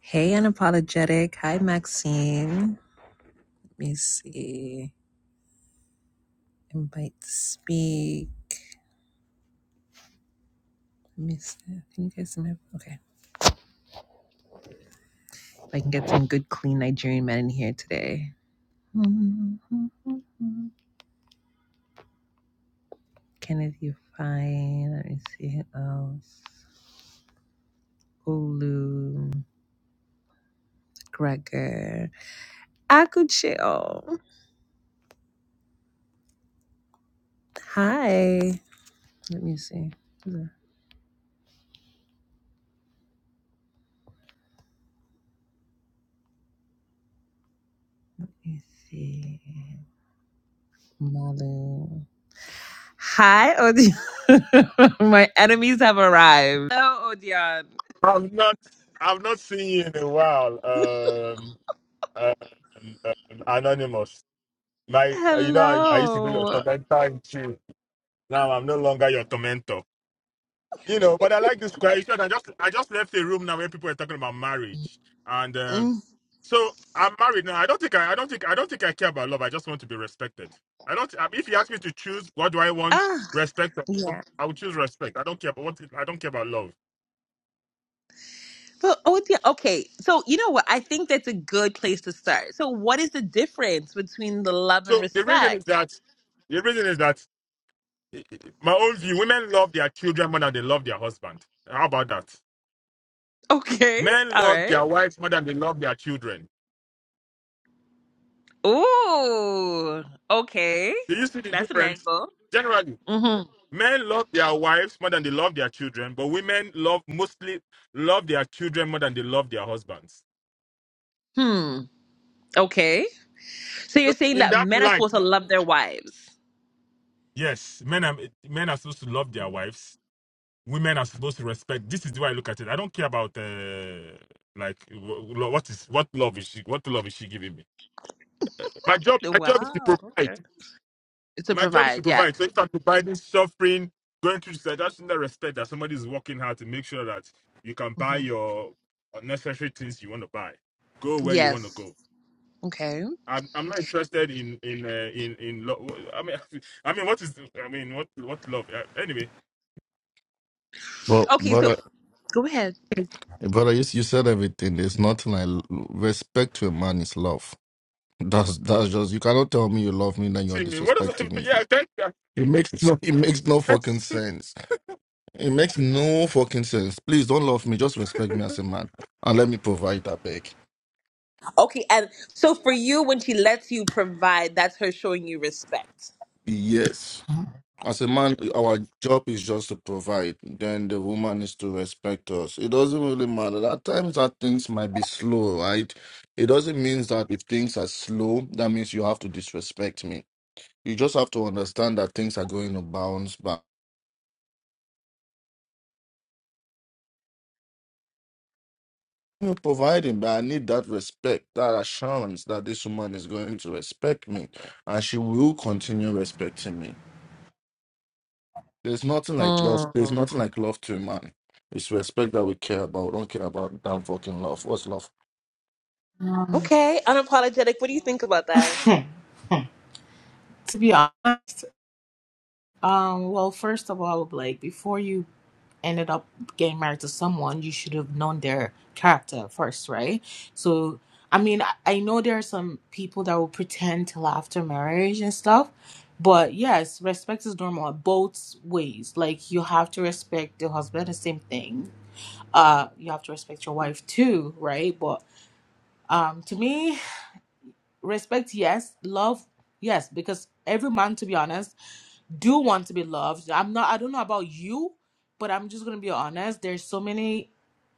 Hey, unapologetic. Hi, Maxine. Let me see. Invite to speak. Let me see. Can you guys invite? Okay. If I can get some good, clean Nigerian men in here today. Kenneth, you fine. Let me see who else. Olu, Gregor, Akucheo. Hi. Let me see. Let me see. Malu. Hi, Odion. My enemies have arrived. Hello, Odion. I've not I've not seen you in a while. Um, um, um, anonymous. My, you know, I, I used to be your Hello. tormentor in chief. Now I'm no longer your tormentor. You know, but I like this question. I just I just left a room now where people were talking about marriage, and um, Mm. so I'm married now. I don't think I, I don't think I don't think I care about love. I just want to be respected. I don't. I mean, if you ask me to choose, what do I want? Ah, Respect. or love, yeah. I would choose respect. I don't care about what. I don't care about love. So, Odion, okay. So, you know what? I think that's a good place to start. So, what is the difference between the love and So the reason is respect? that the reason is that my own view, women love their children more than they love their husband. How about that? Okay. Men All love right. their wives more than they love their children. Ooh. Okay. Do you see the That's an difference? angle. Generally, hmm men love their wives more than they love their children, but women love mostly love their children more than they love their husbands. Hmm. Okay. So, So you're saying in that that men are light, supposed to love their wives? yes, men are men are supposed to love their wives. Women are supposed to respect. This is the way I look at it. I don't care about uh, like wh- wh- what is what love is she what love is she giving me. My job, my job is to Wow. provide. Okay. To My job is to provide, yeah. provide. So if I'm providing suffering, going through this, that's in the respect that somebody is working hard to make sure that you can buy Mm-hmm. your unnecessary things you want to buy. Go where you want to Yes. go. Okay. I'm, I'm not interested in in uh, in in love. I mean, I mean, what is I mean, what what love? Uh, anyway, But Okay, but so I, go ahead. but I, you you said everything. There's nothing like l- respect to a man is love. That's that's just you cannot tell me you love me then you are see me. What does I? disrespecting me. Yeah, thank you. It makes no it makes no fucking sense. It makes no fucking sense. Please don't love me. Just respect me as a man and let me provide that back. Okay, and so for you, when she lets you provide, that's her showing you respect. Yes. As a man, our job is just to provide. Then the woman is to respect us. It doesn't really matter. At times, that things might be slow, right? It doesn't mean that if things are slow, that means you have to disrespect me. You just have to understand that things are going to bounce back. You're providing, but I need that respect, that assurance that this woman is going to respect me, and she will continue respecting me. There's nothing like love. There's Mm. nothing like love to a man. It's respect that we care about. We don't care about damn fucking love. What's love? Um, Okay, unapologetic. What do you think about that? to be honest, um, well, first of all, Blake, before you ended up getting married to someone, you should have known their character first, right? So, I mean, I, I know there are some people that will pretend till after marriage and stuff, but yes, respect is normal both ways. Like, you have to respect your husband, the same thing. Uh, you have to respect your wife too, right? But um, to me, respect yes love yes because every man to be honest do want to be loved i'm not i don't know about you but i'm just gonna be honest there's so many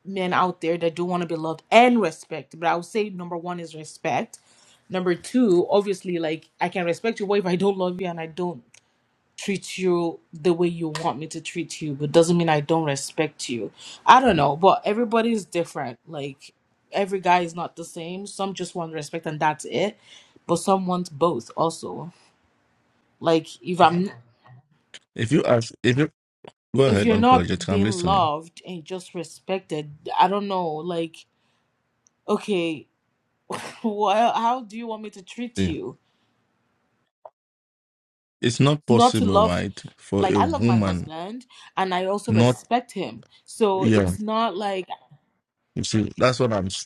men out there that do want to be loved and respect but i would say number one is respect number two obviously like i can respect you what if i don't love you and i don't treat you the way you want me to treat you, but doesn't mean I don't respect you. I don't know, but everybody's different. Like every guy is not the same. Some just want respect and that's it. But some want both also. Like if I'm If you ask, if you go if ahead you're unapologetic, not I'm being listening. loved and just respected, I don't know, like okay, well how do you want me to treat See, you? it's not Not to possible, love right, for like a I love my woman husband and I also not, respect him. So yeah. it's not like You see, that's what I'm. s-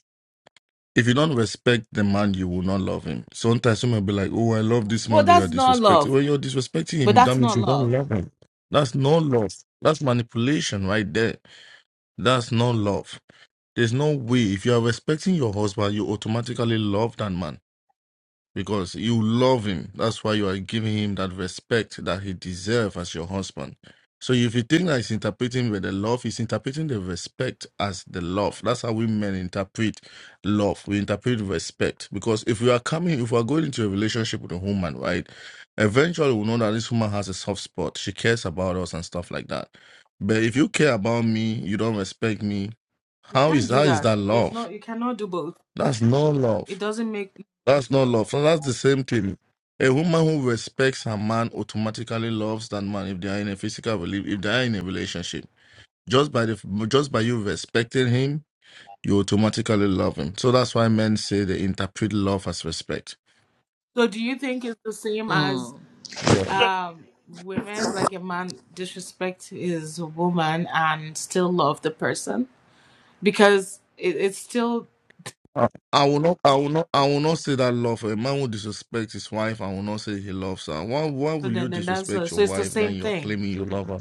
If you don't respect the man, you will not love him. Sometimes someone will be like, "Oh, I love this well, man," but you're that's not disrespecting. love. Well, you're disrespecting But him. That that's means not you don't love. love him. That's no love. That's manipulation right there. That's no love. There's no way. If you are respecting your husband, you automatically love that man. because you love him. That's why you are giving him that respect that he deserves as your husband. So if you think that he's interpreting with the love, he's interpreting the respect as the love. That's how we men interpret love. We interpret respect. Because if we are coming, if we are going into a relationship with a woman, right, eventually we know that this woman has a soft spot. She cares about us and stuff like that. But if you care about me, you don't respect me, You how can't is do how is that. that There's no love? you cannot do both. That's no love. It doesn't make That's not love. So that's the same thing. A woman who respects her man automatically loves that man if they are in a physical rela- if they are in a relationship. Just by the just by you respecting him, you automatically love him. So that's why men say they interpret love as respect. so do you think it's the same as Mm. Yeah. um women like a man disrespect his woman and still love the person? Because it, it's still I I will not I will not I will not say that love. A man will disrespect his wife, I will not say he loves her. Why why so will you then then that's uh, disrespect your so it's the wife then same you're thing. claiming you love her?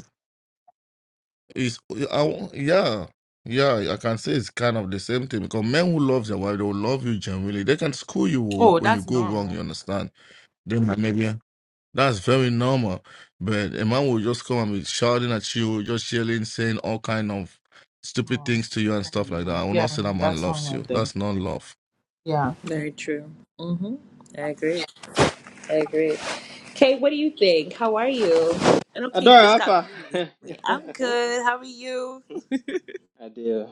It's I, won't- yeah, yeah. I can say it's kind of the same thing because men who love their wife, they will love you genuinely. They can school you o- Oh, when you that's go wrong. normal. You understand? They might maybe that's very normal. But a man will just come and be shouting at you, just yelling, saying all kind of stupid Oh, things to you and stuff like that. then, I will yeah, not say that man that's loves normal you. then. That's not love. Yeah. Very true. Mm-hmm. I agree. I agree. Kay, what do you think? How are you? And okay, Adora just got Alpha. married recently. I'm good. How are you? I do.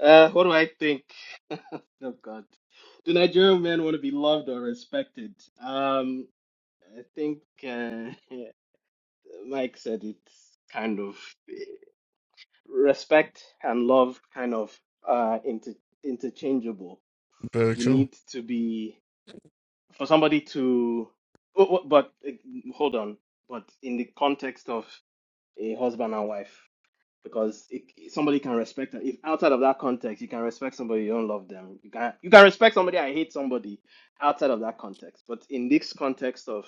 Uh, what do I think? Oh God, do Nigerian men want to be loved or respected? Um, I think uh, Mike said it's kind of respect and love kind of uh inter- interchangeable. Very You true. need to be for somebody to, oh, oh, but uh, hold on. But in the context of a husband and wife, because it, somebody can respect if outside of that context you can respect somebody you don't love them you can you can respect somebody i hate somebody outside of that context but in this context of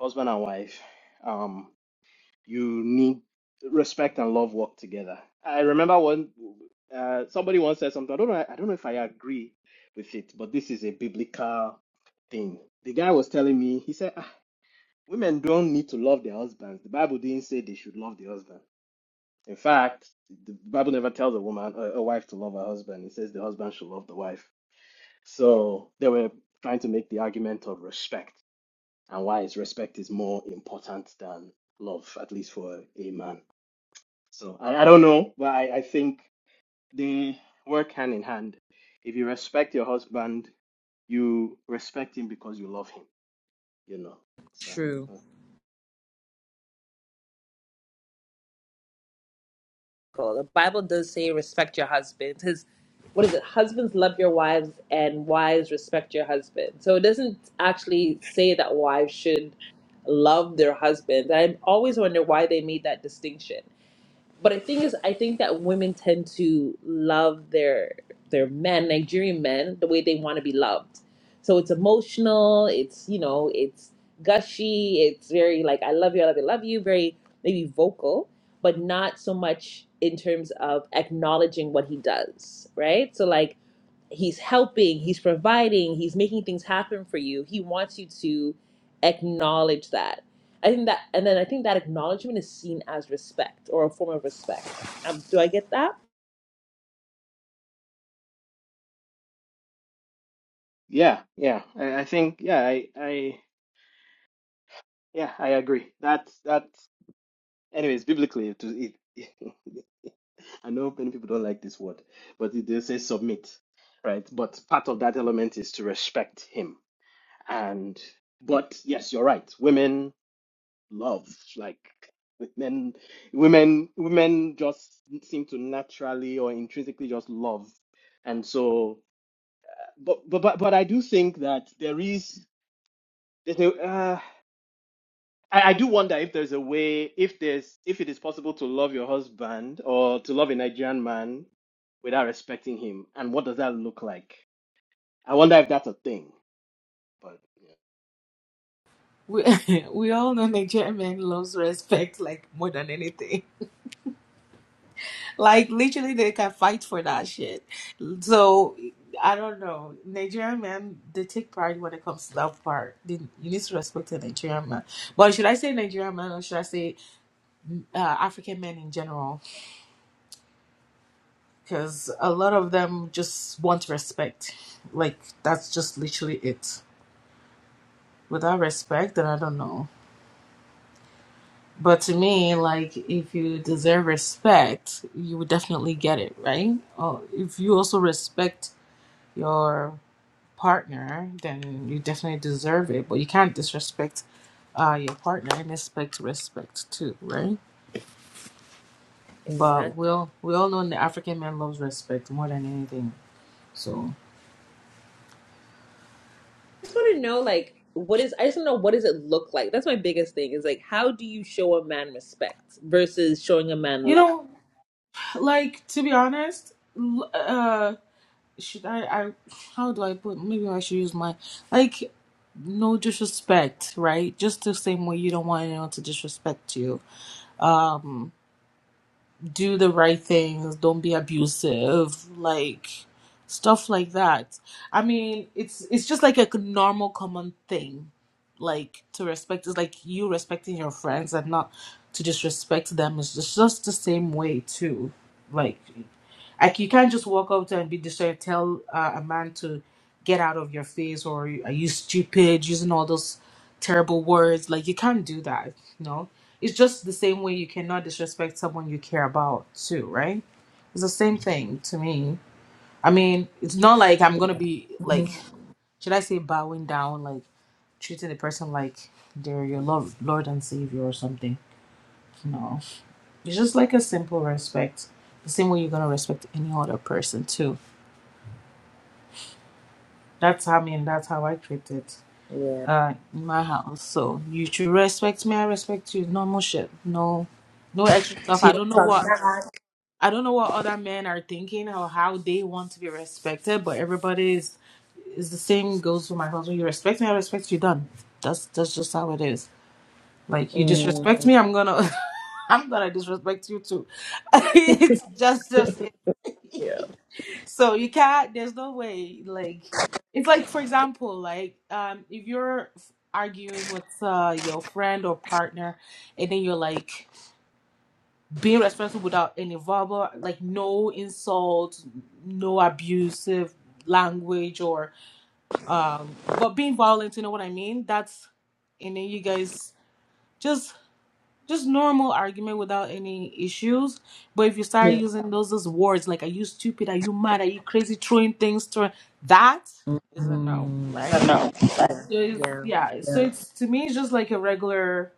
husband and wife um you need respect and love work together i remember one uh somebody once said something i don't know i don't know if i agree with it but this is a biblical thing the guy was telling me he said ah, women don't need to love their husbands the bible didn't say they should love their husband in fact, the Bible never tells a woman, a, a wife to love her husband. It says the husband should love the wife. So they were trying to make the argument of respect and why is respect is more important than love, at least for a man. So I, I don't know, but I, I think they work hand in hand. If you respect your husband, you respect him because you love him, you know. So True. uh, The Bible does say respect your husband. It says, what is it? Husbands love your wives and wives respect your husband. So it doesn't actually say that wives should love their husbands. I always wonder why they made that distinction. But the thing is, I think that women tend to love their their men, Nigerian men, the way they want to be loved. So it's emotional. It's you know, it's gushy. It's very like I love you, I love you, I love you. Very maybe vocal, but not so much in terms of acknowledging what he does, right? So like he's helping, he's providing, he's making things happen for you. He wants you to acknowledge that I think that, and then I think that acknowledgement is seen as respect or a form of respect. Um, do I get that? yeah, yeah, I, I think yeah, I, I yeah, I agree. That's that. Anyways, biblically, to it, I know many people don't like this word, but it does say submit, right? But part of that element is to respect him. And but yes, you're right. Women love like men. Women, women just seem to naturally or intrinsically just love, and so. But but but, but I do think that there is there's no. uh, I, I do wonder if there's a way, if there's, if it is possible to love your husband or to love a Nigerian man without respecting him, and what does that look like? I wonder if that's a thing. But yeah. We we all know Nigerian men loves respect like more than anything. Like literally, they can fight for that shit. So I don't know. Nigerian men, they take pride when it comes to that part. They, you need to respect the Nigerian man. But should I say Nigerian man or should I say uh, African men in general? Because a lot of them just want respect. Like that's just literally it. Without respect, then I don't know. But to me, like if you deserve respect, you would definitely get it, right? Or if you also respect your partner, then you definitely deserve it. But you can't disrespect uh, your partner and expect respect too, right? Exactly. But I we'll we all know the African man loves respect more than anything. So just want to know, like, what is, I just want to know, what does it look like? That's my biggest thing is like, how do you show a man respect versus showing a man you love? know, like to be honest, l- uh, should I? I how do I put? Maybe I should use my like no disrespect, right? Just the same way you don't want anyone to disrespect you do the right things, don't be abusive, like stuff like that. I mean, it's it's just like a normal common thing like to respect It's like you respecting your friends and not to disrespect them It's just, just the same way too. Like like you can't just walk out and be destroyed, tell uh, a man to get out of your face or are you stupid using all those terrible words. Like you can't do that, you know. It's just the same way you cannot disrespect someone you care about too, right? It's the same thing to me. I mean, it's not like I'm gonna be like should I say bowing down, like treating the person like they're your love Lord and Savior or something. No. It's just like a simple respect. The same way you're gonna respect any other person too That's how I mean. That's how I treat it Yeah. uh, in my house. So you should respect me. I respect you. Normal shit. No, no extra stuff. See, I don't know what I don't know what other men are thinking or how they want to be respected. But everybody is is the same. Goes for my husband. You respect me. I respect you. Done. That's that's just how it is. Like you disrespect Mm, me, I'm gonna I'm gonna disrespect you too. it's just just it. yeah. So you can't. There's no way. Like it's like for example, like um, if you're arguing with uh, your friend or partner, and then you're like being respectful without any verbal, like no insult, no abusive language, or um, but being violent. You know what I mean? That's and then you guys. just just normal argument without any issues. But if you start about? using those those words like "Are you stupid? Are you mad? Are you crazy?" throwing things, throwing that is a no, Mm, Yeah. I don't right? know. So it's, yeah. yeah, so yeah. it's to me it's just like a regular.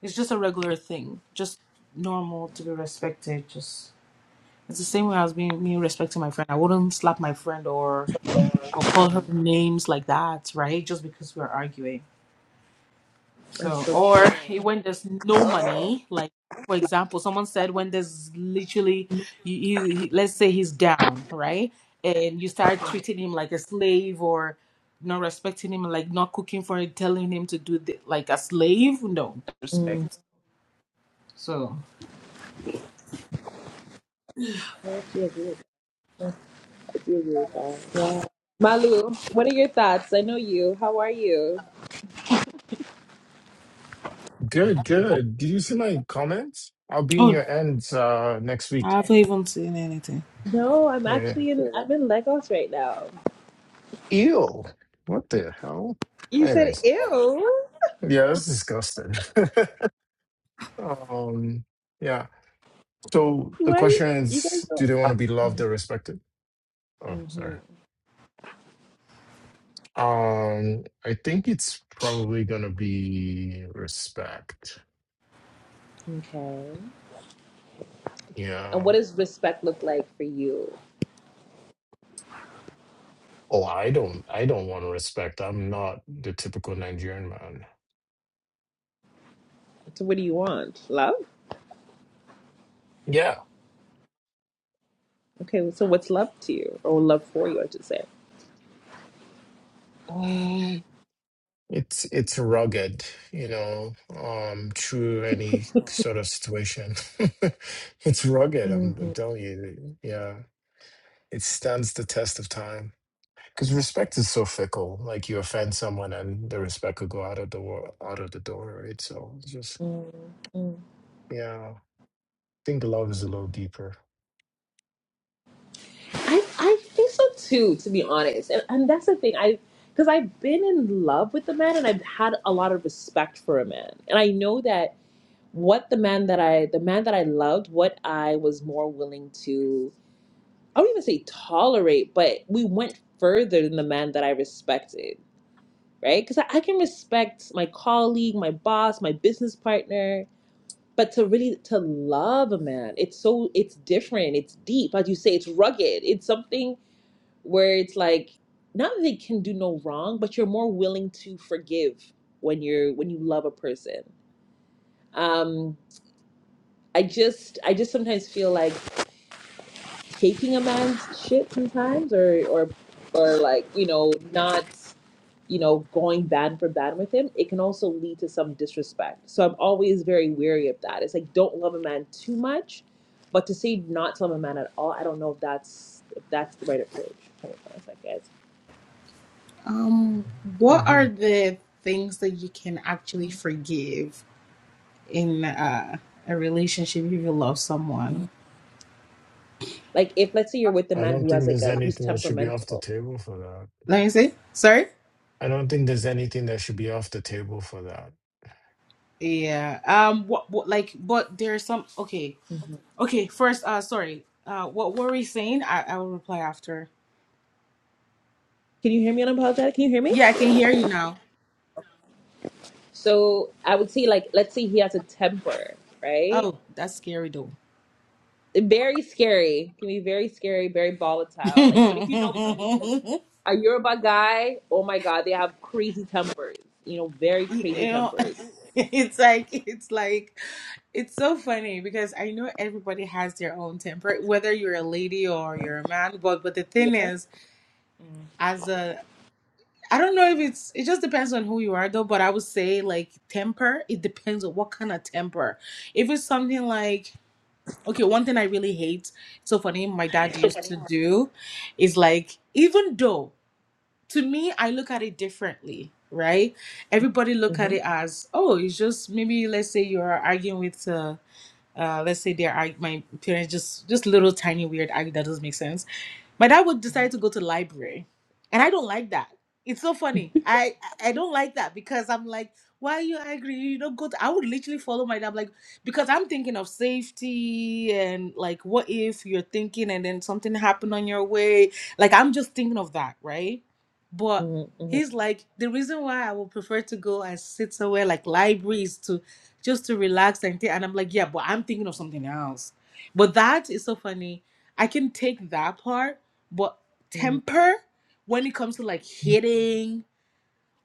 It's just a regular thing, just normal to be respected. Just it's the same way I was being me respecting my friend. I wouldn't slap my friend or or call her names like that, right? Just because we're arguing. That's So, so true. or eh, when there's no money, like for example, someone said when there's literally, you, you he, let's say he's down, right, and you start treating him like a slave or not respecting him, like not cooking for him, telling him to do the, like a slave. No Mm. respect. So, I actually agree. You're really bad. Yeah. Malu, what are your thoughts? I know you. How are you? Good, good. Did you see my comments? I'll be in oh, your ends uh next week. I haven't even seen anything. No, I'm Yeah. yeah. actually in I'm in Lagos right now. Ew. What the hell? You said Anyways, ew. yeah, that's disgusting. um, yeah. So the Why you, question you guys is, don't do they want to be loved or respected? Oh, sorry. hmm Um, I think it's probably gonna be respect. Okay. And what Yeah. does respect look like for you? Oh, I don't I don't want to respect. I'm not the typical Nigerian man. So what do you want? Love? Yeah. Okay, so what's love to you? Or love for you, I should say. Um, It's it's rugged, you know, um, true any sort of situation. It's rugged, I'm, Mm-hmm. I'm telling you. Yeah, it stands the test of time. Because respect is so fickle. Like you offend someone, and the respect could go out of the wor out of the door, right? So it's just yeah, I think love is a little deeper. I I think so too, to be honest. And, and that's the thing. I because I've been in love with the man and I've had a lot of respect for a man. And I know that what the man that I the man that I loved, what I was more willing to I don't even say tolerate, but we went further than the man that I respected, right? Because I, I can respect my colleague, my boss, my business partner, but to really to love a man, it's so it's different, it's deep, as you say, it's rugged, it's something where it's like not that they can do no wrong, but you're more willing to forgive when you're when you love a person. Um, I just I just sometimes feel like taking a man's shit sometimes, or or or like you know not you know going bad for bad with him. It can also lead to some disrespect. So I'm always very wary of that. It's like don't love a man too much, but to say not to love a man at all, I don't know if that's if that's the right approach. Hold on a second. Um, what hmm are the things that you can actually forgive in uh, a relationship if you love guys. someone? Like if let's say you're with a I man don't who has think like there's a who's anything that should be off the temperamental. table for that. Let me see. Sorry? I don't think there's anything that should be off the table for that. Yeah. Um. What? What? Like. But there's some. Okay. Mhm. Okay. First. Uh. Sorry. Uh. What were we saying? I. I will reply after. Can you hear me unapologetic? Can you hear me? Yeah. I can hear you now. So I would say like let's say he has a temper, right? Oh, that's scary though. Very scary. Can be very scary, very volatile. Like, but if you know you a Yoruba guy, oh my god, they have crazy tempers. You know, very crazy know. tempers. It's like. It's like. It's so funny because I know everybody has their own temper, whether you're a lady or you're a man. But but the Yeah. thing is, as a I don't know if it's it just depends on who you are though, but I would say like temper, it depends on what kind of temper. If it's something like okay, one thing I really hate, it's so funny, my dad used to do is like even though to me I look at it differently, right? Everybody look at Mm. it as, oh, it's just maybe let's say you're arguing with uh uh, let's say they're arg- my parents just just little tiny weird argue that doesn't make sense my dad would hmm decide to go to library, and I don't like that. It's so funny. I I I don't like that because I'm like, why are you angry? You don't go. To, I would literally follow my dad, like because I'm thinking of safety and like, what if you're thinking and then something happened on your way? Like I'm just thinking of that, right? But hmm hmm he's like, the reason why I would prefer to go and sit somewhere like libraries to just to relax and think. And I'm like, yeah, but I'm thinking of something else. But that is so funny. I can take that part but hmm temper, when it comes to like hitting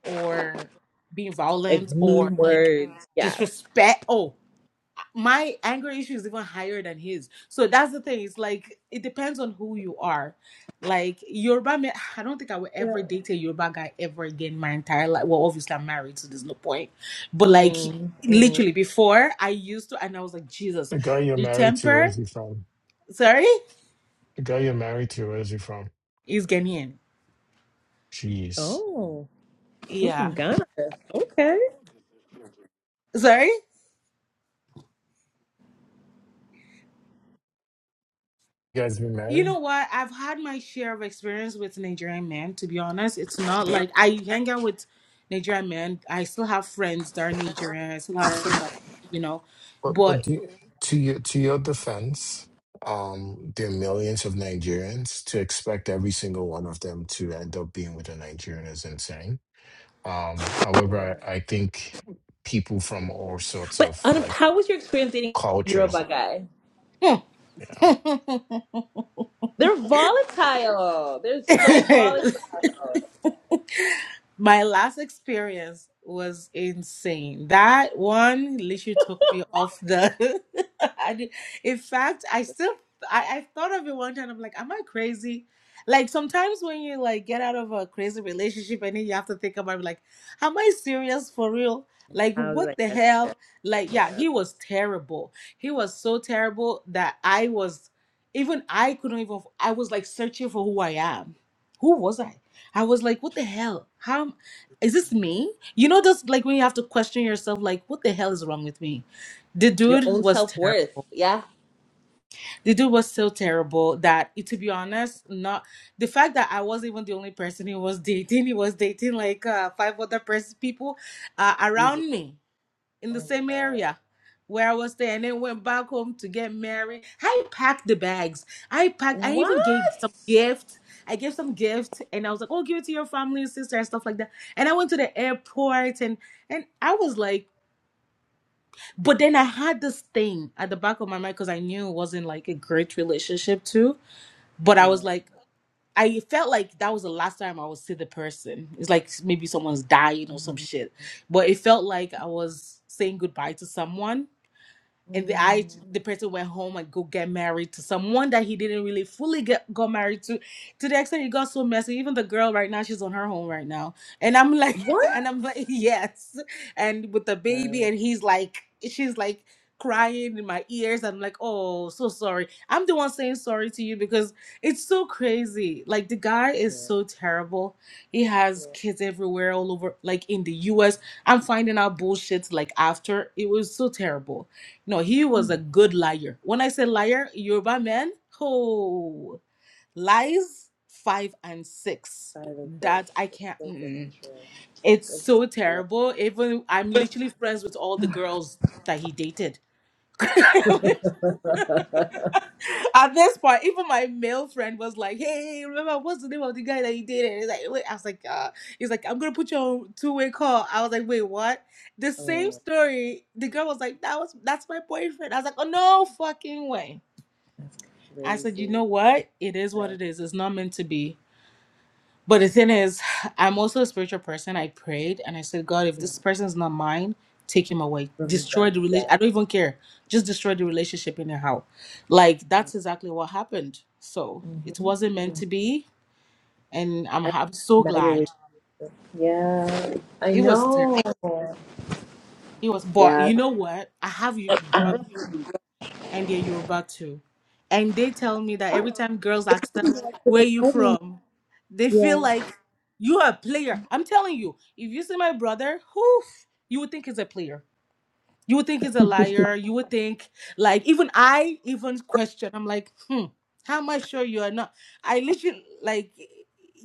or being Like violent or mean like words. Yeah. disrespect, oh, my anger issue is even higher than his. So that's the thing. It's like it depends on who you are. Like Yoruba, ma- I don't think I will ever date a Yoruba guy ever again my entire life. Well, obviously I'm married, so there's no point. But like Mm, mm. literally before, I used to, and I was like, Jesus, The guy you're the married to, where is temper. he from? Sorry, The girl you're married to, where is he from? is Ghanaian. Jeez. Oh, I'm from Yeah. Ghana. Okay. Sorry. You guys been You married? know what? I've had my share of experience with Nigerian men, to be honest. It's not like I hang out with Nigerian men. I still have friends that are Nigerian. I still have some that, you know, But but but do you- to your to your defense, um, there are millions of Nigerians. To expect every single one of them to end up being with a Nigerian is insane. Um, however, I, I think people from all sorts But of um, like how was your experience dating a cultures, Yoruba guy? you know. They're volatile. They're so volatile. How My last experience was insane. That one literally took me off the. I did, in fact, I still I, I thought of it one time. I'm like, am I crazy? Like sometimes when you like get out of a crazy relationship and then you have to think about it, like, am I serious for real? Like I was what the like, hell? Like yeah, he was terrible. He was so terrible that I was even I couldn't even I was like searching for who I am who was I? I was like, what the hell? How am- is this me? You know, just like when you have to question yourself, like, what the hell is wrong with me? The your dude own was self worth. terrible. Yeah. The dude was so terrible that, to be honest, not the fact that I wasn't even the only person he was dating. He was dating like uh, five other person people uh, Jesus. around me in Oh the same my god. area where I was there and then went back home to get married. I packed the bags. I packed I What? even gave some gifts. I gave some gifts and I was like, oh give it to your family and sister and stuff like that. And I went to the airport and and I was like but then I had this thing at the back of my mind because I knew it wasn't like a great relationship too. But I Yeah. was like I felt like that was the last time I would see the person. It's like maybe someone's dying or some shit. But it felt like I was saying goodbye to someone and the I Mm. the person went home and go get married to someone that he didn't really fully get got married to, to the extent it got so messy. Even the girl right now, she's on her home right now, and I'm like, What? and I'm like, yes, and with the Yeah. baby, and he's like, she's like crying in my ears. I'm like, oh, so sorry. I'm the one saying sorry to you because it's so crazy. Like the guy Yeah. is so terrible. He has yeah. kids everywhere, all over, like in the U.S. I'm finding out bullshit like after it was so terrible no, he was Mm. a good liar. When I say liar, Yoruba men who lies five and six. Five and six. That I It's can't. so fucking mm-mm. true. It's It's so so terrible. Even I'm literally friends with all the girls that he dated. true. At this point, even my male friend was like, "Hey, hey, remember what's the name of the guy that you dated?" He's like, "Wait," I was like, uh, "He's like, I'm gonna put you on two-way call." I was like, "Wait, what?" The same oh, story. The girl was like, "That was that's my boyfriend." I was like, "Oh no, fucking way!" that's I said, "You crazy. know what? It is what Right? it is. It's not meant to be." But the thing is, I'm also a spiritual person. I prayed and I said, God, if Yeah. this person is not mine, take him away. Really Destroy dumb. the relation. Yeah. I don't even care. Just destroy the relationship anyhow. Like that's exactly what happened. So it Mm-hmm. wasn't meant to be, and I'm And I'm so now you're. with glad. Yeah, I It was terrible. know. It was, but Yeah. you know what? I have you, Yeah. brother. and they're Yoruba too. And they tell me that every time girls ask them, where you from? They feel like you are a player. I'm telling you, if you see my brother, who you would think he's a player. You would think he's a liar. You would think like even I even question. I'm like, hmm, how am I sure you are not? I literally like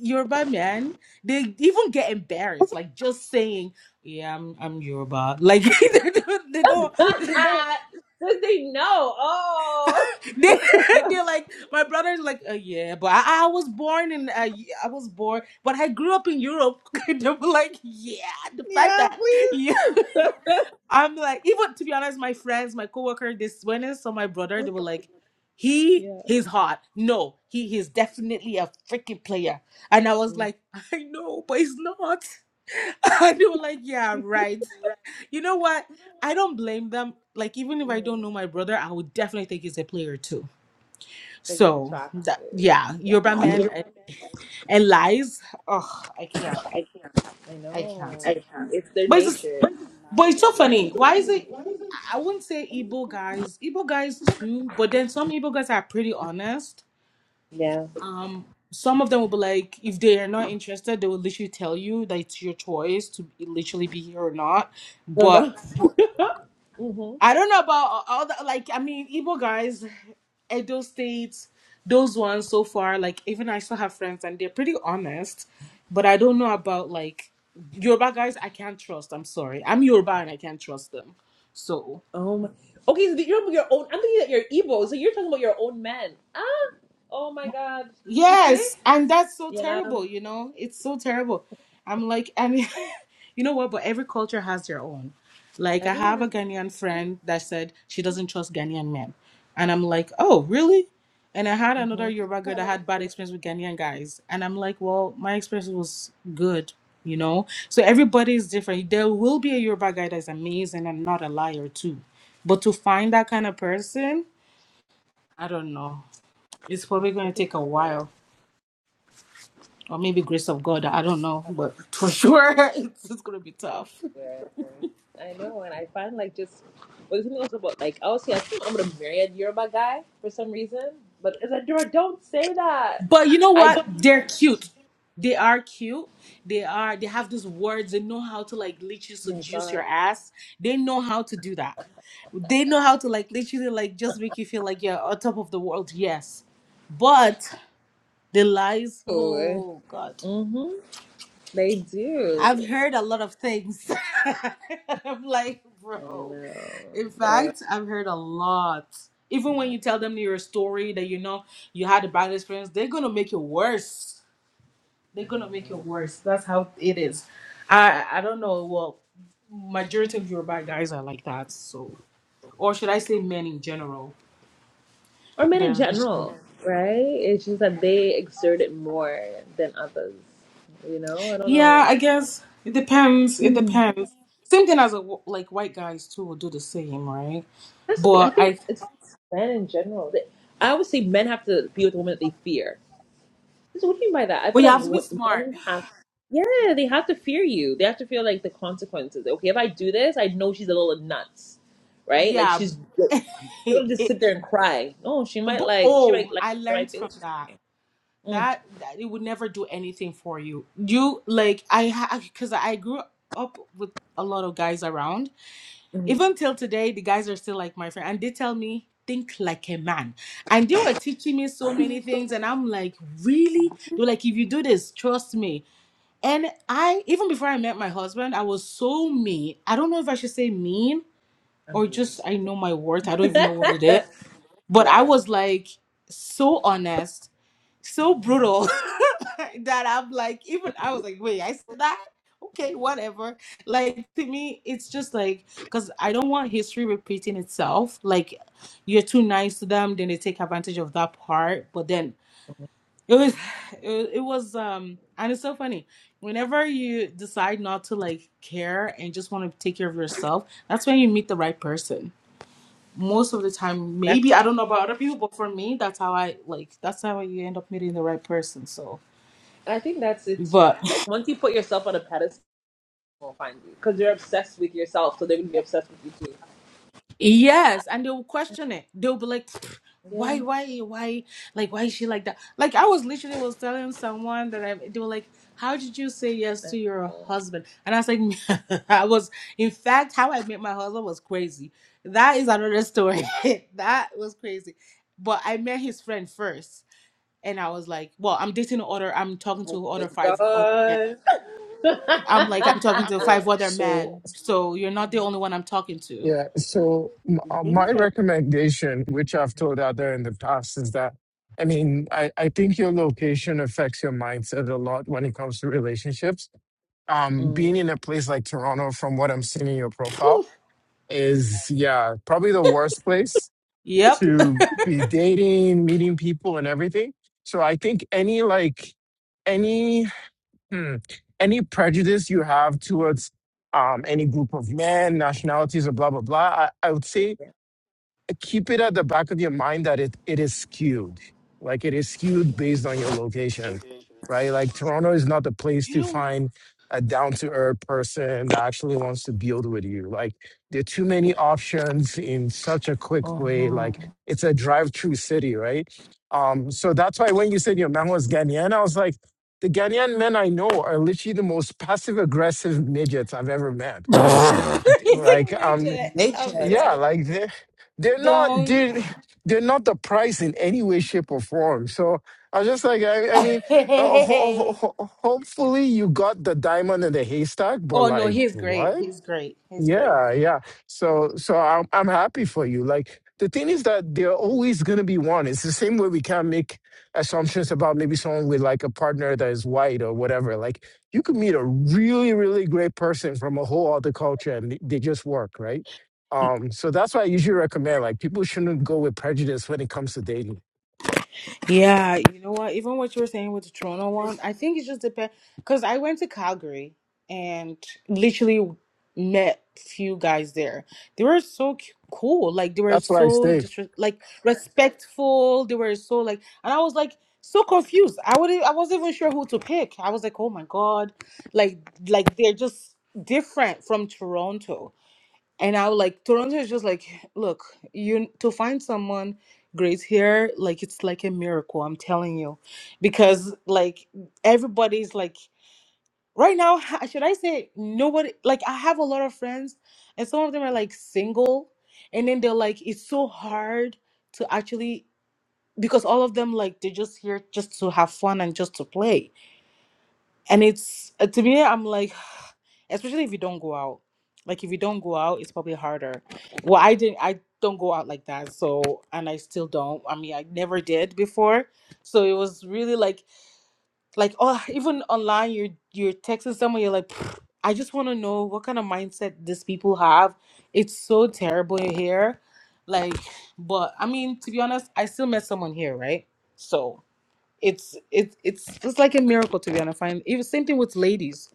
Yoruba man. They even get embarrassed, like just saying, yeah, I'm I'm Yoruba. Like they don't, they don't Because they know. Oh. they, they're like my brother's like uh, yeah but I, I was born in uh, yeah, i was born but i grew up in europe they were like yeah the fact Yeah, that please. yeah i'm like even to be honest my friends my coworker this when i saw my brother they were like he yeah. he's hot no he he's definitely a freaking player and i was like i know but he's not and they were like yeah right you know what i don't blame them like even if i Because don't know my brother i would definitely think he's a player too it's so that attractive. yeah, Yeah, Yoruba men and, and lies. Oh, I can't. I I know. can't. I can't. It's their But it's just, nature. but it's Liars, so Yeah. funny. Why is it? I wouldn't say Igbo guys. Igbo guys too. But then some Igbo guys are pretty honest. yeah. Um, some of them will be like, if they are not interested, they will literally tell you that it's your choice to literally be here or not. No, no. But for mm-hmm. I don't know about all the like. I mean, Igbo guys, Edo State, those ones so far. Like, even I still have friends, and they're pretty honest. But I don't know about like Yoruba guys. I can't trust. I'm sorry. I'm Yoruba, and I can't trust them. So. Oh my. Okay, so you're your own. I'm thinking that you're Igbo, so you're talking about your own men. Ah. Oh my God. You see? Yes, and that's so Yeah. terrible, you know? It's so terrible. I'm like, and you know what? But every culture has their own. Like, I Everyone have has. a Ghanaian friend that said she doesn't trust Ghanaian men. And I'm like, oh, really? And I had Mhm. another Yoruba girl that had bad experience with Ghanaian guys. And I'm like, well, my experience was good, you know? So everybody is different. There will be a Yoruba guy that's amazing and not a liar, too. But to find that kind of person, I don't know. It's probably going to take a difficult. while or maybe grace of God. I don't know, I but for sure swear, it's, it's gonna be I tough. swear. I know, and I find like just well, the thing also about like I was I think I'm gonna marry a Yoruba guy for some reason, but as a Yoruba, don't say that. But you know I what? oh They're cute. They are cute. They are. They have these words. They know how to like literally my seduce your god. ass. They know how to do that. They know how to like literally like just make you feel like you're on top of the world. Yes, but the lies. Oh God. Mm-hmm. They do. I've heard a lot of things. I'm like, I don't bro. know. In Yeah. fact, I've heard a lot. Even when you tell them your story that you know you had a bad experience, they're gonna make it worse. They're gonna make it worse. That's how it is. I I don't know. Well, majority of Yoruba guys are like that. So, or should I say men in general? Or men in They're just- general, right? It's just that they exert it more than others. You know, I don't yeah, know. I guess it depends. It Hmm. depends. Same thing as a, like white guys too will do the same, right? That's the thing. I But I think it's men in general. They, I always say men have to be with women that they fear. So what do you mean by that? I But feel you like have to be wo- smart. men have, yeah, they have to fear you. They have to feel like the consequences. Okay, if I do this, I know she's a little nuts, right? Like Yeah. she's she's gonna just sit there and cry. No, she might but like she might oh, like I in my learned from face. that. Mm, That that it would never do anything for you. You like I because I grew up with a lot of guys around. Even till today, the guys are still like my friend, and they tell me think like a man. And they were teaching me so many things, and I'm like, really? They're like, if you do this, trust me. And I even before I met my husband, I was so mean. I don't know if I should say mean I'm or just doomed. I know my worth. I don't even know what it is. But I yeah, was like so honest, so brutal that I'm like, even I was like, wait, I said that? Okay, whatever. Like to me, it's just like because I don't want history repeating itself. Like you're too nice to them, then they take advantage of that part. But then it was, it, it was, um, and it's so funny. Whenever you decide not to like care and just want to take care of yourself, that's when you meet the right person most of the time That- maybe i don't know about other people but for me that's how i like that's how you end up meeting the right person so I think that's it. but Like once you put yourself on a pedestal, they'll find you because you're obsessed with yourself, so they're gonna be obsessed with you too. yes and they'll question it they'll be like "Pfft, Yeah. why why why like why is she like that like i was literally was telling someone that i they were like how did you say yes to your husband and i was like i was in fact how i met my husband was crazy that is another story that was crazy but i met his friend first and I was like, well, I'm dating other, I'm talking to other five other men. I'm like, I'm talking to five Yeah. other So men, so you're not the only one I'm talking to. Yeah. So m- uh, my recommendation, which I've told other in the past, is that I mean, I, I think your location affects your mindset a lot when it comes to relationships. Um, being mm. in a place like Toronto, from what I'm seeing in your profile, is yeah, probably the worst place Yep. to be dating, meeting people, and everything. So I think any like any hmm, any prejudice you have towards um, any group of men, nationalities, or blah blah blah, I, I would say keep it at the back of your mind that it, it is skewed. Like it is skewed based on your location, right? Like Toronto is not the place You to know find a down to earth person that actually wants to build with you. Like there are too many options in such a quick way. Mm-hmm. Like it's a drive through city, right? Um, so that's why when you said your man was Ghanaian, I was like, the Ghanaian men I know are literally the most passive aggressive midgets I've ever met. Like, what? He's like like, um midget, I'm Nature, yeah, dead. like they're they're not Don't. they're, they're not the price in any way, shape, or form. So I was just like, I, I mean, uh, ho- ho- oh ho- hopefully you got the diamond in the haystack, but no, like he's great. what? He's great. He's great. Yeah, yeah. So so I'm I'm happy for you. Like the thing is that there are always gonna be one. It's the same way we can't make assumptions about maybe someone with like a partner that is white or whatever. Like you could meet a really, really great person from a whole other culture and they they just work, right? Um, so that's why I usually recommend like people shouldn't go with prejudice when it comes to dating. Yeah, you know what? Even what you were saying with the Toronto one, I think it just depends. Because I went to Calgary and literally met few guys there. They were so c- cool. Like they were That's why I so stay. disre- like respectful. They were so like, and I was like so confused. I would I wasn't even sure who to pick. I was like, oh my god, like like they're just different from Toronto and I was like, Toronto is just like, look, you to find someone great here, like it's like a miracle. I'm telling you, because like everybody's like right now. h- Should I say nobody? Like I have a lot of friends, and some of them are like single, and then they're like, it's so hard to actually because all of them like they're just here just to have fun and just to play and it's uh, to me i'm like especially if you don't go out like if you don't go out it's probably harder well i didn't i don't go out like that so and i still don't i mean i never did before so it was really like like oh even online you're you're texting someone you're like "Pff, i just want to know what kind of mindset these people have it's so terrible here like but i mean to be honest i still met someone here right so it's it's it's it's like a miracle to be honest. Find even same thing with ladies.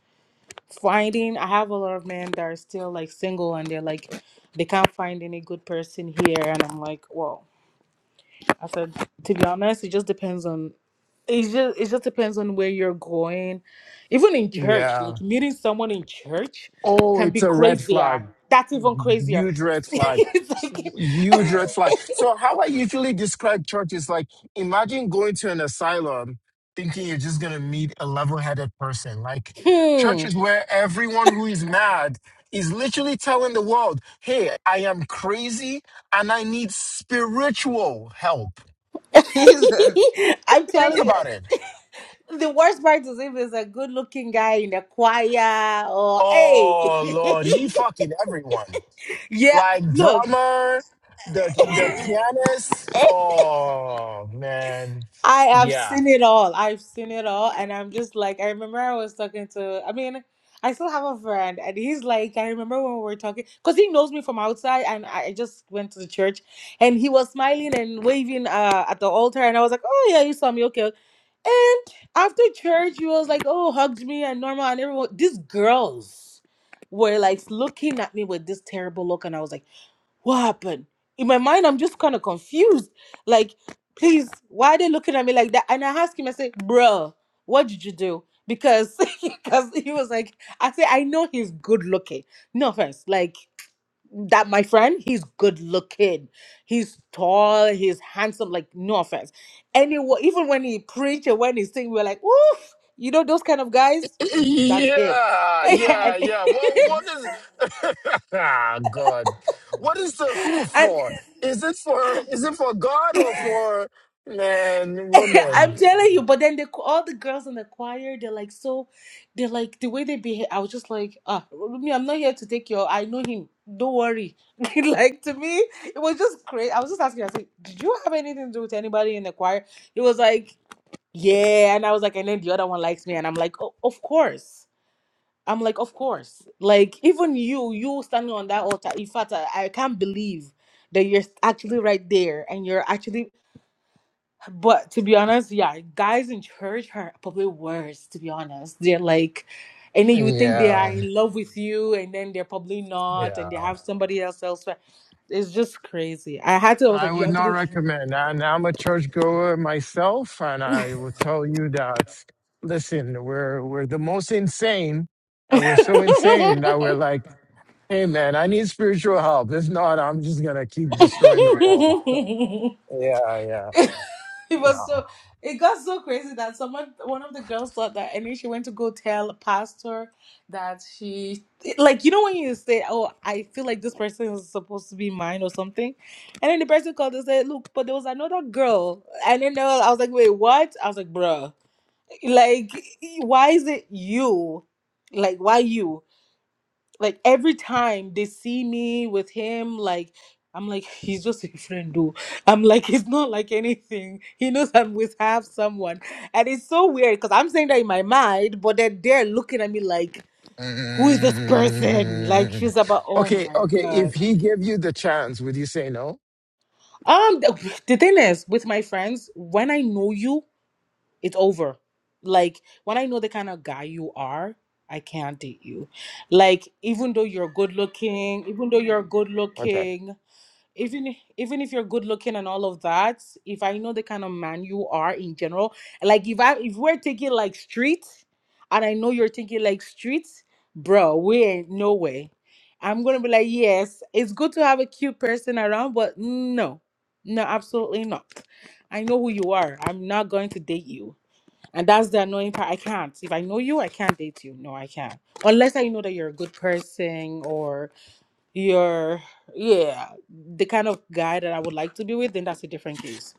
Finding I have a lot of men that are still like single and they're like they can't find any good person here and I'm like, well, I said to be honest, it just depends on it just it just depends on where you're going. Even in church, Yeah. like meeting someone in church Oh, can be it's a red flag. crazier. That's even crazier. Huge red flag. it's like Huge red flag. So, how I usually describe church is like imagine going to an asylum thinking you're just going to meet a level headed person. Like, church hmm. is where everyone who is mad is literally telling the world, hey, I am crazy and I need spiritual help. I'm Think telling you. about it. The worst part is if it's a good looking guy in the choir or hey. Oh, Lord, he fucking everyone. yeah, like look, drummer, the the pianist. Oh man, I have yeah, seen it all. I've seen it all. And I'm just like, I remember I was talking to, I mean, I still have a friend, and he's like, I remember when we were talking, because he knows me from outside, and I just went to the church, and he was smiling and waving uh, at the altar, and I was like, oh, yeah, you saw me, okay. And after church, he was like, oh, hugged me, and normal, and everyone, these girls were like looking at me with this terrible look, and I was like, what happened? In my mind, I'm just kind of confused. Like, please, why are they looking at me like that? And I asked him, I say, "Bro, what did you do? Because because he was like, I say, I know he's good looking. No offense. Like that, my friend, he's good looking. He's tall, he's handsome, like no offense. Anyway, even when he preach and when he sing, we are like, oof, you know those kind of guys? That's him. yeah, yeah, and, yeah. Well, what is? ah, God, what is the who and for? Is it for? Is it for God or for man, I'm woman? telling you, but then the all the girls in the choir, they're like so, they're like the way they behave. I was just like, ah, me, I'm not here to take your. I know him. Don't worry. like to me, it was just crazy. I was just asking. I said, did you have anything to do with anybody in the choir? He was like, yeah, and I was like, and then the other one likes me, and I'm like, oh, of course. I'm like, of course. Like even you, you standing on that altar. In fact, I, I can't believe that you're actually right there and you're actually but to be honest, yeah, guys in church are probably worse, to be honest. They're like, and then you think they are Yeah, Yeah. in love with you, and then they're probably not, yeah. and they have somebody else elsewhere. It's just crazy. I had to, I was I like, you would have to not recommend. And I'm a churchgoer myself, and I will tell you that. Listen, we're we're the most insane, and we're so insane be. that we're like, hey man, I need spiritual help. If not, I'm just gonna keep destroying the world. So, yeah, yeah, It was no. so it got so crazy that someone one of the girls thought that and then she went to go tell pastor that she like you know when you say, Oh, I feel like this person is supposed to be mine or something and then the person called and said, Look, but there was another girl and then they were- I was like, Wait, what? I was like, bruh, like why is it you? Like why you? like every time they see me with him like i'm like he's just a friend though i'm like it's not like anything he knows i'm with half someone and it's so weird because i'm saying that in my mind but then they're looking at me like who is this person like Mm. she's about oh Okay, my okay. If god he gave you the chance, would you say no? um the, the thing is with my friends when i know you it's over like when i know the kind of guy you are i can't date you like even though you're good looking even though you're good Okay, looking even even if you're good looking and all of that, if I know the kind of man you are in general, like if I if we're thinking like street, and I know you're thinking like street, bro, we ain't no way. I'm gonna be like, yes, it's good to have a cute person around, but no, no, absolutely not. I know who you are. I'm not going to date you, and that's the annoying part. I can't. If I know you, I can't date you. No, I can't, unless I know that you're a good person you're yeah the kind of guy that i would like to be with then that's a different case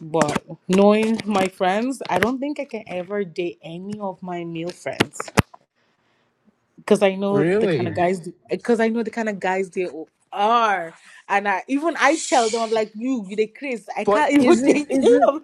but knowing my friends i don't think i can ever date any of my male friends because i know the kind of really? guys because i know the kind of guys they o- are and i even i tell them i'm like you you the chris i But can't even isn't date isn't them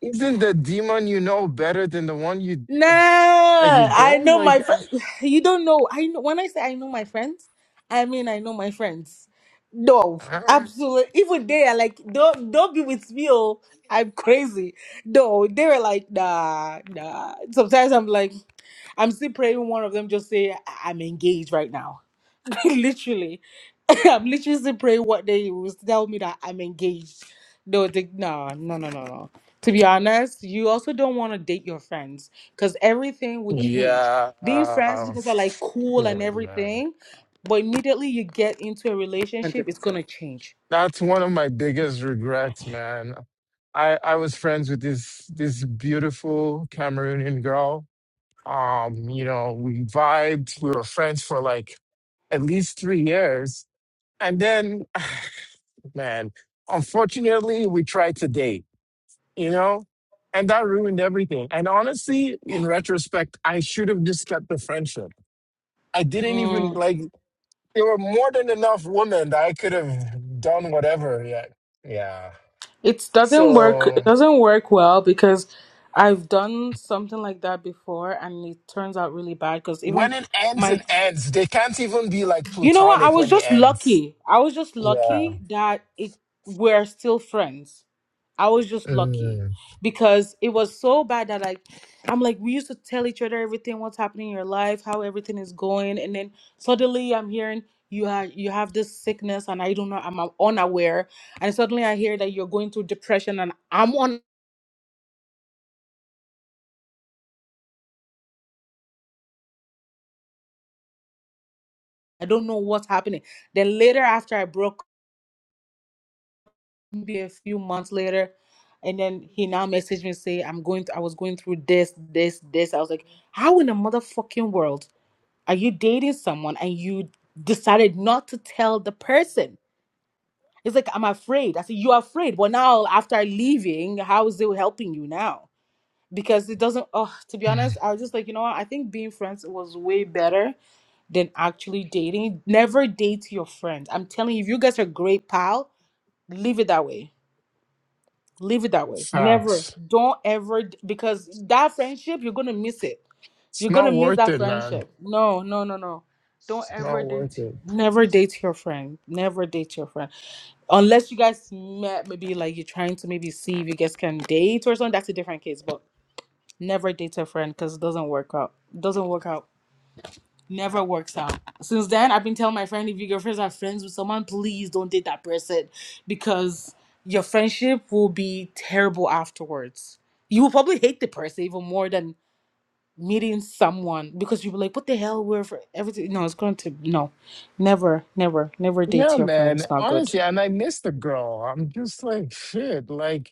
Isn't the demon you know better than the one you Nah, you I don't know my like? uh, friend. You don't know. I know when I say I know my friends, I mean I know my friends. No, uh, absolutely. Even they are like, don't don't be with me. Oh, I'm crazy. No, they were like, nah, nah. Sometimes I'm like, I'm still praying. One of them just say, I- I'm engaged right now. literally, I'm literally still praying what day you will tell me that I'm engaged. No, They would no, no, no, no, no. To be honest, you also don't want to date your friends because everything will change. yeah, Being friends uh, because they're like cool and sure, man. everything, but immediately you get into a relationship, Hundred it's percent. gonna change. that's one of my biggest regrets, man. I I was friends with this this beautiful Cameroonian girl. Um, you know, we vibed. We were friends for like at least three years, and then, man, unfortunately, we tried to date you know? And that ruined everything. And honestly, in retrospect, I should have just cut the friendship. I didn't even Mm. like there were more than enough women that I could have done whatever yet. Yeah. It doesn't work. So It doesn't work well because I've done something like that before, and it turns out really bad. Because even when it ends, it my ends. They can't even be like You know what? I platonic was when it just ends. lucky. I was just Yeah. lucky that it we're still friends. I was just lucky Mm. because it was so bad that like I'm like we used to tell each other everything what's happening in your life, how everything is going, and then suddenly I'm hearing you have you have this sickness and I don't know I'm unaware, and suddenly I hear that you're going through depression and I'm on I don't know what's happening. Then later after I broke Maybe a few months later and then he now messaged me and say i'm going th- i was going through this this this i was like how in the motherfucking world are you dating someone and you decided not to tell the person it's like i'm afraid i said you're afraid well now after leaving how is it helping you now because it doesn't oh to be Mm. honest i was just like you know what i think being friends was way better than actually dating never date your friend i'm telling you if you guys are great pal leave it that way leave it that way never Facts. don't ever because that friendship you're gonna miss it It's you're not gonna miss worth that it, man. friendship no no no no don't It's not ever worth date it. never date your friend never date your friend unless you guys met maybe like you're trying to maybe see if you guys can date or something that's a different case but never date a friend because it doesn't work out doesn't work out never works out. Since then, I've been telling my friend if your girlfriends are friends with someone, please don't date that person because your friendship will be terrible afterwards. You will probably hate the person even more than meeting someone because you'll be like, what the hell? We're for everything. No, it's going to, no, never, never, never Yeah, date your man. friends. Not Honestly, good. and I miss the girl. I'm just like, shit, like,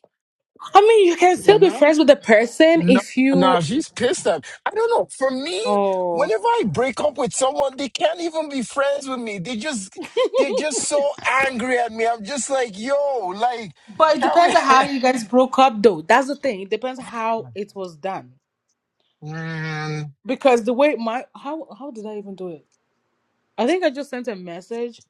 I mean, you can still you be know? friends with the person No, if no, you, she's pissed at. I don't know. For me, oh, whenever I break up with someone, they can't even be friends with me. They just, they're just so angry at me. I'm just like, yo, like, but it can we? depends on how you guys broke up though. That's the thing. It depends how it was done. Man, because the way my how how did I even do it? I think I just sent a message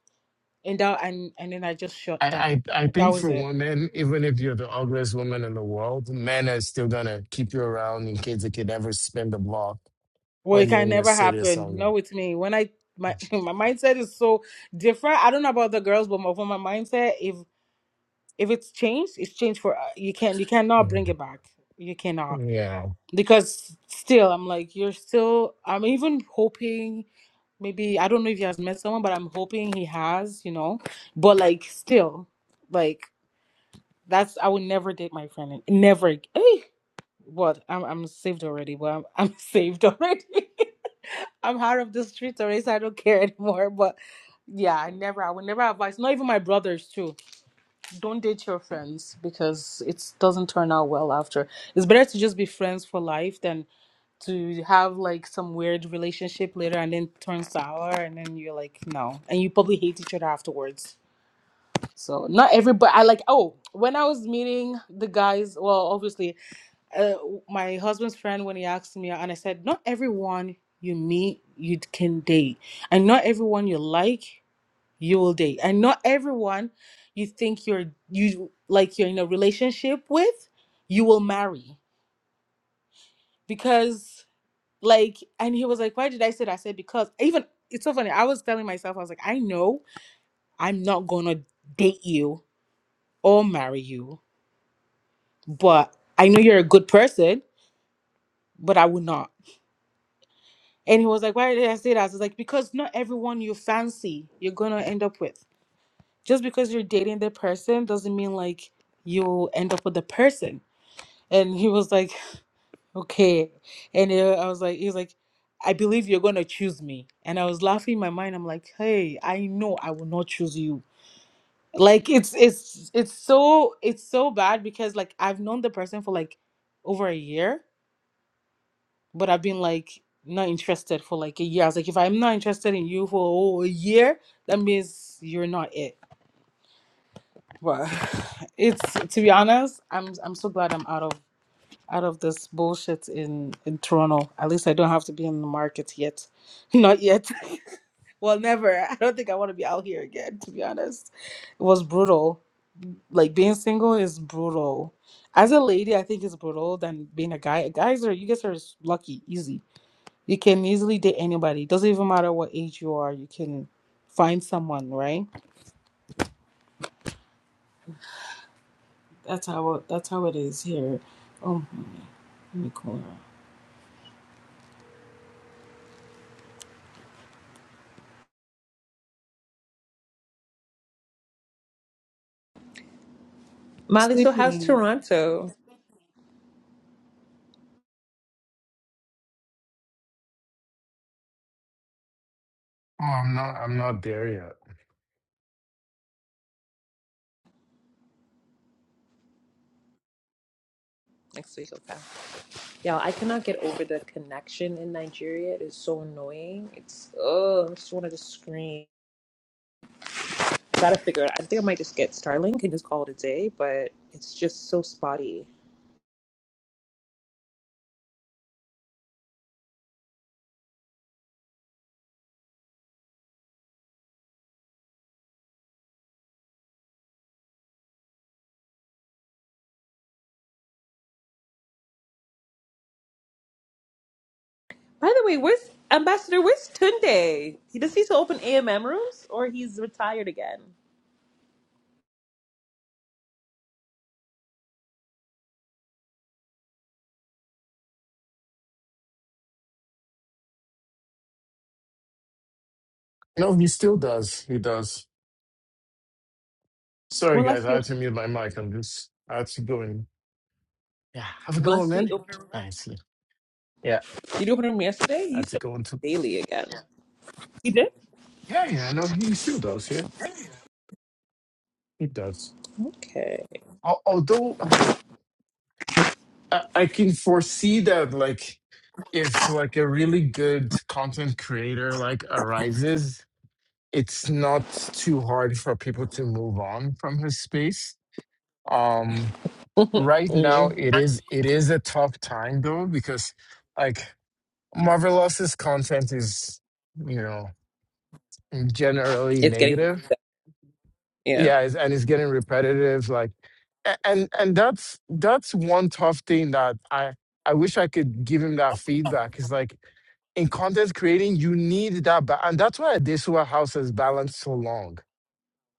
and that and and then I just I, shut down. I, I That think was for it. women, even if you're the ugliest woman in the world, men are still gonna keep you around in case they could ever spin the block Well, it when they're can in your never city or happen. Not something. with me. When I my my mindset is so different. I don't know about the girls, but my, for my mindset, if if it's changed, it's changed for uh, you can you cannot bring it back. You cannot Yeah. because still I'm like you're still. I'm even hoping maybe I don't know if he has met someone, but I'm hoping he has. You know, but like still. Like That's I would never date my friend. Never. ag- Eh, what? I'm I'm saved already. Well, I'm, I'm saved already. I'm out of the streets already, so I don't care anymore. But yeah, I never. I would never advise. Not even my brothers too. Don't date your friends because it doesn't turn out well after. It's better to just be friends for life than to have like some weird relationship later and then turn sour and then you're like no, and you probably hate each other afterwards. So not everybody. I like. Oh, when I was meeting the guys, well, obviously, uh, my husband's friend when he asked me, and I said, not everyone you meet you can date, and not everyone you like you will date, and not everyone you think you're you like you're in a relationship with you will marry because like. And he was like, why did I say that? I said because even it's so funny. I was telling myself, I was like, I know I'm not gonna date you or marry you but I know you're a good person, but I would not. And he was like, Why did I say that? I was like, Because not everyone you fancy you're gonna end up with. Just because you're dating the person doesn't mean like you'll end up with the person. And he was like, Okay. And uh, I was like, he was like, I believe you're gonna choose me. And I was laughing in my mind. I'm like, hey, I know I will not choose you. Like it's it's it's so it's so bad because like I've known the person for like over a year but I've been like not interested for like a year. I was like, if I'm not interested in you for oh, a year, that means you're not it. But it's to be honest, I'm I'm so glad I'm out of out of this bullshit in in Toronto. At least I don't have to be in the market yet. Not yet. Well, never. I don't think I want to be out here again. To be honest, it was brutal. Like being single is brutal. As a lady, I think it's brutal than being a guy. Guys are you guys are lucky, easy You can easily date anybody. Doesn't even matter what age you are. You can find someone, right? That's how that's how it is here. Oh, let me call her. Molly, so how's Sleeping. Toronto Oh, I'm not. I'm not there yet. next week? Okay. Y'all, I cannot get over the connection in Nigeria. It is so annoying. It's oh, I just wanted to just scream. Gotta figure it. out. I think I might just get Starlink and just call it a day. But it's just so spotty. By the way, where's Ambassador? Where's Tunde? He does he still open AMM rooms or he's retired again? No, he still does. He does. Sorry, When last guys, did he I had open? to mute my mic. I'm just I had to go and yeah, have a When go last did he man. open? I see. Yeah, Did you open them yesterday? I You had to should go and to daily again. You did? yeah, yeah. I know he still does. Yeah, he does. Okay. Al- Although I, I can foresee that, like, if like a really good content creator like arises, it's not too hard for people to move on from his space. Um, right now Mm. it is it is a tough time though because. like. Marvelous's content is, you know, generally It's getting negative. yeah. Yeah, it's, and it's getting repetitive. Like, a- and and that's that's one tough thing that I I wish I could give him that feedback. Is like in content creating, you need that, ba- and that's why Adesua House has balanced so long,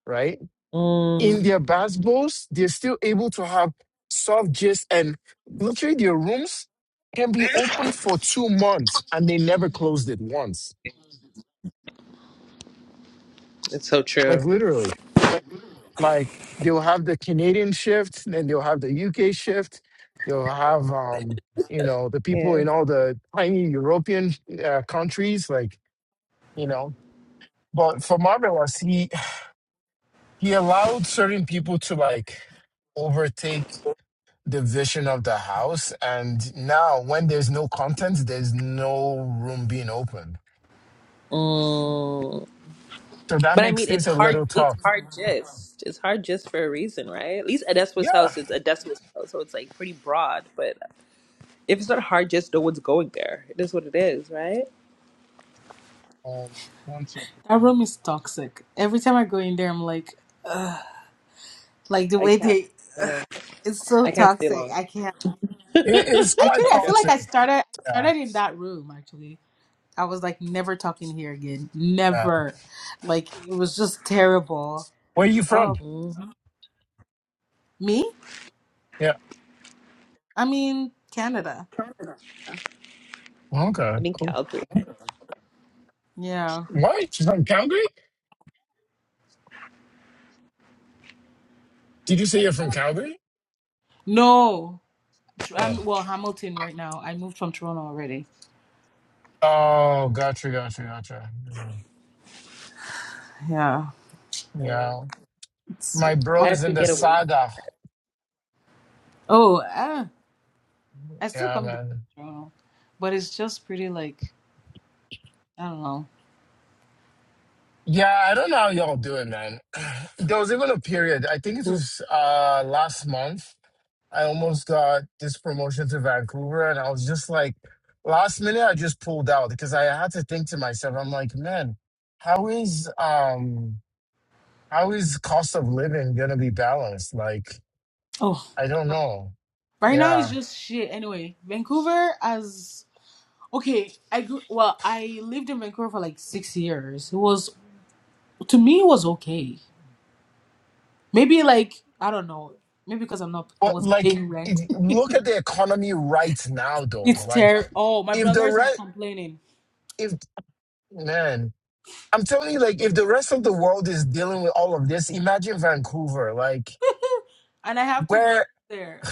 right? In Mm. their bass bowls, they're still able to have soft gist, and literally their rooms can be open for two months, and they never closed it once It's so Like true. literally, like they'll have the Canadian shift, then they'll have the UK shift, they'll have um, you know, the people Yeah. in all the tiny European uh, countries, like you know. But for Marvelous, he he allowed certain people to like overtake the vision of the house, and now when there's no content, there's no room being open. Mm. So that But I makes mean, it's things a hard. little It's tough. hard gist. It's hard gist for a reason, right? At least Adespa's Yeah. house, it's Adespa's house, so it's like pretty broad. But if it's not hard gist, no one's going there. It is what it is, right? Um, one second. That room is toxic. Every time I go in there, I'm like, Ugh. like the I way can't. they. I know. It's so I can't stay toxic. long. I can't. It, it's Actually, quite I I feel got. like I toxic. started Yeah. started in that room. Actually, I was like, never talking here again. yeah. Never. Like it was just terrible. Where are you from? Oh, Mm. me? Yeah. I mean, Canada. Okay. I'm in Cool. Calgary. Yeah. What? You're From Calgary? Did you say you're from Calgary? No, Tr- Oh, I'm well Hamilton right now. I moved from Toronto already. Oh, gotcha, gotcha, gotcha. Yeah. Yeah. So Yeah. It's, My I bro is have to in the get away. saga. oh, ah, I still Yeah, come down man. to Toronto, but it's just pretty like I don't know. yeah. I don't know how y'all do it, man. There was even a period. I think it was uh last month. I almost got this promotion to Vancouver, and I was just like, last minute, I just pulled out because I had to think to myself, I'm like, man, how is um How is cost of living gonna be balanced? Like, Oh, I don't know. right now it's Yeah. just shit. Anyway, Vancouver as okay. I grew well. I lived in Vancouver for like six years. It was to me it was okay. Maybe like I don't know. Maybe because I'm not I But wasn't like paying rent. if- look at the economy right now though. it's Like terrible. Oh, my if the brothers are rest complaining, if man, I'm telling you, like if the rest of the world is dealing with all of this, imagine Vancouver. Like and I have two brothers where there.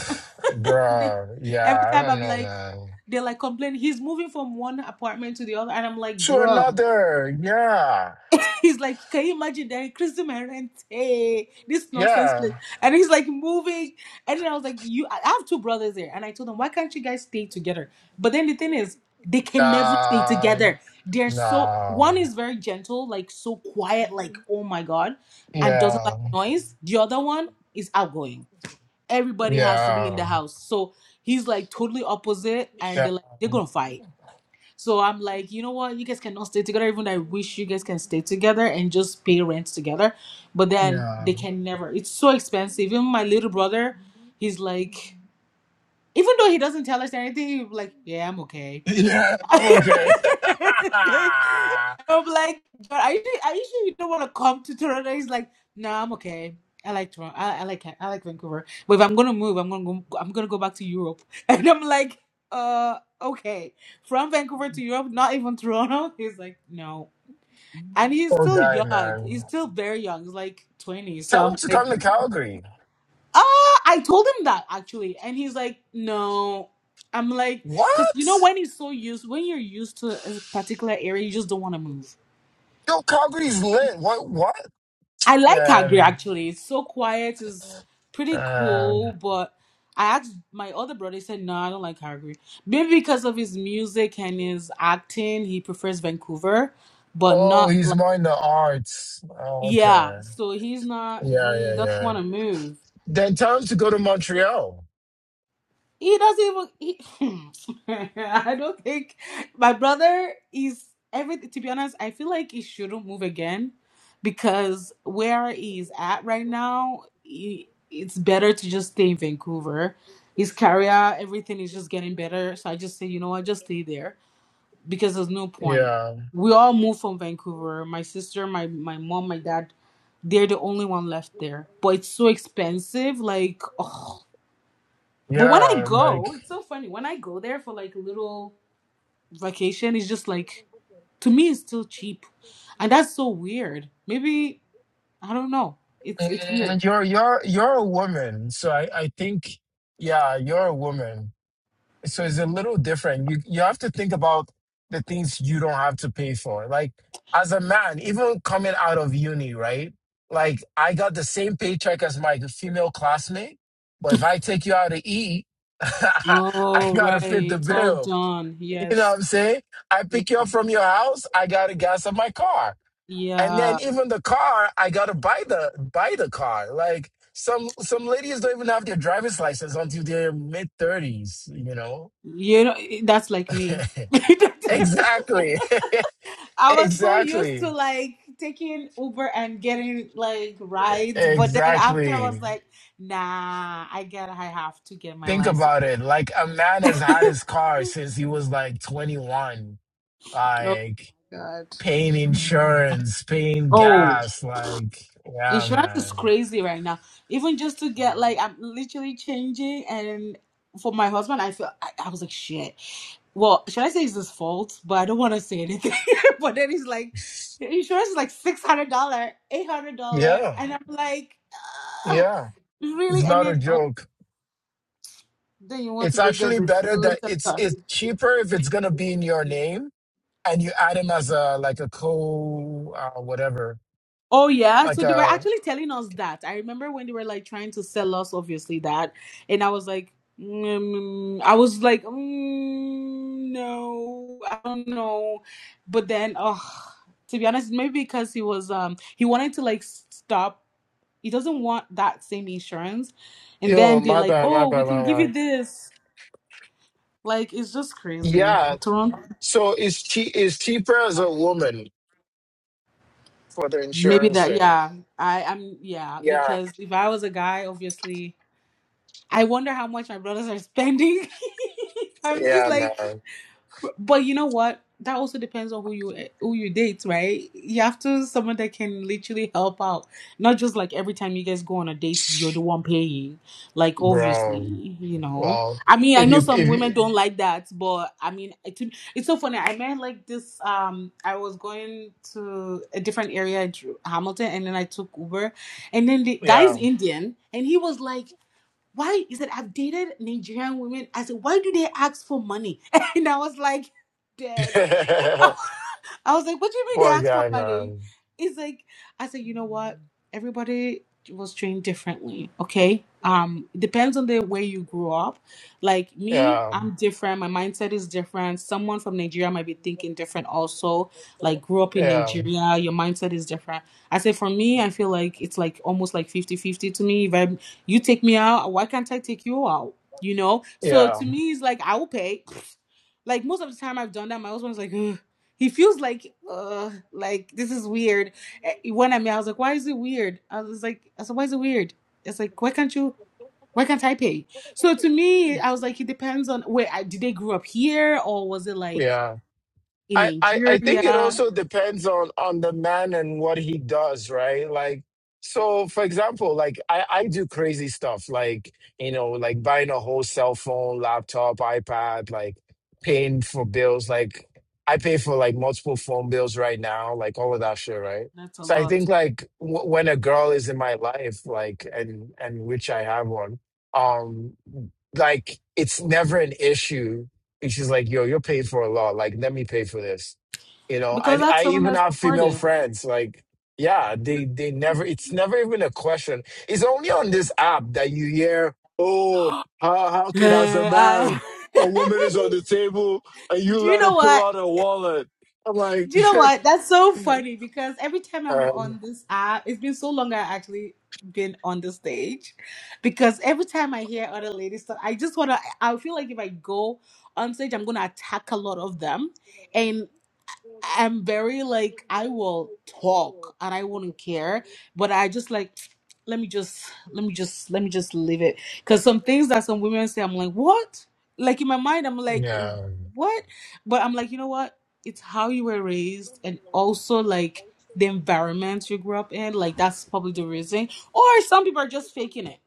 They- bruh, Every yeah, I time don't I'm know, like, man. they're like complaining. He's moving from one apartment to the other, and I'm like, To bruh. another, yeah. He's like, can you imagine that increasing my rent? Hey, this nonsense Yeah. place. And he's like moving, and then I was like, you. I have two brothers there, and I told them, why can't you guys stay together? But then the thing is, they can never stay Nah, together. They're so nah. one is very gentle, like so quiet, Yeah, like oh my god, and doesn't like noise. The other one is outgoing everybody has to be in yeah, the house. So he's like totally opposite, and yeah, they're like they're gonna fight. So I'm like, you know what? You guys cannot stay together. Even though I wish you guys can stay together and just pay rent together, but yeah, then yeah. they can never. It's so expensive. Even my little brother, he's like, even though he doesn't tell us anything, he's like, yeah, I'm okay. I'm okay. Like, I'm like, but I usually, I usually don't want to come to Toronto. He's like, no, I'm okay. I like Toronto. I, I like I like Vancouver. But if I'm gonna move, I'm gonna go, I'm gonna go back to Europe. And I'm like, uh, okay, from Vancouver to Europe, not even Toronto. He's like, no, and he's Poor still guy, young. man. He's still very young. He's like 20. So Tell him I'm to like. come to Calgary. Uh, I told him that actually, and he's like, no. I'm like, because you know What? when he's so used, when you're used to a particular area, you just don't want to move. Yo, Calgary's lit. What? What? I like Agri Man, actually. It's so quiet. It's pretty man. cool, but I asked my other brother. He said, no, I don't like Agri. Maybe because of his music and his acting, he prefers Vancouver, but Oh, not he's like more in the arts. Oh, yeah. okay. So he's not. Yeah, He yeah, doesn't yeah. want to move. Then tell him to go to Montreal. He doesn't even. He, I don't think my brother is everything. To be honest, I feel like he shouldn't move again because where he's at right now, he, it's better to just stay in Vancouver. His career, everything is just getting better. So I just say, you know what, just stay there because there's no point. Yeah. We all moved from Vancouver. My sister, my my mom, my dad. They're the only one left there, but it's so expensive. Like, ugh, but when I Yeah, like go, it's so funny. When I go there for like a little vacation, it's just like to me it's still cheap. And that's so weird. Maybe I don't know. It's it's weird. and you're you're you're a woman, so I I think yeah, you're a woman. So it's a little different. You you have to think about the things you don't have to pay for. Like as a man, even coming out of uni, right? Like I got the same paycheck as my female classmate, but if I take you out to eat, I Oh gotta right. fit the It's all bill. done. You know Yes. what I'm saying? I Y- pick you up from your house, I gotta gas up my car. And then Yeah. even the car, I gotta buy the buy the car. Like some some ladies don't even have their driver's license until their mid thirties. You know, You know i- that's like me. exactly, I was so used to exactly, like taking Uber and getting like rides, but then after I was exactly. like, nah, I get I have to get my Think license. about it. Like a man has had his car since he was like twenty one. Oh Like god. paying insurance, paying Oh. gas. Like yeah, Insurance is man. crazy right now. Even just to get like I'm literally changing and for my husband I feel I, I was like shit. Well, should I say it's his fault? But I don't want to say anything. but then he's like the insurance is like six hundred dollar, eight hundred dollar Yeah, and I'm like "Ah, yeah. It's really and not a then oh joke. then you want to It's go get actually the better that latest it's car. it's cheaper if it's gonna be in your name and you add him as a like a co uh, whatever. Oh yeah, Like so they were a actually telling us that. I remember when they were like trying to sell us, obviously that, and I was like, mm, I was like, mm, no, I don't know. But then, oh, to be honest, maybe because he was, um, he wanted to like stop. He doesn't want that same insurance, and yo, then they're my like, bad, my oh, we bad, can my give bad. you this. Like it's just crazy. Yeah. Toronto, So it's che- it's cheaper as a woman for the maybe insurance that. thing. Yeah, I am. Yeah, Yeah. because if I was a guy, obviously. I wonder how much my brothers are spending. I'm just Yeah, like, man. but you know what? That also depends on who you who you date, right? You have to someone that can literally help out, not just like every time you guys go on a date, you're the one paying. Like obviously, Bro. you know. Well, I mean, I if know you some if women you, don't like that, but I mean, it, it's so funny. I met like this. Um, I was going to a different area, Dr- Hamilton, and then I took Uber, and then the guy's yeah. Indian, and he was like why is that I've dated Nigerian women? I said, why do they ask for money? And I was like, dead. I was like, what do you mean they Poor asked for guy, money? man. It's like, I said, you know what? Everybody was trained differently, okay? Um, it depends on the way you grew up. Like me, Yeah. I'm different. My mindset is different. Someone from Nigeria might be thinking different also. Like grew up in Yeah. Nigeria, your mindset is different. I said for me, I feel like it's like almost like fifty-fifty to me. If I you take me out, why can't I take you out? You know? So Yeah. to me it's like I will pay. Like most of the time I've done that, my husband's like, "Ugh." He feels like, uh, like this is weird. Eh, When I mean, I was like, why is it weird? I was like, I said, why is it weird? It's like, why can't you? Why can't I pay? So to me, I was like, it depends on where I, did they grow up here or was it like Yeah. in I, I, I think it Nigeria? also depends on on the man and what he does, right? Like so for example, like I, I do crazy stuff like, you know, like buying a whole cell phone, laptop, iPad, like paying for bills, like I pay for like multiple phone bills right now, like all of that shit, right? That's a So I lot think like w- when a girl is in my life, like and and which I have one, um, like it's never an issue And she's like, yo, you're paid for a lot. Like, let me pay for this. You know, because I that's I someone even that's have female supportive. friends. Like, yeah, they they never it's never even a question. It's only on this app that you hear, oh, how how can as a I- man, a woman is on the table and you Do you let her know pull what? out her wallet. I'm like Do you know what? That's so funny because every time I'm um, on this app, it's been so long I actually been on the stage because every time I hear other ladies talk, I just wanna I I feel like if I go on stage, I'm gonna attack a lot of them am very like I will talk and I wouldn't care, but I just like let me just let me just let me just leave it because some things that some women say I'm like what like in my mind I'm like yeah. what but I'm like you know what it's how you were raised and also like the environment you grew up in like that's probably the reason or some people are just faking it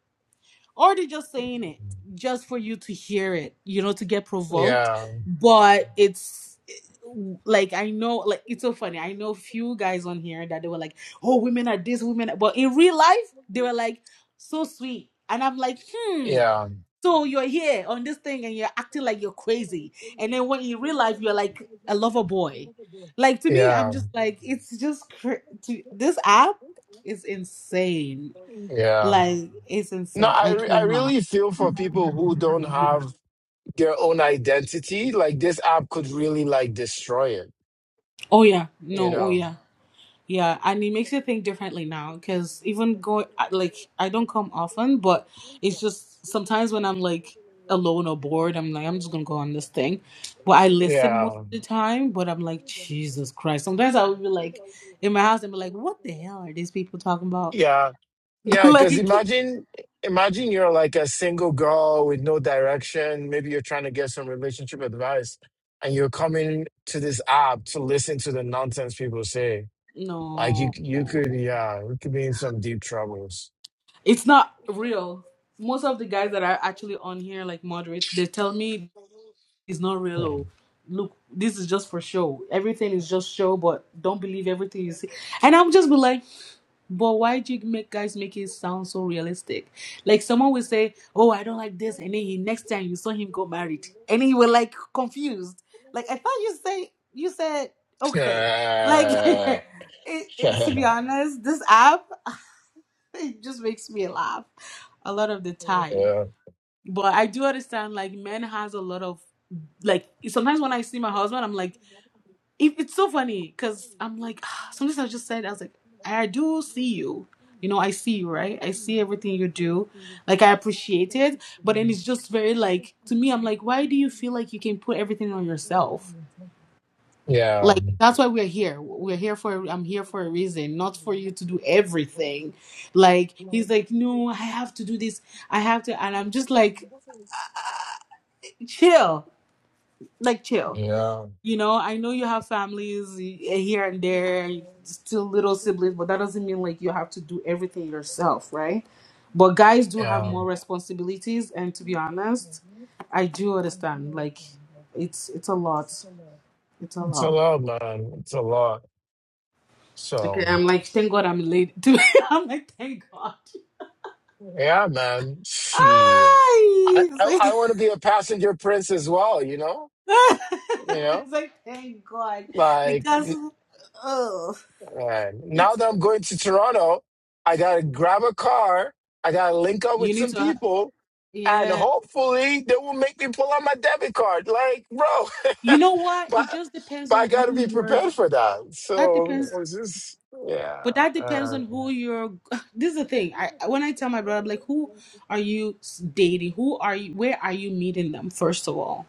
or they're just saying it just for you to hear it, you know, to get provoked. Yeah. But it's like I know, like it's so funny. I know few guys on here that they were like, "Oh, women are this, women," are... but in real life, they were like, "So sweet," and I'm like, "Hmm." Yeah. So you're here on this thing and you're acting like you're crazy, and then when in real life you're like a lover boy. Like to me, I'm Yeah. just like it's just cr- to, this app is insane. Yeah. Like it's No, insane. I I re- I cannot. really feel for people who don't have their own identity, like this app could really like destroy it, Oh yeah, you no. Oh know. yeah, yeah. And it makes you think differently now because even going like I don't come often, but it's just sometimes when I'm like alone or bored, I'm like I'm just gonna go on this thing. But I listen most Yeah. of the time. But I'm like Jesus Christ. Sometimes I would be like in my house and be like, what the hell are these people talking about? Yeah. Yeah, cuz like imagine imagine you're like a single girl with no direction, maybe you're trying to get some relationship advice and you're coming to this app to listen to the nonsense people say. Like you no, you could yeah, you could be in some deep troubles. it's not real. Most of the guys that are actually on here, like moderates, they tell me is not real. Hmm. Oh, look, this is just for show. Everything is just show, but don't believe everything you see. And I'm just be like, but why do you make guys make it sound so realistic? Like someone will say, oh, I don't like this, and then he, next time you saw him go married, and then you were like confused. Like I thought you say you said okay. Like yeah. it, it, to be honest, this app it just makes me laugh a lot of the time but I do understand like men has a lot of like sometimes when I see my husband, I'm like, it, it's so funny because I'm like, sometimes I just said I was like, I do see you. You know, I see you, right? I see everything you do. Like I appreciate it. But then it's just very like to me, I'm like, why do you feel like you can put everything on yourself? Yeah. Like that's why we're here. We're here for I'm here for a reason, not for you to do everything. Like he's like, No, I have to do this. I have to and I'm just like chill like chill. Yeah. You know, I know you have families eh, here and there, still little siblings, but that doesn't mean like you have to do everything yourself, right? But guys do have more Um, responsibilities, and to be honest, I do understand. Like, it's it's a lot. It's a it's a lot. lot, man. It's a lot. Okay, So I'm like, thank God I'm late. I'm like, thank God. yeah, man. Shit. I Ay, I, it's I like, want to be a passenger prince as well. You know. You know. it's like thank God Like because oh, man, now it's that I'm going to Toronto, I gotta grab a car. I gotta link up with you need some to. people, and Yeah, hopefully they will make me pull out my debit card. Like, bro, You know what? but It just depends but I on who gotta be you're. prepared for that. That So it depends, was just but yeah. that depends Um, on who you're. This is the thing. I when I tell my brother, I'm like, who are you s- dating? Who are you? Where are you meeting them? First of all,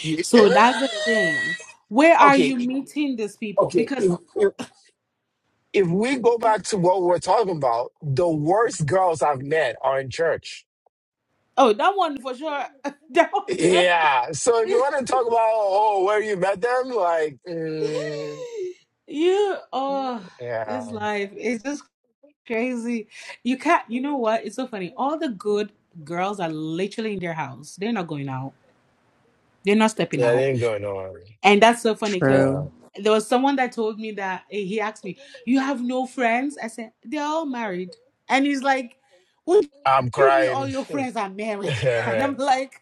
yeah. so that's the thing. Where are you okay, meeting these people? okay. Because If, if if we go back to what we're talking about, the worst girls I've met are in church. oh, that one for sure. That one, Yeah. So if you want to talk about oh where you met them, like mm, you oh, yeah, this life is just Crazy. You can't, you know what? It's so funny. All the good girls are literally in their house. They're not going out. They're not stepping that out. ain't going on. And that's so funny because Yeah, True. there was someone that told me that eh, he asked me, You have no friends? I said, They're all married. And he's like, What I'm do you mean all crying. your friends are married? And yeah. I'm like,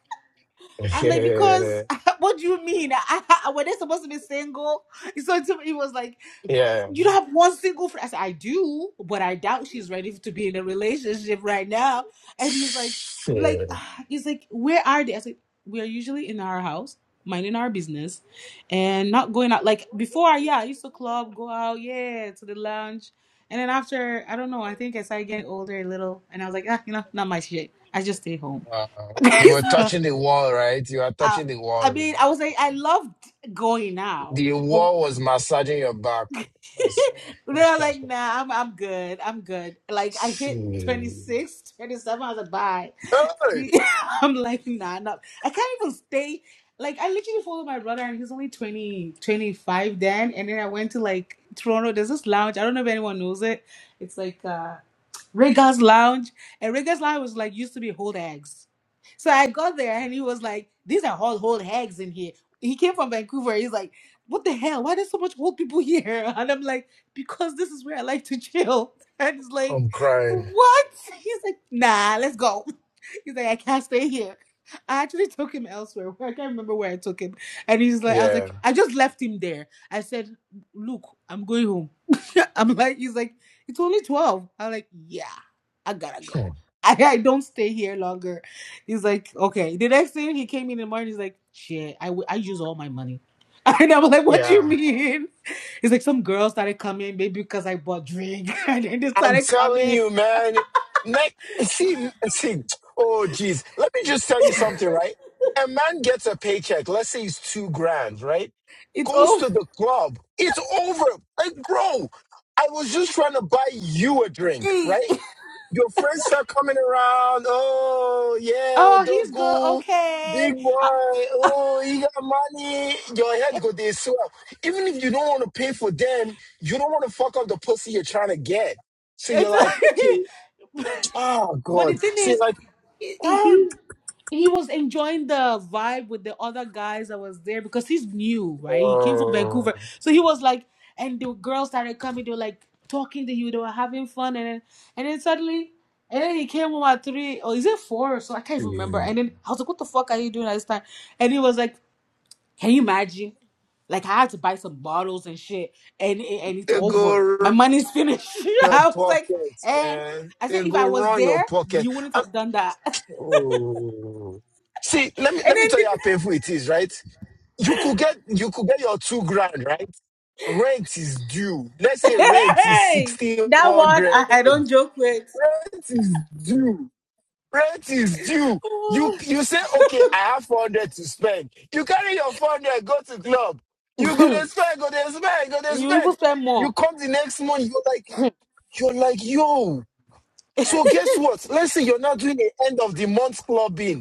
I'm like, because what do you mean? I, I were they supposed to be single? So to me, it was like, Yeah. you don't have one single friend. I said, I do, but I doubt she's ready to be in a relationship right now. And he's like, like, he's like, where are they? I said, we are usually in our house, minding our business, and not going out. Like before, yeah, I used to club, go out, yeah, to the lounge. And then after, I don't know, I think I started getting older a little, and I was like, ah, you know, not my shit. I just stay home. Wow. You were touching the wall, right? You are Uh, touching the I wall. mean, I was like, I loved going now, The but wall was massaging your back. That's- then I was like, nah, I'm, I'm good. I'm good. Like, I Shit. hit 26, 27. I was like, bye. Hey, See, I'm like, nah, no. I can't even stay. Like, I literally followed my brother, and he's only 20 25 then. And then I went to like Toronto. There's this lounge. I don't know if anyone knows it. It's like, uh, Regas Lounge, and Regas Lounge was like used to be whole eggs. So I got there and he was like, "These are all whole eggs in here." He came from Vancouver. He's like, "What the hell? Why there's so much old people here?" And I'm like, "Because this is where I like to chill." And he's like, I'm crying. "What?" He's like, "Nah, let's go." He's like, "I can't stay here." I actually took him elsewhere. I can't remember where I took him. And he's like, I was Yeah. like, I just left him there. I said, Look, I'm going home. I'm like, he's like. It's only 12. I'm like, yeah, I gotta go. Hmm. I, I don't stay here longer. He's like, okay. The next thing he came in the morning, he's like, shit, I, w- I use all my money. And I'm like, what do you Yeah. mean? He's like, some girls started coming, maybe because I bought drink. And then they I'm started telling coming. you, man. Next, see, see, oh, geez. Let me just tell you something, right? A man gets a paycheck, let's say it's two grand, right? It's Goes over. to the club. It's over. Like, bro, I was just trying to buy you a drink, right? Your friends start coming around. Oh, yeah, Oh, he's good. Odogu, Okay. big boy. I- Oh, he got money. Your head go there swell. Even if you don't want to pay for them, you don't want to fuck up the pussy you're trying to get. So you're like, okay, it's- oh, but the God. thing So you're is, like, he oh, he he was enjoying the vibe with the other guys that was there because he's new, right? He came from Vancouver, God. so he was like, and the girls started coming. They were like talking to you. They were having fun, and then and then suddenly, and then he came home at three or is it four? or So I can't even remember. dude. And then I was like, what the fuck are you doing at this time? And he was like, can you imagine? Like I had to buy some bottles and shit, and and it's They go over. My run money's finished. your I was like, pockets, and man. I said, They if go I was run your there, pocket. you wouldn't I'm- have done that. oh. See, let me And let me then tell you how painful it is, right? you could get you could get your two grand right rent is due let's the, say rent is hey, that one 1600 I, I rent don't joke with. is due rent is due you you say okay i have 400 to spend you carry your 400 go to club you go to you spend go to spend go to even spend spend you more. come the next month you're like you're like yo so guess what let's say you're not doing the end of the month clubbing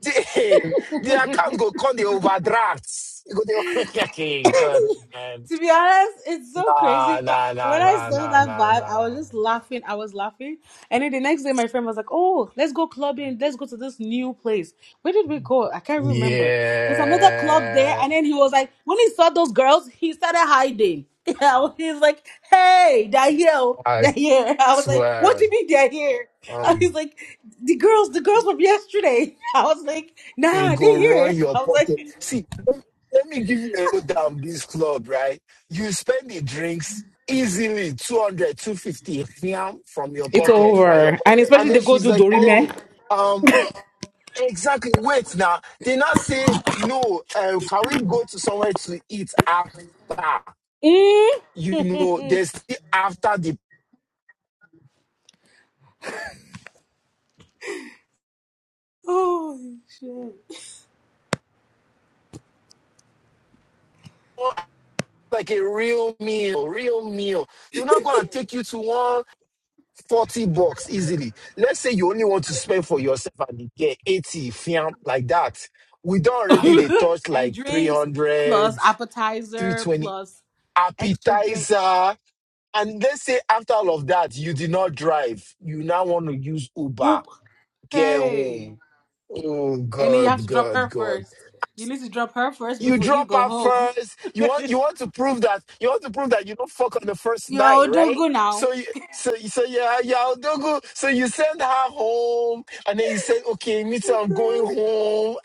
Damn, the account go call the overdrafts. You go the okay, good. man. to be honest, it's so crazy. Nah, But nah, nah, when I nah, saw nah, that nah, vibe, I was nah. just laughing. I was laughing. And then the next day, my friend was like, Oh, let's go clubbing. Let's go to this new place. Where did we go? I can't remember. There's another club there. Yeah, And then he was like, When he saw those girls, he started hiding. Yeah, he's like, Hey, they're here. oh, I They're here. I was like, What do swear. you mean they're here? And Um, he's like, The girls, the girls from yesterday. I was like, it Nah, go they're here. run your I was pocket. like, See, let let me give you a go down this club, right? You spend the drinks easily two hundred, two fifty from your It's pocket, right? over. And And especially then they go she's do like, Dorime. oh, um. Exactly. Wait now. They now say, no, uh, can we go to somewhere to eat after? Mm. You know, there's still after the oh, shit. like a real meal, real meal. They're not going to take you to 140 bucks easily. Let's say you only want to spend for yourself and you get 80, fiam, like that. We don't already, they touch and like drinks plus 300, appetizer 320 plus extra drink. appetizer. And let's say after all of that, you did not drive. You now want to use Uber Oop. get Hey. home. Oh And then you have God, to drop God, her God. first. You need to drop her first You before you drop go her home. first. You want you want to prove that you want to prove that you don't fuck on the first Yo, night, don't right? go now. So you so you- so yeah, yeah, Odogu. So you send her home and then you said, okay, me too, I'm going home.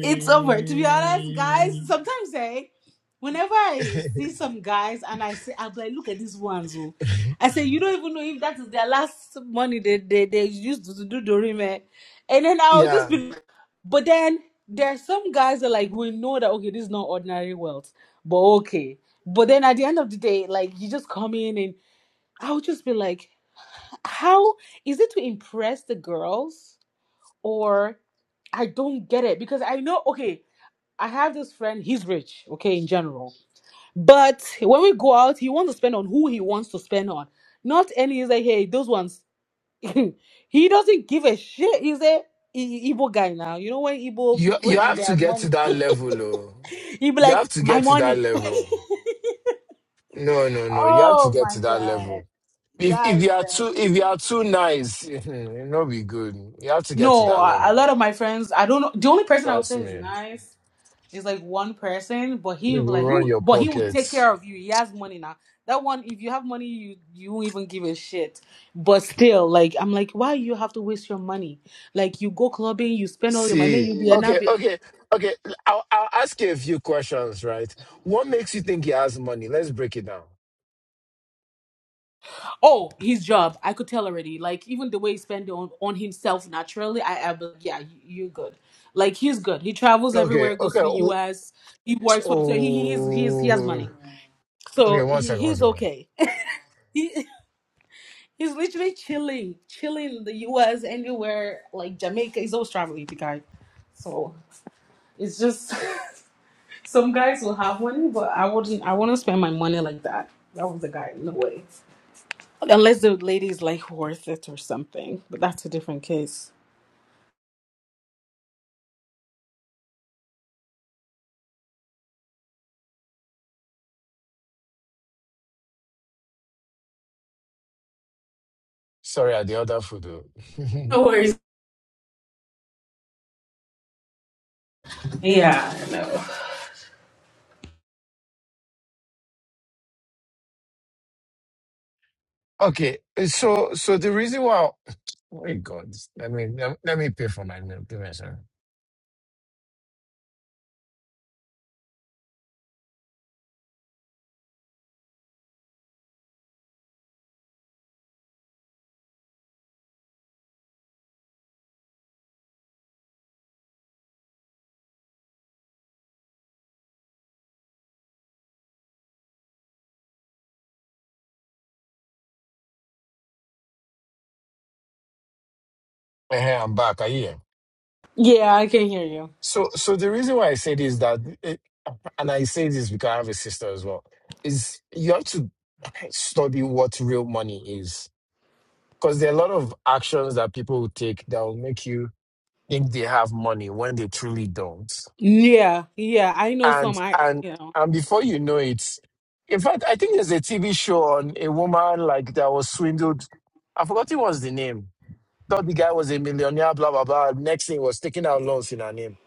It's over. To be honest, guys, sometimes eh, whenever I see some guys and I say, I'm like, look at these ones. Oh. I say, you don't even know if that is their last money they, they, they used to do the remake." And then I'll just yeah. be, like, but then there are some guys that like, we know that, okay, this is not ordinary wealth, but okay. But then at the end of the day, like, you just come in and I'll just be like, how is it to impress the girls or I don't get it because I know okay. I have this friend, he's rich, okay, in general. But when we go out, he wants to spend on who he wants to spend on. Not any, he's like, hey, those ones. he doesn't give a shit. He's a I- Igbo guy now. You know when Igbo You people you and have to their get to money, that level, oh. he'd be You have like, to my get to that money. level. No, no, no. You have to oh get my to that level God. If if you Guys, are too if you man. are too nice, it not be good. You have to get to No, that a a level. lot of my friends, I don't know. The only person I would Trust say is me. nice It's like one person, but he You will will like run who, your but he will take pockets. care of you. He has money now. That one, if you have money, you you won't even give a shit. But still, like I'm like, why you have to waste your money? Like you go clubbing, you spend all your money, See. you be an Okay, bit. okay, okay. I'll I'll ask you a few questions, right? What makes you think he has money? Let's break it down. Oh, his job, I could tell already. Like even the way he spend on on himself naturally, I I be like, yeah, you, you're good. Like he's good. He travels Okay, everywhere, goes okay. to the Oh, U.S. He works, for so he he is he is he has oh. money, okay, so one he, second, one he's second. okay. He's literally chilling, chilling in the US, anywhere. Like Jamaica, he's always traveling, the guy. So it's just some guys will have one, but I wouldn't. I wouldn't spend my money like that. That was the guy, no way. Unless the lady is like worth it or something, but that's a different case. Sorry, I had the other food. No oh. worries. Yeah, I know. okay, so so the reason why oh my god, let me let me let me pay for my meal. Give me a second. Hey, I'm back. Are you here? Yeah, I can hear you. So, so the reason why I say this is that, it, and I say this because I have a sister as well, is you have to study what real money is. Because there are a lot of actions that people will take that will make you think they have money when they truly don't. Yeah, yeah, I know some. And I, I- and you know. and before you know it, in fact, I think there's a TV show on a woman like that was swindled. I forgot what was the name. Thought the guy was a millionaire, blah blah blah. Next thing was taking out loans in her name.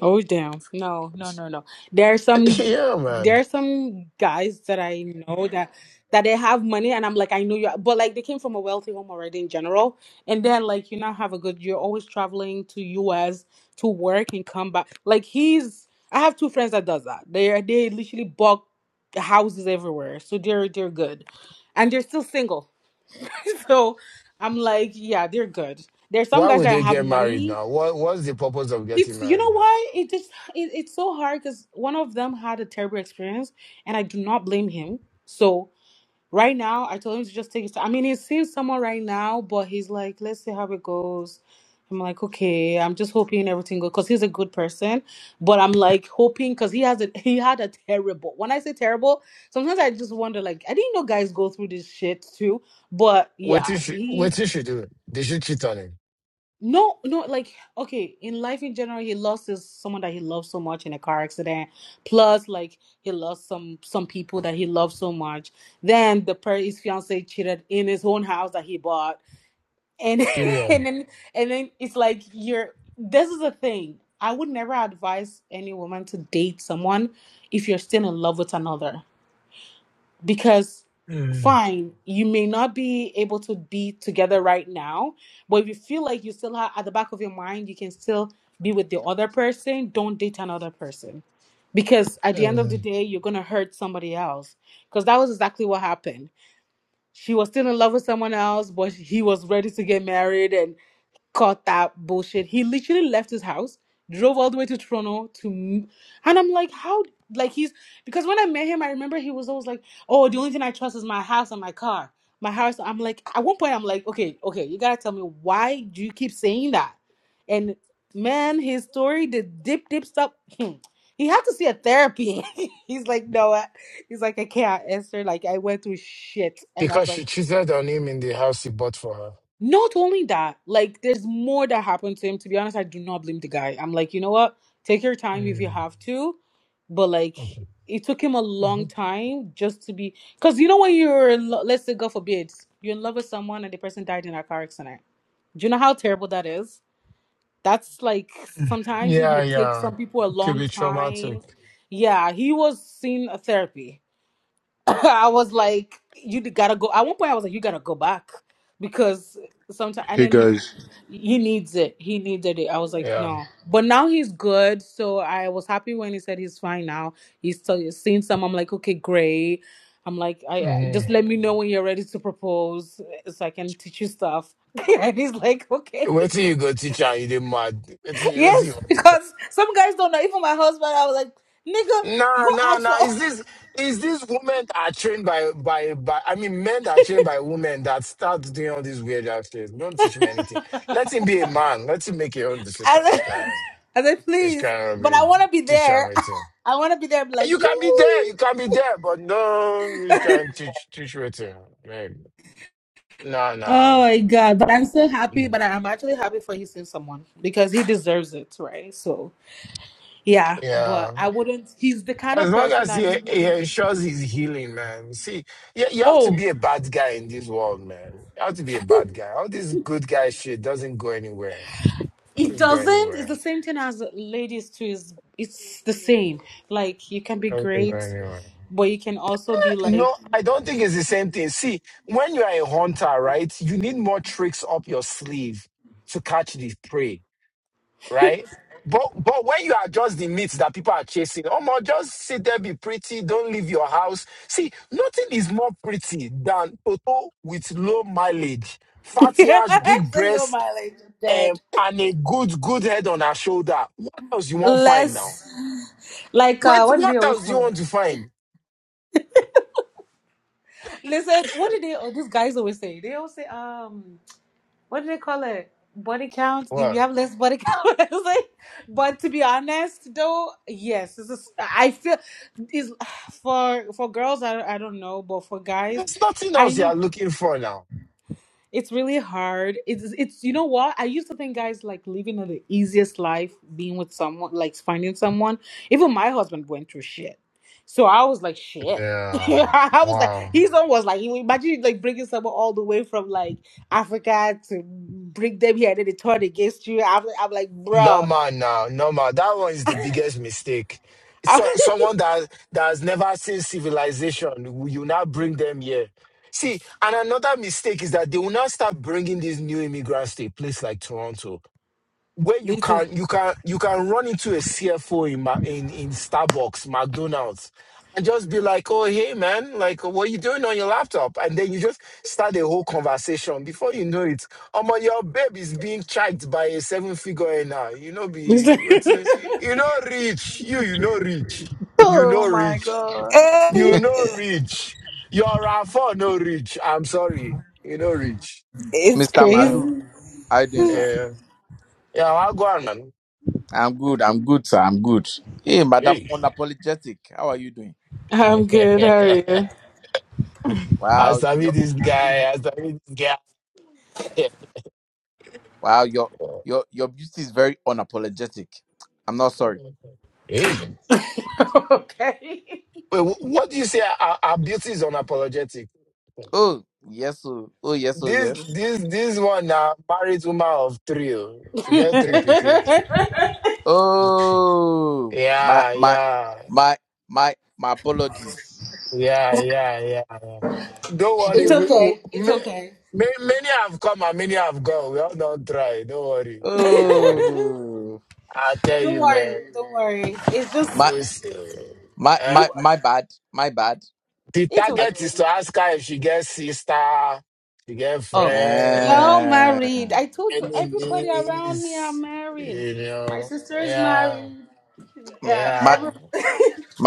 Oh damn. No, no, no, no. There are some yeah, there man. are some guys that I know that that they have money and I'm like, I know you but like they came from a wealthy home already in general. And then like you now have a good you're always traveling to US to work and come back. Like he's I have two friends that does that. They are they literally bought houses everywhere. So they're they're good. And they're still single. so I'm like, yeah, they're good. There's some Why guys would that they have get married money now? What What's the purpose of getting it's you know married now? why it's it, it's so hard because one of them had a terrible experience, and I do not blame him. So right now, I told him to just take his time. I mean, he's seeing someone right now, but he's like, let's see how it goes. I'm like, okay, I'm just hoping everything goes because he's a good person, but I'm like hoping because he has a he had a terrible. When I say terrible, sometimes I just wonder like I didn't know guys go through this shit too, but What yeah, did she he What did she do? Did she cheat on him? no, no, like okay, in life in general, he lost his someone that he loved so much in a car accident. Plus, like he lost some some people that he loved so much. Then the per his fiance cheated in his own house that he bought, and Period. and then and then it's like you're. This is a thing. I would never advise any woman to date someone if you're still in love with another because Mm. fine you may not be able to be together right now but if you feel like you still have at the back of your mind you can still be with the other person don't date another person because at the end of the Mm. day you're going to hurt somebody else because that was exactly what happened she was still in love with someone else, but he was ready to get married and caught that bullshit. He literally left his house, drove all the way to Toronto to, m- and I'm like, how? Like he's because when I met him, I remember he was always like, oh, the only thing I trust is my house and my car. My house. I'm like, at one point, I'm like, okay, okay, you gotta tell me why do you keep saying that? And man, his story, the dip, dip, stop. He had to see a therapy. He's like, no, He's like, I can't answer. Like, I went through shit. And I was Because like, she cheated on him in the house he bought for her. not only that, like, there's more that happened to him. To be honest, I do not blame the guy. I'm like, you know what? Take your time if you Mm. have to. But, like, Okay. it took him a long Mhm. time just to be. Because, you know, when you're, in lo- let's say, God forbid, you're in love with someone and the person died in a car accident. Do you know how terrible that is? That's like, Mm. sometimes it Yeah, may take yeah. some people a It could long be traumatic. time. Yeah, he was seeing a therapy I was like, you gotta go. At one point, I was like, you gotta go back because sometimes, and Hey then guys, he, he needs it. He needed it. I was like, Yeah. no. But now he's good. So I was happy when he said he's fine now. He's still seeing some. I'm like, okay, great. I'm like, I I- Mm-hmm. just let me know when you're ready to propose eh, so I can teach you stuff. and he's like, okay, Wait till you go teach her, you did mad. Wait till, you, wait till you yes, because some guys don't know. Even my husband, I was like, nigga, No, go no, ask. no. her. Is this is this women that are trained by by by I mean men that are trained by women that start doing all these weird ass shit. Don't teach him anything. Let him be a man. Let him make his own decision. I Which said, can I said, which please, can but be I want to be teach him there. anything. I want to be there. be like, You can be there, yay. you can be there, but no, which can teach teach waiting. No, Oh no. my God. But I'm so happy. But I'm actually happy for you seeing someone because he deserves it, right? So, yeah. Yeah. But I wouldn't, he's the kind As of long person as he, that he he wouldn't. ensures his healing, man. See, you, you have to Oh, be a bad guy in this world, man. You have to be a bad guy. All this good guy shit doesn't go anywhere. it Doesn't go doesn't. It's the anywhere. same thing as ladies, too. It's, it's the same. Like, you can be Doesn't go great, anywhere. but you can also be like, No, I don't think it's the same thing. See, when you are a hunter, right, you need more tricks up your sleeve to catch the prey. right? But but when you are just the meat that people are chasing, Omo, just sit there, be pretty, don't leave your house. See, nothing is more pretty than Toto with low mileage, fatty ass, big hello, breast, mileage, um, dead. and a good, good head on her shoulder. What else you want find now? Less, like uh What what do they what always else do you call it? want to find? Listen, what do they oh, these guys always say? They always say, um, what do they call it? Body count. If you What? have less body count, it's like, but to be honest though, yes, this is I feel is for for girls I I don't know, but for guys, There's nothing I else you know are looking for now. It's really hard. It's it's you know what? I used to think guys like living the easiest life, being with someone, like finding someone. Even my husband went through shit. So I was like, shit. Yeah. I was like, Wow. his own was like, imagine like bringing someone all the way from like Africa to bring them here and then they turn against you. I'm, I'm like, No bruh. man, now, no man. That one is the biggest mistake. So someone that that has never seen civilization, you now bring them here. See, and another mistake is that they will not start bringing these new immigrants to a place like Toronto where you Listen, can you can you can run into a CFO in Ma- in in Starbucks, McDonald's, and just be like, "Oh, hey, man, like, what you doing on your laptop?" And then you just start a whole conversation. Before you know it, um, your babe is being tracked by a seven figure now. You know, be listen. waiting. You know, rich. You you know rich. You know Oh my rich. god. You know rich. You're a for no rich. I'm sorry. You know rich. it's Mr. You Malu, know. crazy. how you doing, sir? Yeah. Yeah. I'll go on, man. I'm good. I'm good, sir. I'm good. Hey, Madam Hey. Unapologetic, how are you doing? I'm good. How are you? I Wow, submit your this guy. I submit this guy. wow, your your your beauty is very unapologetic. I'm not sorry. hey, okay. wait, wh- what do you say? Our, our beauty is unapologetic. Oh yes, oh, oh yes, oh This yes. this this one now married woman of three. oh. She got three picking. Oh my yeah, my yeah, my my my apologies. yeah, yeah, yeah. yeah. Don't worry. It's We, we, okay. It's ma- okay. ma- many have come and many have gone. We all don't try. Don't worry. Don't worry. Oh I tell don't you, man. worry. Don't worry. It's just, my We still. my eh? my my bad. My bad. The it's I, target okay. is to ask her if she gets sister, she get Oh, they're friend, all Eh, married. I told you, any everybody around me are niece, married. you My know. sister is Yeah, married. my yeah.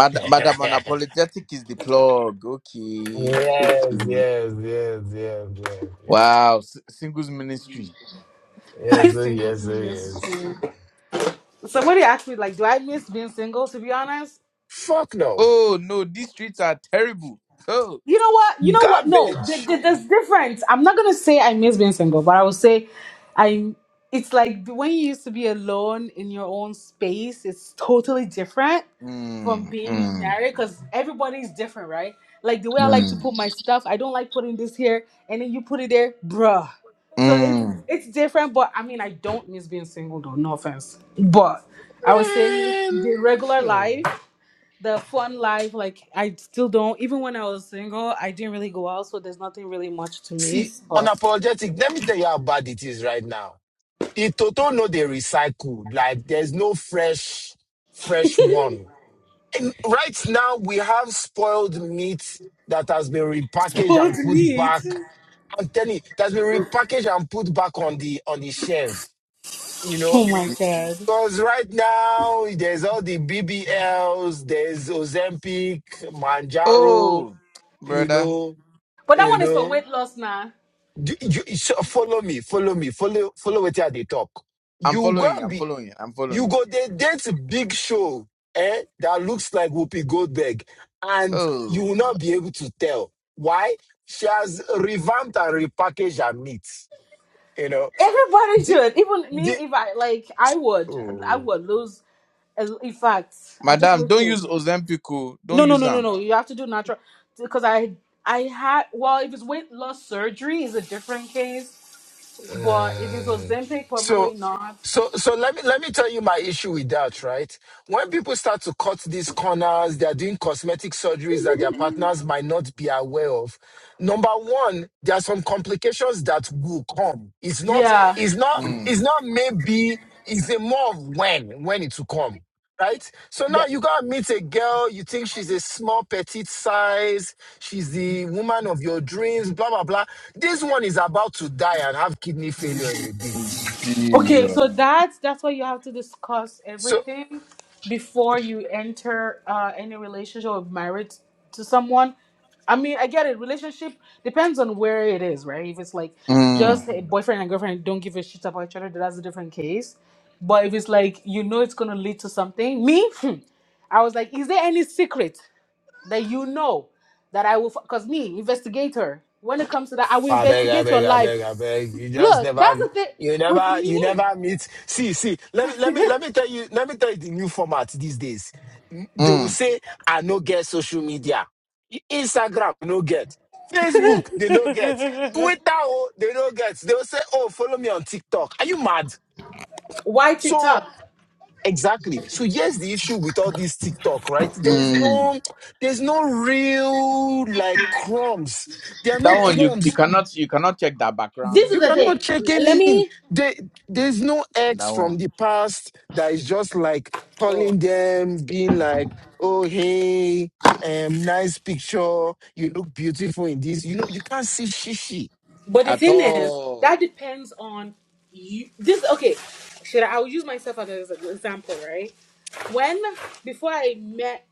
Madam yes, Unapologetic is the plug. Okay. yes, yes, yes, yes, yes. Wow. S- singles ministry. Yes, i oh, singles yes, oh, yes. ministry. Somebody asked me, like, do I miss being single? To be honest, Fuck no. Oh, no. These streets are terrible. Oh. You know what? You know what? No, th- Garbage. th- there's difference. I'm not gonna say I miss being single, but I will say, I. It's like when you used to be alone in your own space. It's totally different from Mm, being mm, married because everybody's different, right? Like the way I like to mm, put my stuff, I don't like putting this here, and then you put it there, bruh. So it's mm. it's different, but I mean I don't miss being single though. No offense, but I would say Man. the regular Hmm. life the fun life like i still don't even when i was single i didn't really go out so there's nothing really much to See, miss but unapologetic. Let me tell you how bad it is right now. The Toto know they recycle. Like, there's no fresh, fresh one And right now we have spoiled meat that has been repackaged what and to put meet back. I'm telling you, that's been repackaged and put back on the on the shelf. You know, oh my god because right now there's all the BBLs, there's Ozempic, Manjaro. Oh, You brother. know, but that you one is for know. weight loss now Do- you- so follow me, follow me, follow follow what they talk. I'm You go following. and I'm be following. I'm you following. go they date big show eh, that looks like Whoopi Goldberg, and you will Oh, not be able to tell why she has revamped and repackaged her meat. You know, everybody the should even me if i like i would i the would lose in fact i'm just madam, don't use waiting Ozempico. Don't no no use no no them. no you have to do natural because i i had well if it's weight loss surgery is a different case but if it was Mm. Zempic, probably So, not so, so let me let me tell you my issue with that. Right, when people start to cut these corners, they are doing cosmetic surgeries that their partners might not be aware of. Number one, there are some complications that will come. It's not, yeah it's not, Mm. it's not maybe. It's a more of when when it will come. Right, so now you gotta meet a girl. You think she's a small petite size. She's the woman of your dreams. Blah blah blah this one is about to die and have kidney failure in a bit. mm, Okay, Jesus. so that's that's why you have to discuss So everything before you enter uh, any relationship or marriage to someone. I mean, I get it. Relationship depends on where it is, right? If it's like Mm, just a boyfriend and girlfriend don't give a shit about each other, then that's a different case. But if it's like you know it's gonna lead to something, me, hmm, I was like, is there any secret that you know that I will? Because me, investigator, when it comes to that, I will I beg, I investigate your beg, I life. beg, I beg. You just Look, that's never, the thing you with never, you me. never meet. See, see. Let me, let me, let me tell you. Let me tell you the new format these days. N- They will mm, say, "I no get social media, I- Instagram no get, Facebook they no get, Twitter oh they no get." They will say, "Oh, follow me on TikTok." Are you mad? Why So TikTok? Exactly. So here's the issue with all this TikTok, right? There's mm. no, there's no real like crumbs. There are That no one you, you crumbs. cannot you cannot check that This background. is You the cannot thing. check Let any. in. me. There, there's no That ex from one the past that is just like oh, calling them, being like, "Oh hey, um, nice picture. You look beautiful in this." You know, you can't see shishi. But the at thing is, all. that depends on you. This okay? Should I? I will use myself as an example, right? When before I met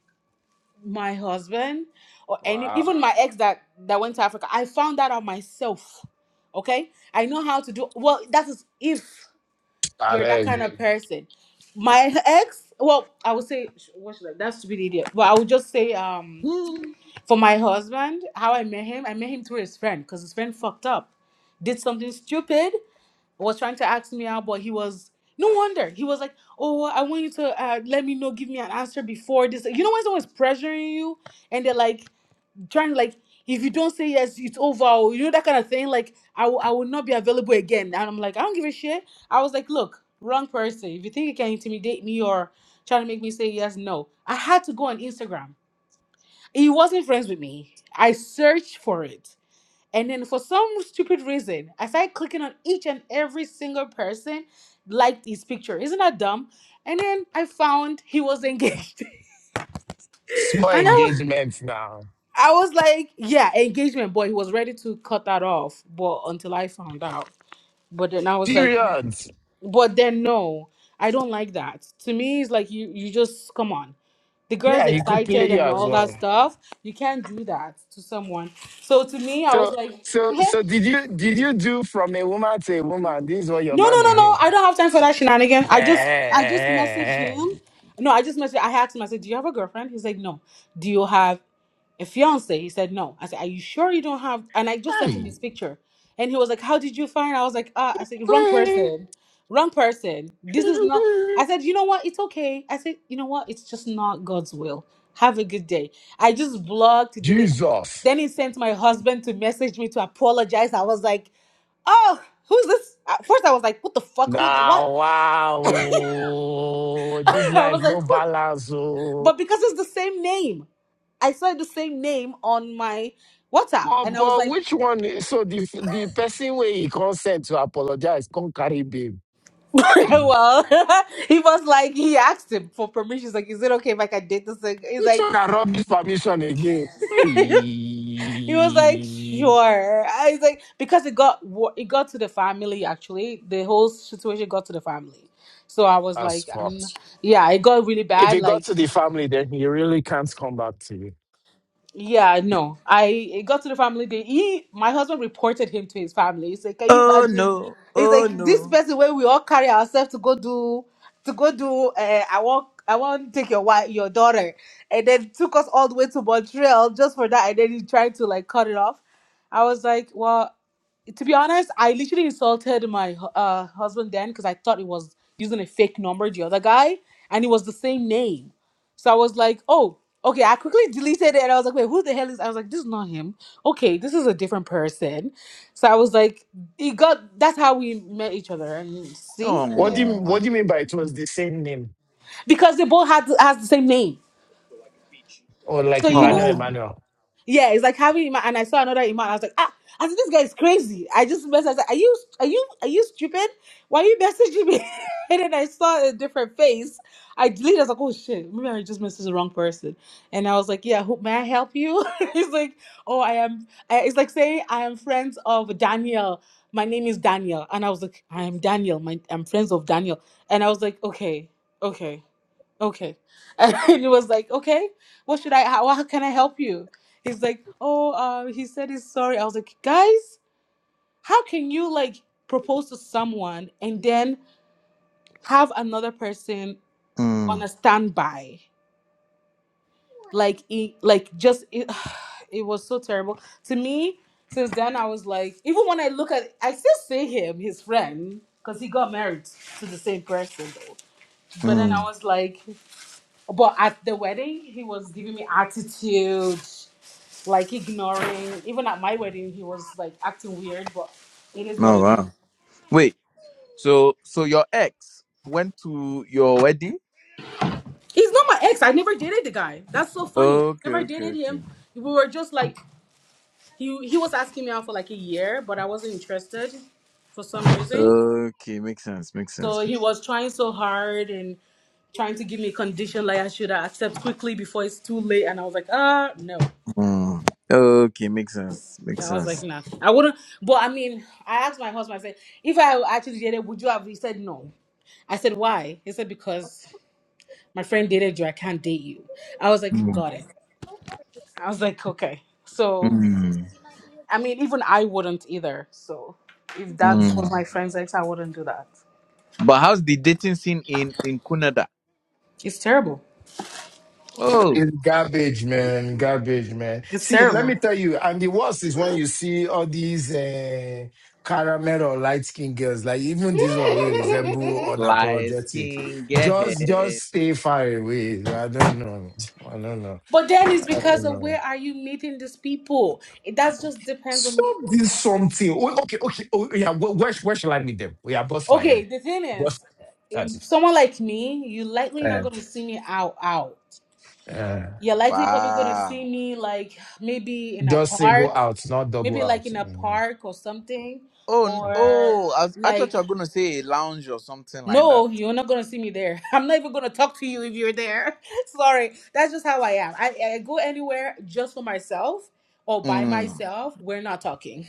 my husband or any Wow. even my ex that that went to Africa, I found that out myself. Okay, I know how to do. Well, that is if I you're that kind mean, of person. My ex. Well, I would say sh- what should I? That's stupid idiot. But I would just say um. Mm. For my husband, how I met him, I met him through his friend because his friend fucked up, did something stupid, was trying to ask me out, but he was no wonder he was like, "Oh, I want you to uh, let me know, give me an answer before this." You know when someone's pressuring you and they're like trying to like, if you don't say yes, it's over. Or, you know that kind of thing. Like I will, I will not be available again. And I'm like, I don't give a shit. I was like, look, wrong person. If you think you can intimidate me or try to make me say yes, no. I had to go on Instagram he wasn't friends with me. I searched for it. And then for some stupid reason, I started clicking on each and every single person liked his picture. Isn't that dumb? And then I found he was engaged. and small I was, engagement now. I was like, yeah, engagement, but he was ready to cut that off. But until I found out. But then I was like, Period. but then no, I don't like that. To me, it's like you you just come on. The girl's Yeah, he could play excited you and as all that well. stuff. You can't do that to someone. So to me, I was So like, so so did you did you do from a woman to a woman? This is what your No, no, man no, is no. doing. I don't have time for that shenanigan. Eh, I just, eh, I just messaged eh, him. No, I just messaged. I had to message. Do you have a girlfriend? He's like, no. Do you have a fiance? He said, no. I said, are you sure you don't have? And I just sent him Hey, eh, his picture, and he was like, how did you find? I was like, ah. I said, wrong Hey, eh. person, wrong person. This is not. I said, you know what? It's okay. I said, you know what? It's just not God's will. Have a good day. I just blocked, delete. Jesus. Then he sent my husband to message me to apologize. I was like oh, who's this? At first, I was like, what the fuck? Who? What? Now wow. This I life was like, no who? balance. Oh. But because it's the same name, I saw the same name on my WhatsApp, But and I was but like, which one is- so the the person where he consent to apologize, can't carry babe. Hey, well, he was like, he asked him for permission. He's like, is it okay if I can date this? Thing? He's which like, one I rub this permission again? he was like, Hey, sure. I was like, because it got wo- it got to the family. Actually, the whole situation got to the family. So I was that's like, fucked. um, yeah, it got really If bad. it got Like to the family, then he really can't come back to you. Yeah, no. I it got to the family day. He, my husband reported him to his family. He said, "Can you Oh imagine?" no, He's oh like, "This no. person where we all carry ourselves to go do, to go do. Uh, I want, I want to take your wife, your daughter, and then took us all the way to Montreal just for that, and then he tried to like cut it off." I was like, "Well." to be honest, I literally insulted my hu- uh, husband then because I thought he was using a fake number, the other guy, and it was the same name. So I was like, oh, okay. I quickly deleted it and I was like, wait, who the hell is? I was like, this is not him. Okay, this is a different person. So I was like, he got. That's how we met each other, and see, What do you Oh, What do you mean by it was the same name because they both had has the same name. or So like you Emmanuel know. oh. Emmanuel? Yeah, it's like having Iman, and I saw another Iman. I was like, ah, I said, this guy is crazy. I just messaged. I was like, are you, are you, are you stupid? Why are you messaging me? and then I saw a different face. I deleted. I was like, oh shit, maybe I just messaged the wrong person. And I was like, yeah, who, may I help you? He's like, oh, I am. I, it's like saying I am friends of Daniel. My name is Daniel, and I was like, I am Daniel. My, I'm friends of Daniel, and I was like, okay, okay okay. And he was like, okay, what should I, how, how can I help you? He's like, oh, uh, he said he's sorry. I was like, guys, how can you like propose to someone and then have another person on Mm, a standby? Like, it, like just, it, it was so terrible. To me, since then, I was like, even when I look at, I still see him, his friend, because he got married to the same person though. But then I mm. was like, But at the wedding, he was giving me attitude, like ignoring. Even at my wedding, he was like acting weird, but it is what No, it is. wow. Wait, so so your ex went to your wedding? He's not my ex. I never dated the guy. That's so funny. I Okay, never okay, dated okay. him. We were just like he he was asking me out for like a year, but I wasn't interested for some reason. Okay, makes sense, makes sense. So he was trying so hard and trying to give me a condition like I should accept quickly before it's too late. And I was like, ah, no. Mm. Okay, makes sense, makes Yeah, I was like, sense. nah, I wouldn't. But I mean, I asked my husband. I said, if I actually dated, would you have? He said no. I said why? He said because my friend dated you. I can't date you. I was like, Mm, got it. I was like, okay. So mm, I mean, even I wouldn't either. So if that was mm. my friend's ex, I wouldn't do that. But how's the dating scene in in Canada? It's terrible. Oh, It's garbage, man. Garbage, man. It's See, let me terrible. tell you, and the worst is when you see all these uh, caramel or light skinned girls, like even this one will resemble light unapologetic. skin, gay Just just hair. stay far away. I don't know. I don't know. But then it's I because don't of know. where are you meeting these people? It that just depends on. Stop this something. Oh, okay, okay. Oh, yeah, where, where sh- where shall I meet them? Oh, yeah, bust my Okay, head. the thing Bust is, that's if it. someone like me, you likely not gonna Uh, see me out out. uh, You're likely probably gonna Wow. see me like maybe in a just single park, out, not double maybe out. like in a Mhm. park or something, Oh, n- or oh, I, was- I thought like you were going to say a lounge or something like that. no, you're not gonna see me there. I'm not even gonna talk to you if you're there. Sorry, that's just how I am. I, I go anywhere just for myself or by Mm. myself. We're not talking.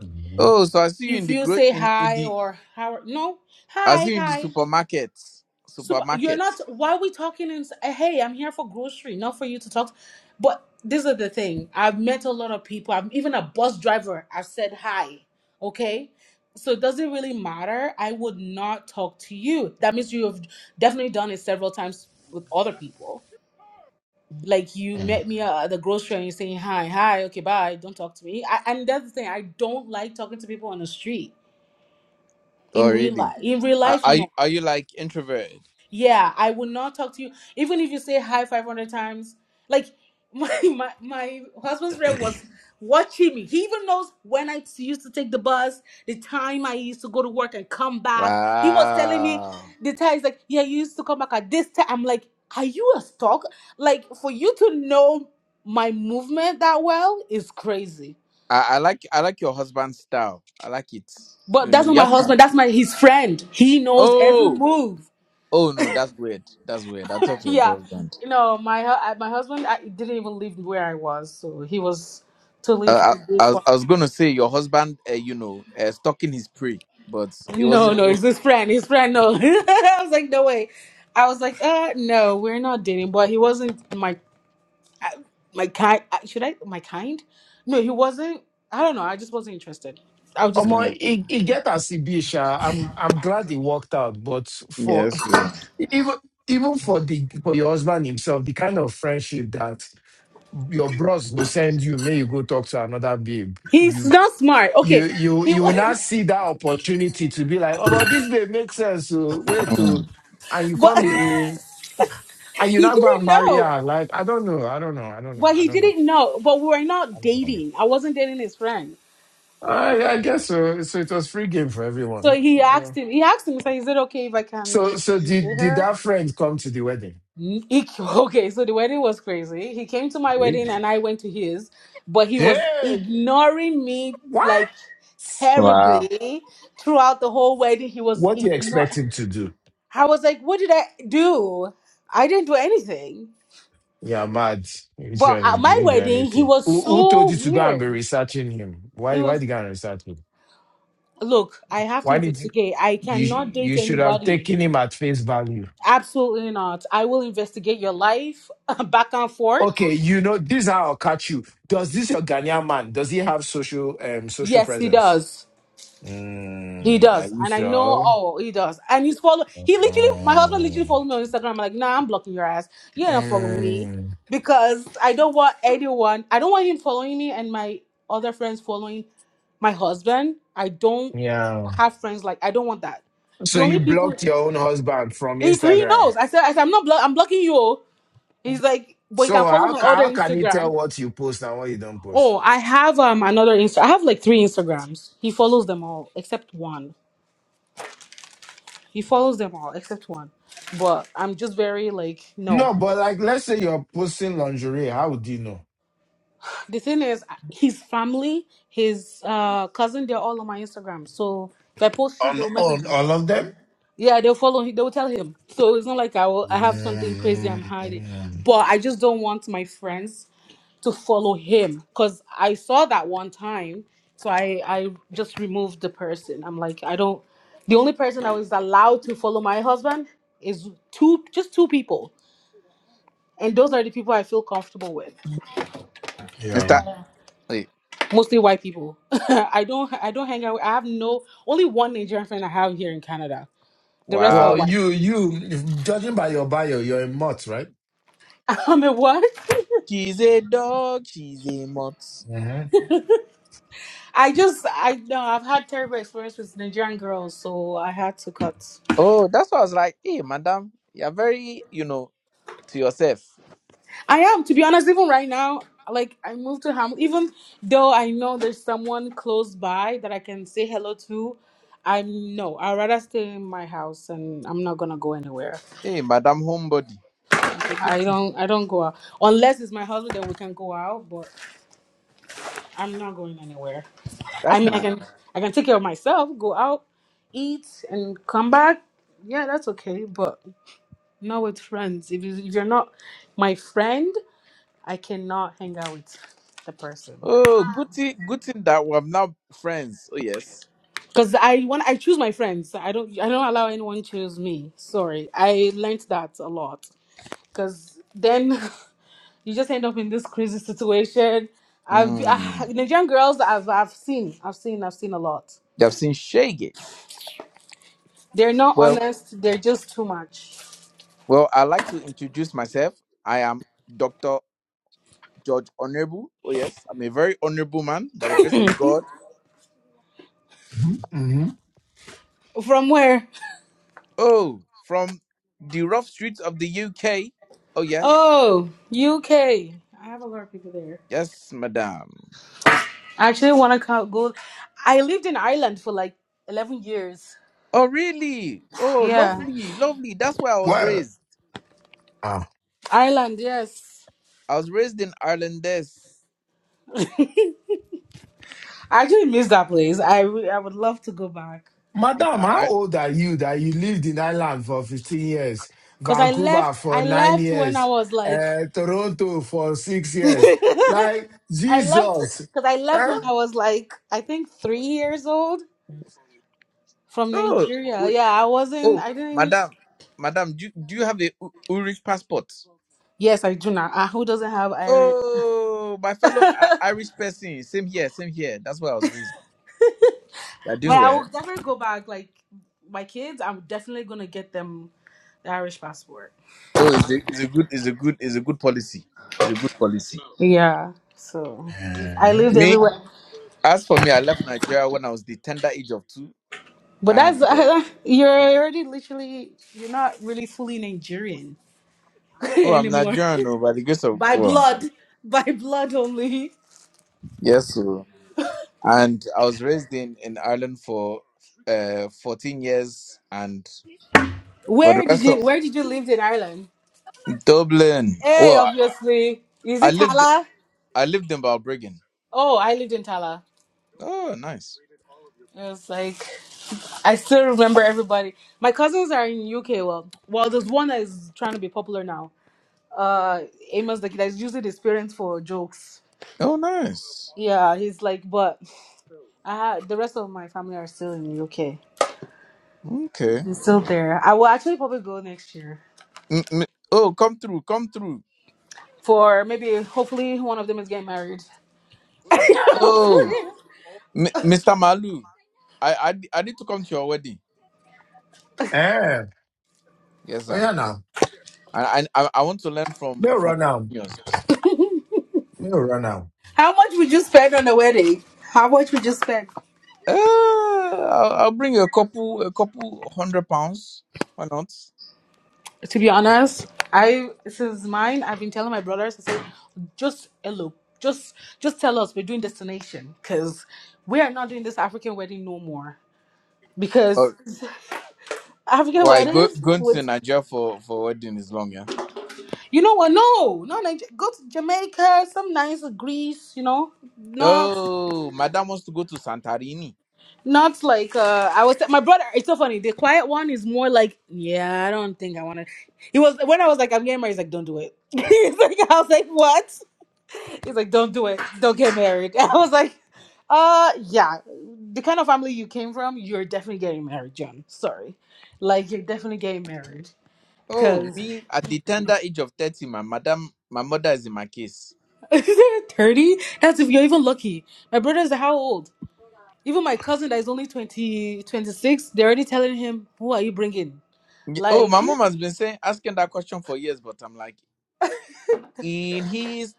Mhm. Oh, so I see you in If the you gro- say in, in hi the or how, no, I hi, see you in the hi. supermarket. Super, you're Supermarket. not. Why are we talking? In, hey, I'm here for grocery, not for you to talk. But this is the thing. I've met a lot of people. I'm even a bus driver. I've said hi. Okay, so it doesn't really matter. I would not talk to you. That means you have definitely done it several times with other people. Like you Mhm. met me at the grocery and you're saying hi, hi, okay, bye. Don't talk to me. I, and that's the thing. I don't like talking to people on the street in Oh, real really? life. In real Are, life, are no. you are you like introvert? Yeah, I will not talk to you. Even if you say hi 500 times. Like, my, my, my husband's friend was watching me. He even knows when I used to take the bus, the time I used to go to work and come back. He was telling me Wow. the time. He's like, yeah, you used to come back at this time. I'm like, are you a stalk? Like, for you to know my movement that well is crazy. I, I like I like your husband's style. I like it. But You know, that's not you my have to. husband. That's my his friend. He knows every Oh, move. oh no, that's weird. That's weird. I thought it was your yeah husband. you know my hu- I- my husband I, didn't even live where i was so he was totally Uh, from I, I was before I was gonna say your husband. Uh, you know, uh, stalking his prey, but it no wasn't. no It was. it's his friend his friend no i was like no way i was like uh no we're not dating but he wasn't my my kind uh, should i my kind no he wasn't i don't know i just wasn't interested i'll just keep it Omo, hmm. that it, it get as it be, sha. I'm I'm glad it worked out, but for Yes. you. even even for the for your husband himself, the kind of friendship that your bros will send you, may you go talk to another babe. he's You not smart you okay you he you will not see that opportunity to be like, oh, but this babe makes sense. So wait to, Mm. and you come but the and you he not go and didn't marry know her. Like I don't know, I don't know, I don't know, but I he don't know, didn't know but we were I not don't know. dating i wasn't dating his friend I, I guess so. So it was free game for So everyone. he Yeah. asked him. He asked him. So he said, "Okay, if I can So, so see did did that her." friend come to the wedding? Mm, he- okay, so the wedding was crazy. He came to my Hey, wedding and I went to his, but he was Hey, ignoring me what? like Wow. terribly throughout the whole wedding. He was What do you expect ignoring. him to do? I was like, "What did I do? I didn't do anything." Yeah, mad. Which But guy is- at my didn't do wedding, he anything? was Who, who so told you to go and be weird. researching him? It Why? Why did was you go and research him? look. I have to Why did you, investigate. I you? cannot You date should have anybody taken him at face value. Absolutely not. I will investigate your life back and forth. Okay, you know this. Is how I'll catch you. Does this your Ghanaian man? Does he have social um social Yes, he presence? does. He Mm, are does. you And I know, sure? oh, he does. And he's follow. He literally, my husband literally Mm, followed me on Instagram. I'm like, nah, I'm blocking your ass. You ain't gonna follow me mm, because I don't want anyone. I don't want him following me and my other friends following my husband. I don't yeah. have friends like. I don't want that. So The you only people blocked your own husband from he, he Instagram. knows. I said, I said, I'm not. Blo- I'm blocking you. He's like, but you So can follow how my ca- other how can he tell Instagram. what you post and what you don't post? Oh, I have um another Insta. I have like three Instagrams. He follows them all except one. He follows them all except one. But I'm just very like no. No, but like let's say you're posting lingerie, how would he know? The thing is, uh, his family, his uh cousin, they're all on my Instagram. So if I post shit, On they'll message on me. all of them? Yeah, they'll follow. him. They'll tell him. So it's not like I will. I have something crazy I'm hiding. Mm, But I just don't want my friends. to follow him because I saw that one time. So I I just removed the person. I'm like I don't. The only person I was allowed to follow my husband is two, just two people, and those are the people I feel comfortable with. Yeah. Mr. Wait. Mostly white people. I don't I don't hang out. with- I have no only one Nigerian friend I have here in Canada. The rest are Well, Wow. white. you you if- judging by your bio, you're a mutt, right? I'm a what? She's a dog. She's a mutt. Mm-hmm. I just I know I've had terrible experience with Nigerian girls, so I had to cut. Oh, that's why I was like, hey, madam, you're very, you know, to yourself. I am, to be honest, even right now, like I moved to Ham even though I know there's someone close by that I can say hello to, I'm no, I'd rather stay in my house and I'm not gonna go anywhere. Hey, madam, homebody. It's a good- I don't I don't go out. Unless it's my husband then we can go out, but I'm not going anywhere. I That's mean I nice. can I can take care of myself, go out, eat and come back. Yeah, that's okay, but not with friends. If, you, if you're not my friend, I cannot hang out with the person. Oh, good thing, good thing that we're now friends. Oh, yes. Because I when I choose my friends, I don't I don't allow anyone choose me. Sorry, I learned that a lot. Because then you just end up in this crazy situation. I've I, Mm. Nigerian girls I've I've seen I've seen I've seen a lot. They've seen Shagas. They're not Well, honest. They're just too much. well, I'd like to introduce myself. I am Dr. George Honorable. Oh, yes. I'm a very honorable man by the grace of God. Mm-hmm. From where? Oh, from the rough streets of the UK. Oh, yes. Oh, UK. I have a lot of people there. Yes, madam. I actually want to go. I lived in Ireland for like eleven years. Oh, really? Oh, Yeah, lovely, lovely. That's where I was Well. raised. Ireland. Yes. I was raised in Ireland. This. I actually miss that place. I re- I would love to go back Madam, Yeah, how I, old are you that you lived in Ireland for 15 years, because I Vancouver left. for I nine left when I years, was like, uh, Toronto for six years? I Like, left Jesus. because I left Eh? when I was like I think three years old from oh, Nigeria. wait. Yeah, I wasn't. Oh, I didn't. madam. Madam, do, do you have a U- Irish passport? Yes, I do now. Uh, who doesn't have Irish? Oh, my but fellow I- Irish person. Same here, same here. That's where I was raised. You're doing I well. will definitely go back. Like my kids, I'm definitely gonna get them the Irish passport. Oh, it's a, it's a good, it's a good, it's a good policy. It's a good policy. Yeah. So I Eh, lived Me. everywhere. As for me, I left Nigeria when I was the tender age of two, But and that's uh, you're already literally you're not really fully Nigerian oh, I'm anymore Nigerian, oh, by the grace of by well, blood, by blood only. yes, so and I was raised in in Ireland for uh 14 years, and for the Where did rest of you Where did you live in Ireland? Dublin, Hey, well, I, obviously, is I it lived Tala? I lived in Balbriggan. Oh, I lived in Tala. Oh, nice. It was like I still remember everybody. My cousins are in UK. Well, well, there's one that is trying to be popular now. Uh, Amos the kid is using his parents for jokes. Oh, nice. Yeah, he's like, but I ha- the rest of my family are still in the UK. Okay. It's still there. I will actually probably go next year M- m- oh, come through, come through. for maybe, hopefully, one of them is getting married. Oh, m- Mr. Malu, I, I I need to come to your wedding. Eh? Yes, Oh, sir. yeah, now. I I I I want to learn from No from run out. yours. No run out. How much would you spend on the wedding? How much would you spend? Uh, I'll, I'll bring a couple, a couple hundred pounds. Why not? to be honest, I since mine, I've been telling my brothers, I say, just elope, just just tell us we're doing destination, cause we are not doing this African wedding no more. Oh, Because African why go, weddings going to would, Nigeria for for wedding is long, yeah. you know what? No, no, like go to Jamaica, some nice Greece, you know, not. Oh, madam wants to go to Santorini. Not like uh I was my brother. It's so funny. The quiet one is more like, yeah, I don't think I want to. He was when I was like, I'm getting married. He's like, don't do it. he's like, I was like, what? He's like, don't do it. Don't get married. I was like, uh, yeah. The kind of family you came from, you're definitely getting married, John. Sorry, like you're definitely getting married. Oh, Cause me at the tender age of thirty, my madam, my mother is in my case. thirty. That's if you're even lucky. My brothers are how old? Even my cousin that is only twenty, twenty-six, they're already telling him, who are you bringing? Ye- Oh, Like. my mom has been saying asking that question for years, but I'm like, in his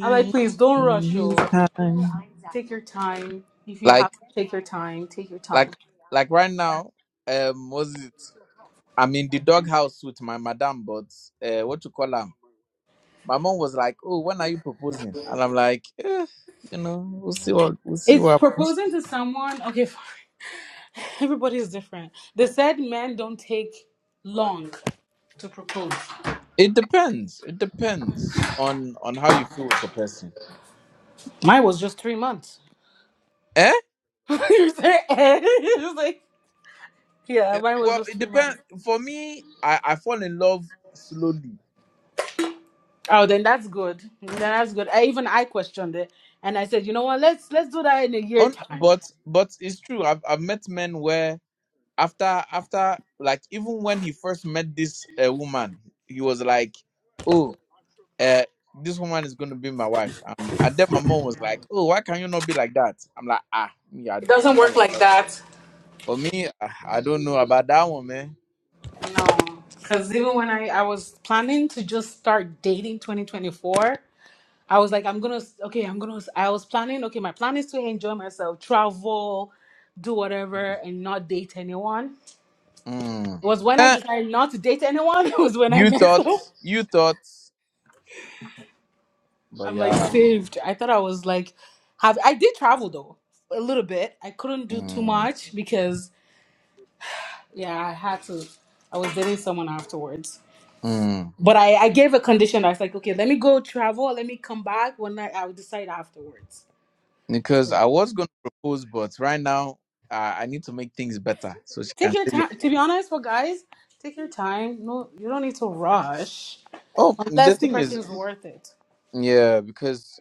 I'm like, please don't in rush, you. his time, Take your time. If you have like to take your time, take your like time. like right now. Um, was it? I'm in the doghouse with my madam, but uh, what you call her? My mom was like, "Oh, when are you proposing?" And I'm like, eh, "You know, we'll see what we'll see It's what." proposing to someone. Okay, fine. Everybody is different. They said men don't take long to propose. It depends. It depends on on how you feel with the person. Mine was just three months. Eh? you say, eh? It like, yeah, Yeah. mine was Well, just it three depends. months. For me, I I fall in love slowly. Oh, then that's good. Then that's good. I, even I questioned it, and I said, you know what? Let's let's do that in a year On time. but but it's true. I've I've met men where after after like even when he first met this uh, woman, he was like, "Oh." uh, this woman is going to be my wife. Um, and then my mom was like, oh, why can you not be like that? I'm like, ah, me, I, It doesn't I'm not work like like that. that. For me, I, I don't know about that one, man. No, because even when I, I was planning to just start dating 2024, I was like, I'm gonna, okay, I'm gonna, I was planning, okay, my plan is to enjoy myself, travel, do whatever, and not date anyone. Mm. It was when I Eh, decided not to date anyone, it was when I you met thought, up. you thought, but I'm like yeah. saved. I thought I was like, have, I did travel though, a little bit. I couldn't do too Mm, much because, yeah, I had to, I was dating someone afterwards. mm. But I, I gave a condition. I was like, okay, let me go travel. Let me come back when I, I'll decide afterwards. Because So I was going to propose, but right now, uh, I need to make things better so she take can your say it. time. To be honest, for guys, take your time. No, you don't need to rush Oh, the unless the thing person is, is worth it. yeah, because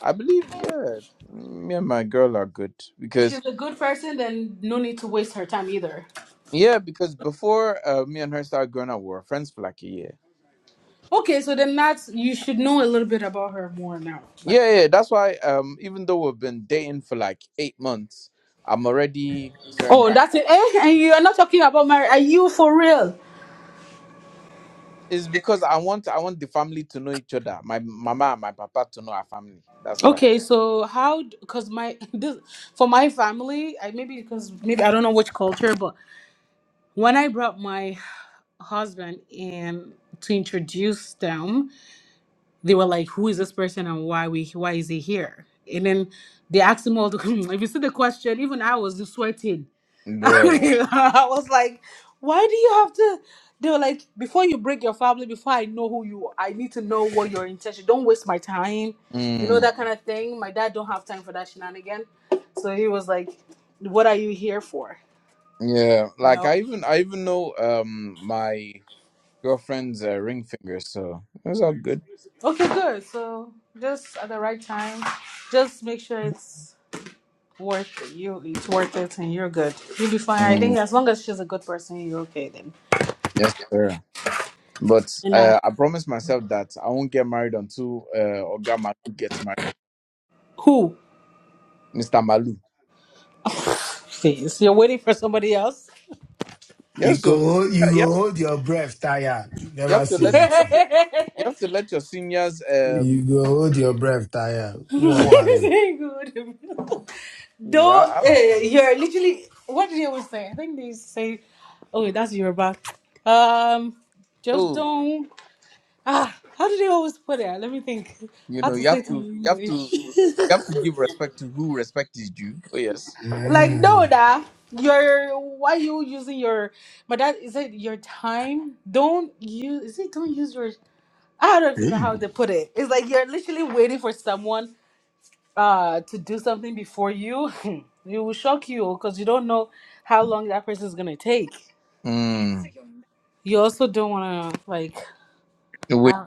I believe, yeah, me and my girl are good. If because. she's a good person, then no need to waste her time either. Yeah, because before uh, me and her started growing up, we were friends for like a year. Okay, so then that's you should know a little bit about her more now. But Yeah, yeah. That's why um even though we've been dating for like eight months, I'm already certain oh, that that's it. Eh? And you are not talking about marriage. Are you for real? it's because I want I want the family to know each other. My mama and my papa to know our family. That's why. Okay, so how? Because my this for my family, I maybe because maybe I don't know which culture, but When I brought my husband in to introduce them, they were like, "Who is this person and why we why is he here?" And then they asked him all the. If you see the question, even I was just sweating. I Bruh. mean, I was like, "Why do you have to?" They were like, "Before you break your family, before I know who you, are, I need to know what your intention. Don't waste my time, you know Mm, that kind of thing." My dad don't have time for that shenanigan, so he was like, "What are you here for?" yeah. You Like know. I even I even know um my girlfriend's uh, ring finger, so it's all good. Okay, good. So just at the right time, just make sure it's worth it. You it's worth it, and you're good. You'll be fine. I Mm, think as long as she's a good person, you're okay then. yes, sir. But And uh, uh, I promised myself that I won't get married until uh, Ogama gets married. who? Mr. Malu. Please, you're waiting for somebody else. You Yes, go, so hold- you yeah, yeah, go hold your breath, tire. You you never have to see let you Very have anything. to you have to let your seniors You um go hold your breath, tire. Who won't marry? good. Though yeah uh, you're literally, what do they always say? I think they say, "Oh, that's Yoruba." Um, just oh don't. Ah, how do they always put it? Let me think. you How know to you say have it to you in have English? to you have to give respect to who respect is due. Oh yes. like no, Mm. that your why you using your but that is it your time? Don't use is it don't use your I don't Hey, even know how Igbo. to put it. It's like you're literally waiting for someone uh to do something before you. it will shock you because you don't know how long that person is gonna take. Mm. You also don't wanna like Wait. I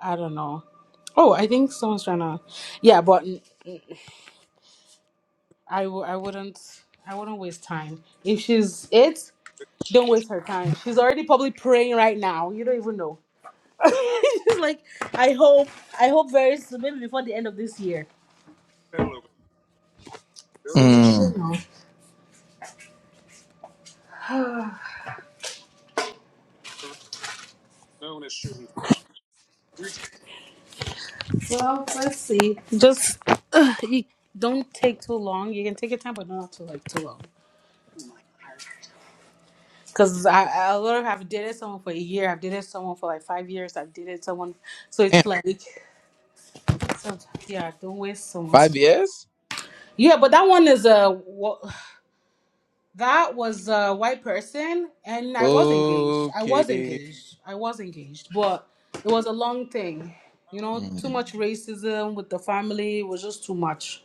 I don't know. Oh, I think someone's trying to. Yeah, but I w- I wouldn't I wouldn't waste time. If she's it, don't waste her time. She's already probably praying right now. You don't even know. she's like, I hope I hope very soon, maybe before the end of this year. So you Mm. never know. Well, let's see. Just uh, you don't take too long. You can take your time, but not too like too long. Cause I I literally have dated someone for a year. I've dated someone for like five years. I've dated someone, so Damn. it's like, so, yeah, don't waste someone's. Five years? Yeah, but that one is a what? That was a white person, and I was engaged. I was Okay. engaged. I was engaged, but it was a long thing. You know, Mm. too much racism with the family was just too much.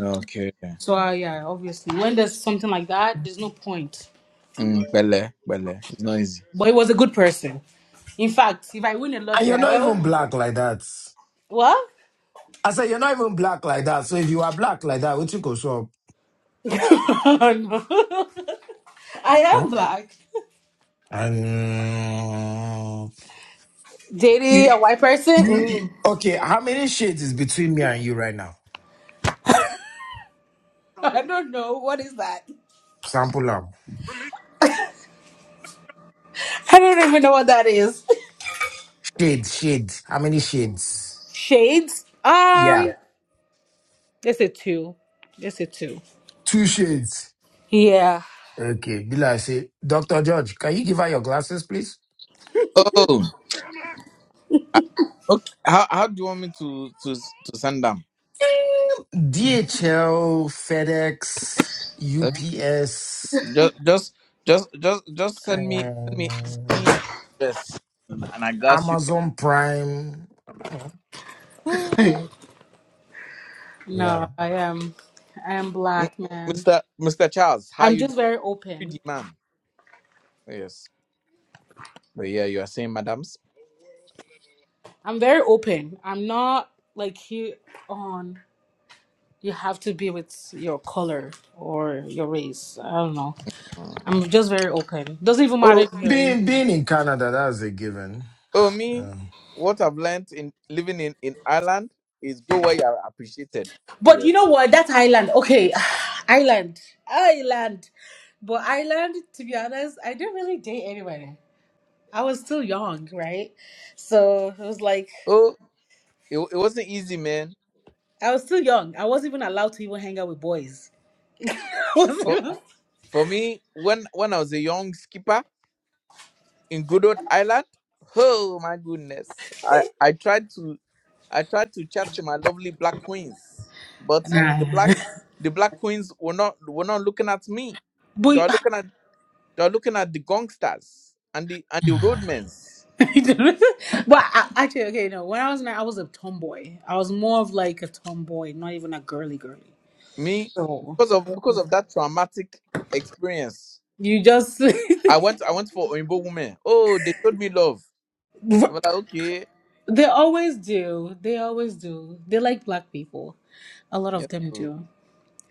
Okay. So uh, yeah, obviously, when there's something like that, there's no point. Mm. Bele, bele. It's not easy. But it was a good person. In fact, if I win a And lottery, you're I not will... even black like that. what? I said, you're not even black like that. So if you are black like that, what you go show No. I up? am Huh? black. Um, you, Dating a white person? you, you, Mm. okay, how many shades is between me and you right now? I don't know what is that. Sample them. I don't even know what that is. Shade, shade. How many shades? Shades? Um, Yeah, it's a two. It's a two. two shades. Yeah. Okay, Bila, I say, Dr. George, can you give her your glasses, please? Oh. I- Okay. How how do you want me to to to send them? DHL, FedEx, Okay. UPS, Just, just, just, just, just send me, send me, send um, me this, and and I got you, Amazon Prime. I don't know. Yeah. No, I am. I am M- black, man. Mister, Mister Charles. How I'm you doing, just very open. pretty man? Yes, but yeah, you are saying, madams. I'm very open. I'm not like you on. You have to be with your color or your race. I don't know. Mm. I'm just very open. Doesn't even matter Oh, if you're Being Indian. being in Canada, that's a given. oh, me. Yeah. What I've learned in living in in Ireland is go where you are appreciated. But Yes. you know what? That island. Okay, island, island. But island, to be honest, I didn't really date anybody. I was still young, right? So it was like Oh, it, wa- it wasn't easy, man. I was still young. I wasn't even allowed to even hang out with boys. For, and for me, when when I was a young skipper in good old Ireland, oh my goodness, I I tried to. I tried to chat to my lovely black queens, but the black I, Ah. the black queens were not were not looking at me. but They are looking at they are looking at the gangsters and the and the roadmen's but I, actually, okay, no. When I was nine, I was a tomboy. I was more of like a tomboy, not even a girly girly. Me So because of because of that traumatic experience. you just I went I went for Oimbo women. Oh, they showed me love. I was like, okay. they always do. They always do. They like black people. A lot of Yes. them oh. do.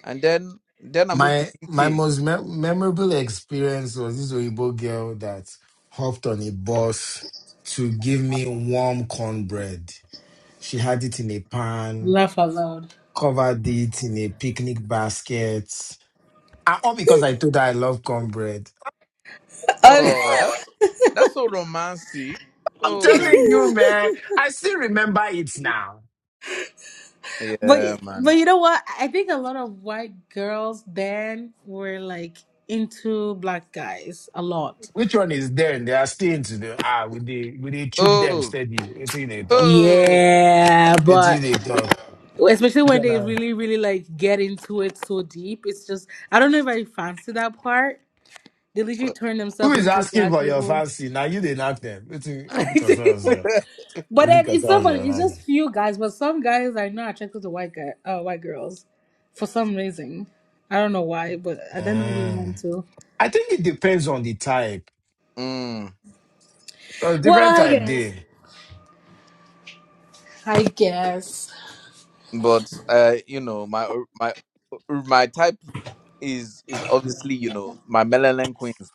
And then then I moved to My the my UK. most me- memorable experience was this Oyibo girl that hopped on a bus to give me warm cornbread. She had it in a pan, Laugh out loud. covered it in a picnic basket. And all because I told her I love cornbread. Oh, that's that's so romantic. I'm telling Oh you, man, I still remember it now. But yeah but man. you know what? I think a lot of white girls then were like into black guys a lot. Which one is there? They are still into the ah, with the with the chook them Oh, steady. until they talk. Oh. Yeah, until they but especially when they talk. really really like get into it so deep, it's just I don't know if I fancy that part. They literally turn Who themselves is into asking black for your people. fancy? Now you didn't ask them. It's but concerns then you. It it's so concerns you. funny. It's like just that. few guys, but some guys I know are attracted to white guy, uh, white girls for some reason. I don't know why, but I don't know if you meant Mm. to. I think it depends on the type. Mm, Because different Well, I type guess. they. I guess but uh, you know, my uh, my uh, my type is is obviously you know my melanin queens.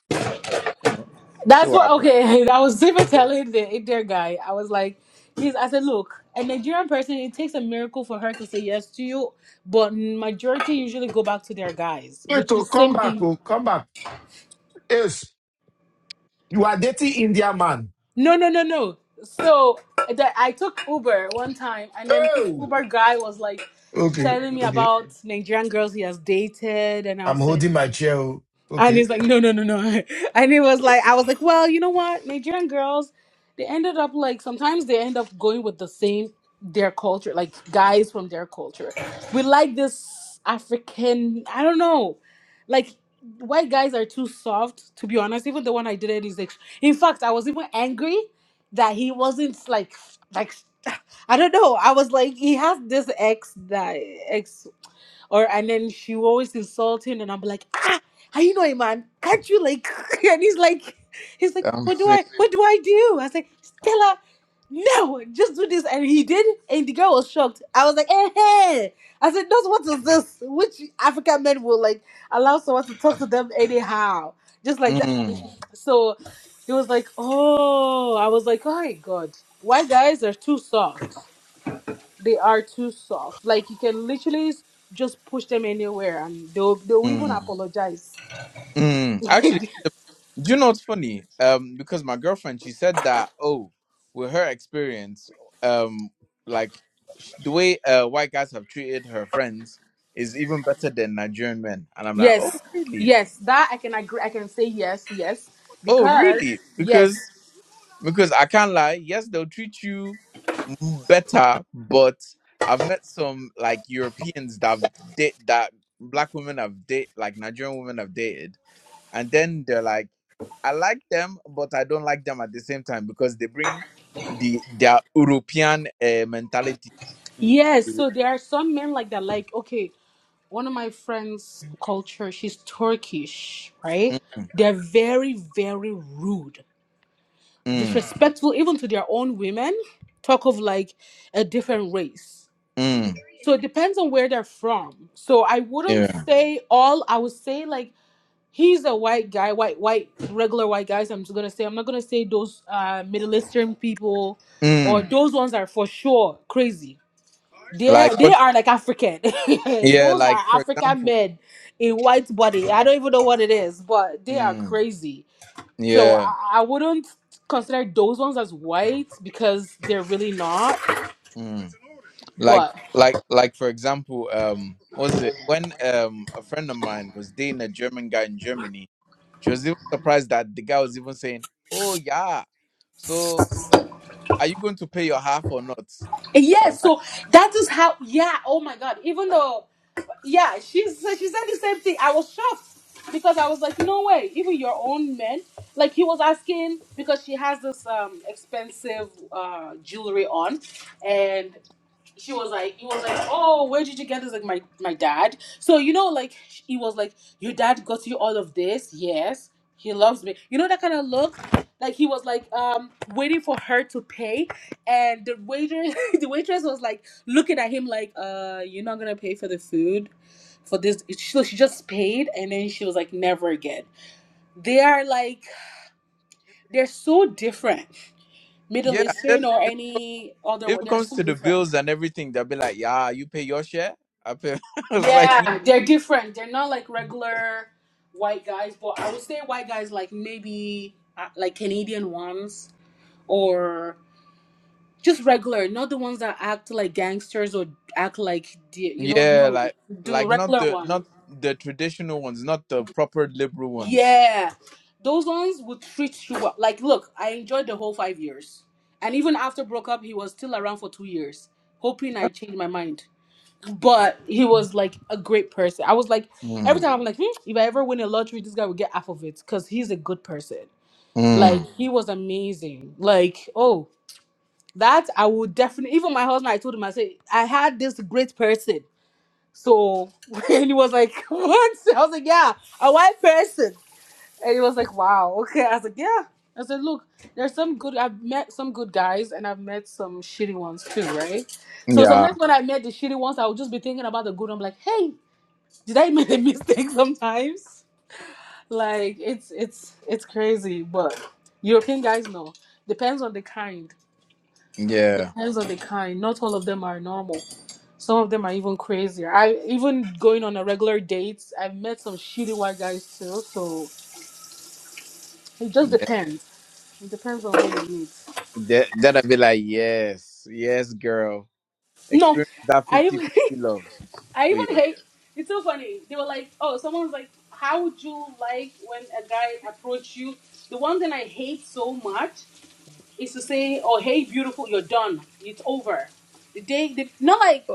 You know, we'll see that's what what. happens. Okay, I was even telling the Indian guy. I was like, he's. I said, look, a Nigerian person, it takes a miracle for her to say yes to you, but majority usually go back to their guys, Wait, which to is come same back, thing. oh, come back. Yes, you are dating India man. No, no, no, no. So that I took Uber one time, and then this Oh, Uber guy was like okay, telling me okay. about Nigerian girls he has dated, and I I'm was like, holding my chair. oh. And Okay. he's like, no, no, no, no. And he was like, I was like, well, you know what? Nigerian girls, they ended up like, sometimes they end up going with the same, their culture, like guys from their culture. We like this African, I don't know. Like, white guys are too soft, to be honest. Even the one I did it is like, in fact, I was even angry that he wasn't like, like, I don't know. I was like, he has this ex that ex or and then she will always insult him and I'm like, ah, how you know, a man? Can't you like and he's like he's like, I'm What do feeling. I what do I do? I was like, Stella, no, just do this. And he did, and the girl was shocked. I was like, eh, hey. I said, No, what is this? Which African men will like allow someone to talk to them anyhow? Just like that. Mm, So he was like, Oh, I was like, Oh my god, white guys are too soft they are too soft. Like you can literally s- just push them anywhere and they'll they'll even mm, apologize. mm. Actually, the- do you know what's funny? Um, because my girlfriend she said that oh, with her experience, um, like sh- the way uh white guys have treated her friends is even better than Nigerian men, and I'm like, oh yes. really? Yes, that I can agree I can say yes, yes. Oh Because really? yes. Because because I can't lie. Yes, they'll treat you better, but I've met some like Europeans that have date that black women have date like Nigerian women have dated, and then they're like, I like them, but I don't like them at the same time because they bring the their European uh, mentality. to- Yes. So there are some men like that, like, okay, one of my friends' culture, she's Turkish, right? Mm, They're very, very rude, mm, disrespectful even to their own women. Talk of like a different race. mm, So it depends on where they're from. So I wouldn't yeah. say all. I would say like he's a white guy, white white regular white guys. I'm just gonna say I'm not gonna say those uh, Middle Eastern people or Mm, those ones are for sure crazy. They like they what? are like African. Yeah, those like are for African example. men in white body. I don't even know what it is, but they are Mm, crazy. So yeah. I, I wouldn't consider those ones as white because they're really not. Mm. Like, But. like, like, for example, um, what was it when um a friend of mine was dating a German guy in Germany? She was even surprised that the guy was even saying, "Oh yeah, so are you going to pay your half or not?" And I was Yes, like, so that is how. Yeah. Oh my God. Even though, yeah, she said she said the same thing. I was shocked because I was like, no way. Even your own men, like he was asking because she has this um expensive uh jewelry on, and she was like, he was like, oh, where did you get this? Like my my dad. So you know, like he was like, your dad got you all of this. Yes, he loves me. You know that kind of look. Like he was like um waiting for her to pay, and the waiter the waitress was like looking at him like uh you're not gonna pay for the food for this. So she just paid, and then she was like never again. They are like they're so different. Middle "Yeah." And then Eastern or if, any other, if it they're comes so to the different. bills and everything, they'll be like, "Yeah, you pay your share." I pay. I was like, Yeah, they're different. They're not like regular white guys, but I would say white guys like maybe uh, like Canadian ones or just regular, not the ones that act like gangsters or act like the- you know "Yeah, no, like, the like not regular the not ones. the traditional ones, not the proper liberal ones." Yeah, those ones would treat you well. Like, look, I enjoyed the whole five years, and even after broke up, he was still around for two years, hoping I changed my mind. But he was like a great person. I was like, every Mm, time I'm like, hmm, if I ever win a lottery, this guy will get half of it because he's a good person. mm, Like Mm. he was amazing. Like oh, that I would definitely. Even my husband, I told him I said I had this great person. So and he was like, what? I was like, yeah, a white person. And he was like, wow, okay. I was like, yeah. I said, look, there's some good. I've met some good guys, and I've met some shitty ones too, right? So yeah, sometimes when I met the shitty ones, I would just be thinking about the good. I'm like, hey. Did I make a mistake sometimes? Like it's it's it's crazy, but European guys know. Depends on the kind. yeah, Depends on the kind. Not all of them are normal. Some of them are even crazier. I even going on a regular dates, I've met some shitty white guys too, so it just depends. It depends on what you need. That that'll be like, yes, yes, girl. No, Experience that I even fifty-fifty love. I Oh even yes. hate. It's so funny. They were like, oh, someone was like, how would you like when a guy approach you? The one thing I hate so much is to say, "Oh, hey, beautiful, you're done. It's over." The day, the, not like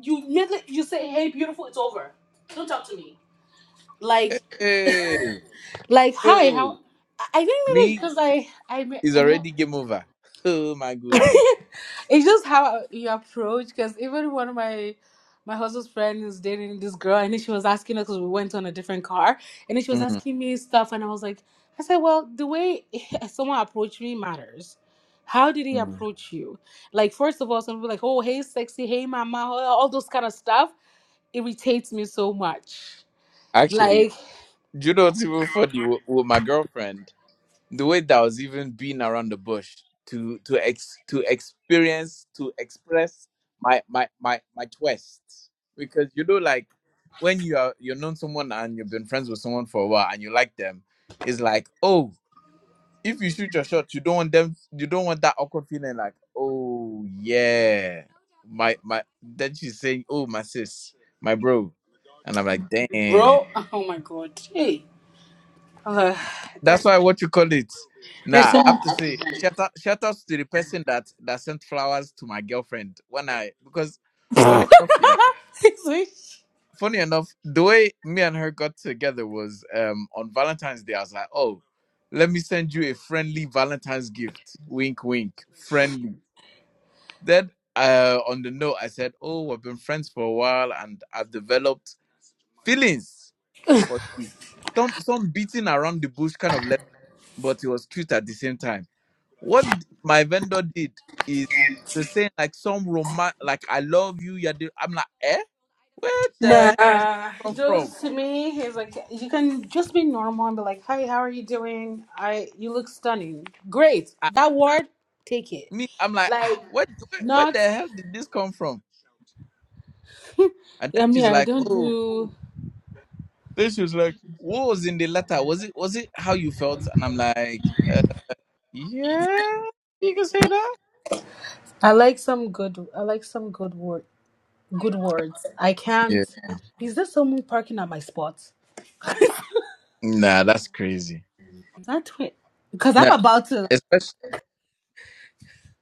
you immediately you say, "Hey, beautiful, it's over. Don't talk to me." Like, Hey, like, hi, how? oh, I I think maybe me because I I met. is I met already game over. Oh my goodness. it's just how you approach because even one of my my husband's friend is dating this girl and then she was asking us because we went on a different car and then she was Mm, asking me stuff and i was like i said well the way someone approached me matters how did he mm. approach you like first of all some people like oh hey sexy hey mama all all those kind of stuff irritates me so much Actually, like do you know what's even funny with, with my girlfriend? the way that I was even being around the bush to to ex to experience to express my my my my twist because you know like when you are you're known someone and you've been friends with someone for a while and you like them it's like oh if you shoot your shot you don't want them you don't want that awkward feeling like oh yeah my my then she's saying oh my sis my bro and i'm like damn bro oh my god hey uh, That's there's why what you call it. there's Nah, I some have to say shout out shout outs to the person that that sent flowers to my girlfriend when I because funny enough, yeah. Funny enough, the way me and her got together was um on Valentine's Day. I was like, Oh, let me send you a friendly Valentine's gift. Wink wink. Friendly. Then uh on the note I said, Oh, I've been friends for a while and I've developed feelings for you. Some some beating around the bush kind of letter, but it was cute at the same time. What my vendor did is to say like some romance, like I love you. You're the, I'm like, eh, where the hell did this Nah, come from? just to me, he's like, you can just be normal and be like, "Hi, how are you doing? I, you look stunning. Great. I, That word, take it. me, I'm like, ah, Like, what, where, where not. the hell did this come from? And then I mean, she's I like, don't oh, do. then she was like, what was in the letter? Was it, was it how you felt? And I'm like, uh, yeah, you can say that. I like some good. I like some good word. Good words. I Yeah, can't. Is there someone parking at my spot? nah, that's crazy. Is that twin? Because I'm Nah, about to.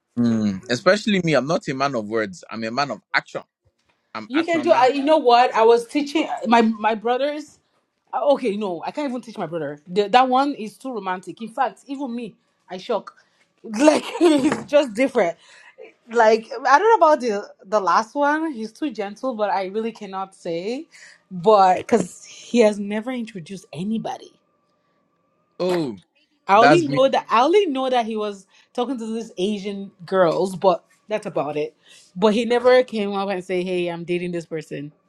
especially, especially me. I'm not a man of words. I'm a man of action. I'm You can action do. I, man. you know what? I was teaching my my brothers. Uh, okay, no, I can't even teach my brother. The, that one is too romantic. In fact, even me, I shock. Like it's just different. Like I don't know about the the last one. He's too gentle, but I really cannot say. But because he has never introduced anybody, Oh. I only That's me. know that I only know that he was talking to these Asian girls, but that's about it. But he never came up and say, "Hey, I'm dating this person."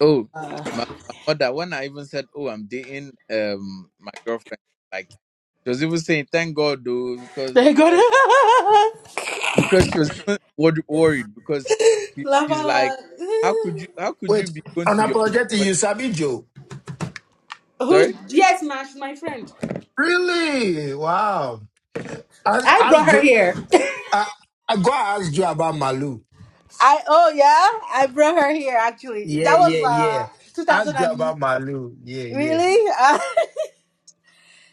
Oh, my, my mother. When I even said, "Oh, I'm dating um my girlfriend," like she was even saying, "Thank God, though," because They got like because she was even wor- worried because she, laugh out she's like, "How loud. could you? How could you Wait, be going to your unapologetic, friend's you sabi Joe. wedding?" Who's Sorry. yes, ma, she's my friend. Really? Wow. Ask, I ask brought her Joe. here. Yes. I, I go ask Joe about Malu. I oh yeah, I brought her here actually. Yeah, That was yeah, yeah. uh Ask 2000 and Jabba Malu. Yeah, yeah. really. Uh,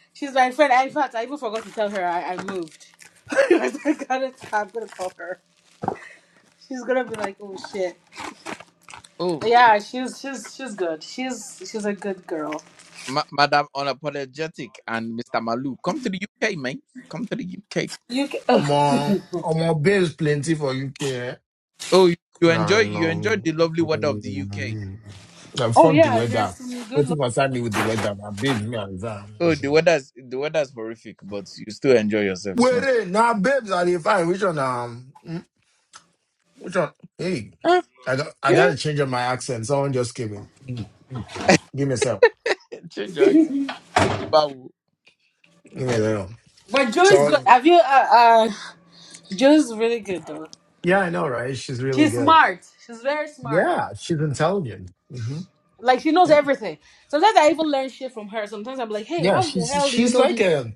she's my friend. In fact, I even forgot to tell her I, I moved. I gotta, I'm gonna call her. She's gonna be like, oh shit. Oh, But yeah, she's she's she's good. She's she's a good girl. ma- Madam Unapologetic and Mister Malu, come to the UK, man. Come to the UK. You can, oh, Omo, omo, bills plenty for UK. Eh? Oh, you, you enjoy No, you enjoy no. the lovely weather of the UK. Mm, nah, oh fuck the yeah, there's weather. some good looking. Nothing concern me with the weather. My babes, me and Zan, I'm not Oh, the sure. weather's the weather's horrific, but you still enjoy yourself. So, Wait, now babes are they fine? Which one? Um, mm, which one? Hey, ah, I got, I yeah. got to change up my accent. Someone just came in. Mm, mm. Give me a sec. Change your accent. Babu. Give me a little. But Joe's good. So, Have you uh uh Joe's really good though. yeah, I know, right? She's really She's good. smart. She's very smart. Yeah, she's intelligent. hmm Like she knows Yeah. everything. Sometimes I even learn shit from her. Sometimes I'm like, hey, Yeah, how the she's hell do you she's know like this? a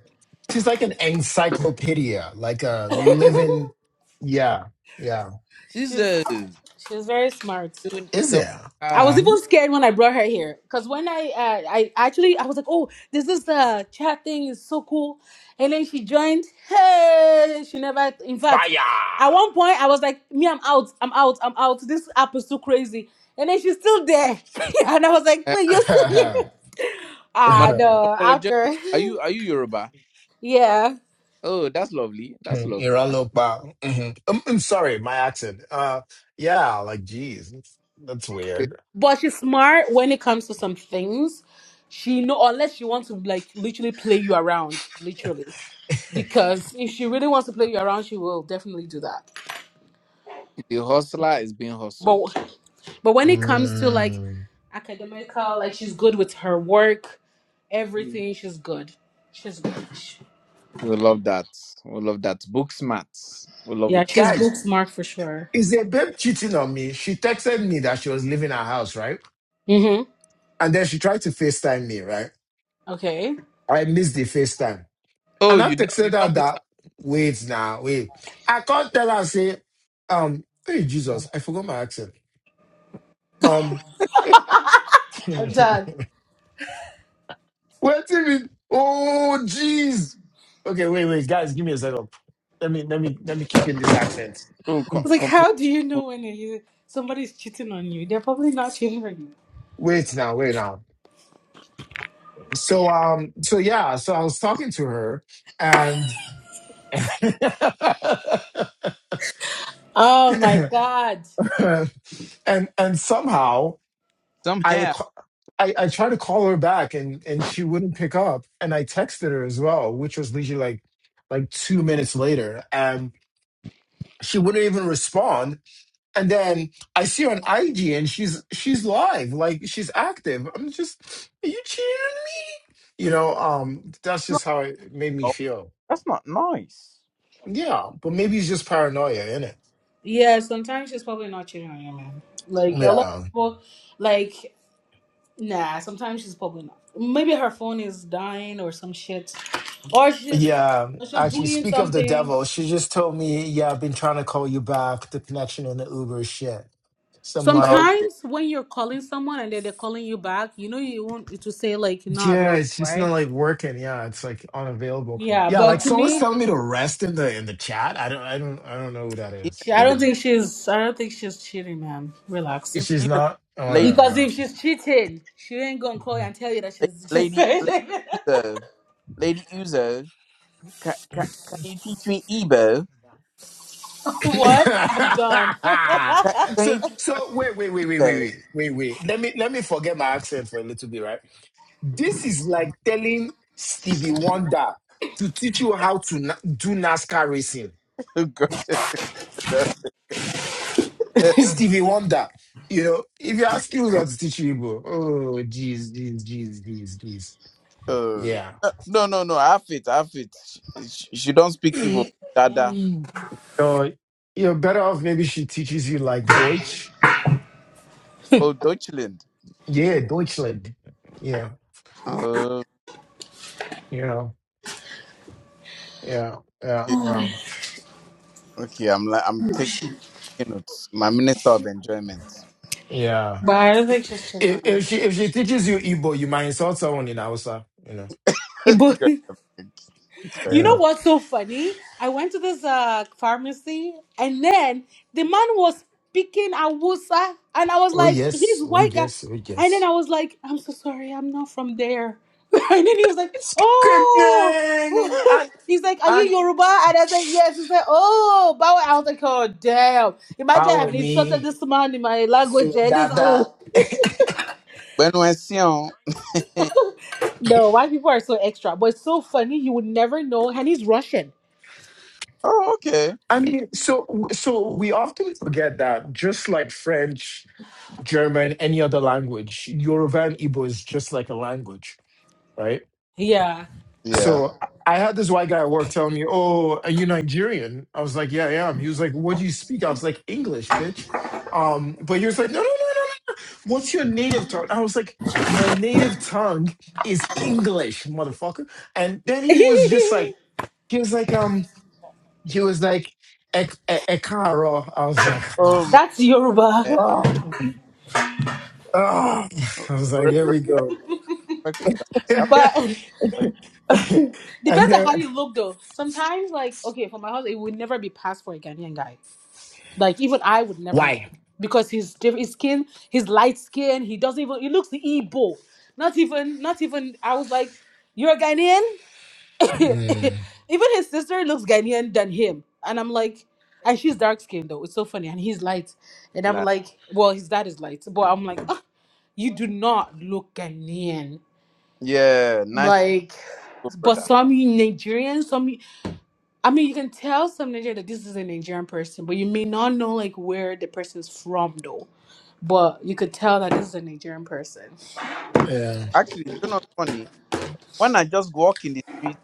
she's like an encyclopedia, like a Oh, living yeah, yeah. this she's uh, tune is she's very smart. doing it Is on there? my I was Mm-hmm. even scared when I brought her here because when I uh, I actually I was like, oh, this is the chat thing is so cool, and then she joined. Hey, she never. In fact, Fire. at one point I was like, me, I'm out, I'm out, I'm out. This app is too crazy, and then she's still there, and I was like, Uh, wait, you're still here? Ah, Madam no. Apologetic. After, Are you are you Yoruba? yeah. Oh, that's lovely. That's lovely. Iralopa. Mm-hmm. I'm, I'm sorry, my accent. Uh yeah, like geez. That's The, weird. But she's smart when it comes to some things. She know unless she wants to like literally play you around, literally. Because if she really wants to play you around, she will definitely do that. the hustler is being hustled. But but when it comes to like Mm. academical, like she's good with her work, everything, she's good. She's good. We love that. We love that. Book smart. We love Yeah, it. she's Guys, book smart for sure. is a babe cheating on me? She texted me that she was leaving her house, right? Mm-hmm. And then she tried to FaceTime me, right? Okay. I missed the FaceTime. Oh, And I you don't you texted her don't miss that, out. wait now, wait. I can't tell her, say, um, hey, Jesus, I forgot my accent. Um, I'm wait done. a minute. Oh, jeez. Okay, wait, wait, guys, give me a setup. Let me, let me, let me kick in this accent. Oh, It's com- like, compose how do you know when you, somebody's cheating on you? They're probably not cheating on you. Wait now, wait now. So, um, so yeah, so I was talking to her and, Oh my god. and, and somehow, some I. hair. I, I tried to call her back and and she wouldn't pick up. And I texted her as well, which was literally like like two minutes later. And she wouldn't even respond. And then I see her on IG and she's she's live, like she's active. I'm just, are you cheating on me? You know, um, that's just how it made me Oh, feel. that's not nice. Yeah, but maybe it's just paranoia, innit? Yeah, sometimes she's probably not cheating on you, man. Like a lot Yeah. of people, like nah. Sometimes she's probably not. Maybe her phone is dying or some shit, or she's Yeah, or she's actually, doing speak of the something. devil. She just told me, yeah, I've been trying to call you back. The connection on the Uber is shit. So I'm like, Oh, dear. Sometimes when you're calling someone and then they're calling you back, you know you want to say like you're not yeah, available, it's just not right? like working. Yeah, it's like unavailable. Yeah, Yeah, but like to someone's me, telling me to rest in the in the chat. I don't, I don't, I don't know who that is. she, I I don't even don't know. think even she's. I don't think she's cheating, man. Relax. even She's even not. Oh, late yeah, Because wow. if she's cheating, she ain't gonna call you and tell you that late, she's. lady lady she's Uzo, lady Uzo. Can, can, can you teach me Igbo? what? I'm done. Can, can so, you teach so wait, wait, wait, wait, wait, Igbo? wait, wait, wait. Let me let me forget my accent for a little bit, right? This is like telling Stevie Wonder to teach you how to na- do NASCAR racing. God. Stevie Wonder, you know, if you ask skills how to teach you, bro, oh, jeez, jeez, jeez, jeez, jeez. Oh. Yeah. No, no, no. I have it. I have it. She, she don't speak Igbo. Dada. Mm, mm. Uh, you're better off maybe she teaches you like Deutsch. Oh, Deutschland. Yeah, Deutschland. Yeah, Oh, you know, yeah, yeah, okay. well, Okay. I'm like, I'm taking notes. My minister of enjoyment. yeah. But I don't If, think she's if chilling. she if she teaches you Igbo, you might insult someone in Hausa, you God, It- But God, you know know. have- what's so funny? I went to this uh pharmacy and then the man was speaking Awusa and I was Oh like, yes, he's oh white guy. yes, oh And then yes. I was like, I'm so sorry, I'm not from there. And then he was like, It's good, oh. And He's like, are you and Yoruba? And I said, yes. He said, oh, but I was like, oh, damn. Imagine our I've insulted me this man in my so language. And that this, that. when we see on. No, white people are so extra, but it's so funny. You would never know. And he's Russian. Oh, okay. I mean, so so we often forget that just like French, German, any other language, Yoruba and Igbo is just like a language, right? Yeah. Yeah. so I had this white guy at work telling me, "Oh, are you Nigerian?" I was like, "Yeah, I am." He was like, "What do you speak?" I was like, "English, bitch." Um, but he was like, "No, no, no, no, no. no. What's your native tongue?" I was like, "My native tongue is English, motherfucker." And then he was just like, he was like, um, he was like, "Ek- e- "Ekaro." I was like, Oh "Ah, my. That's eh, Yoruba. oh, oh." I was like, re- "Here we go." Respect for that. Yep, But respect and depends on then how you look, though. Sometimes, like, okay, for my husband, it would never be passed for a Ghanaian guy. Like, even I would never know why? because his diff- his skin, his light skin, he doesn't even. He looks Igbo. Not even. Not even. I was like, you're a Ghanaian. Mm, Even his sister looks Ghanaian than him. And I'm like, and she's dark skinned though. It's so funny. And he's light. And for I'm that. like, well, his dad is light. But I'm like, "Ah, you do not look Ghanaian. Yeah. Nice Like, people, but brother. some Nigerians, some I mean, you can tell some Nigerian that this is a Nigerian person, but you may not know like where the person's from though. But you could tell that this is a Nigerian person. yeah. Actually, do you know what's funny? when I just walk in the street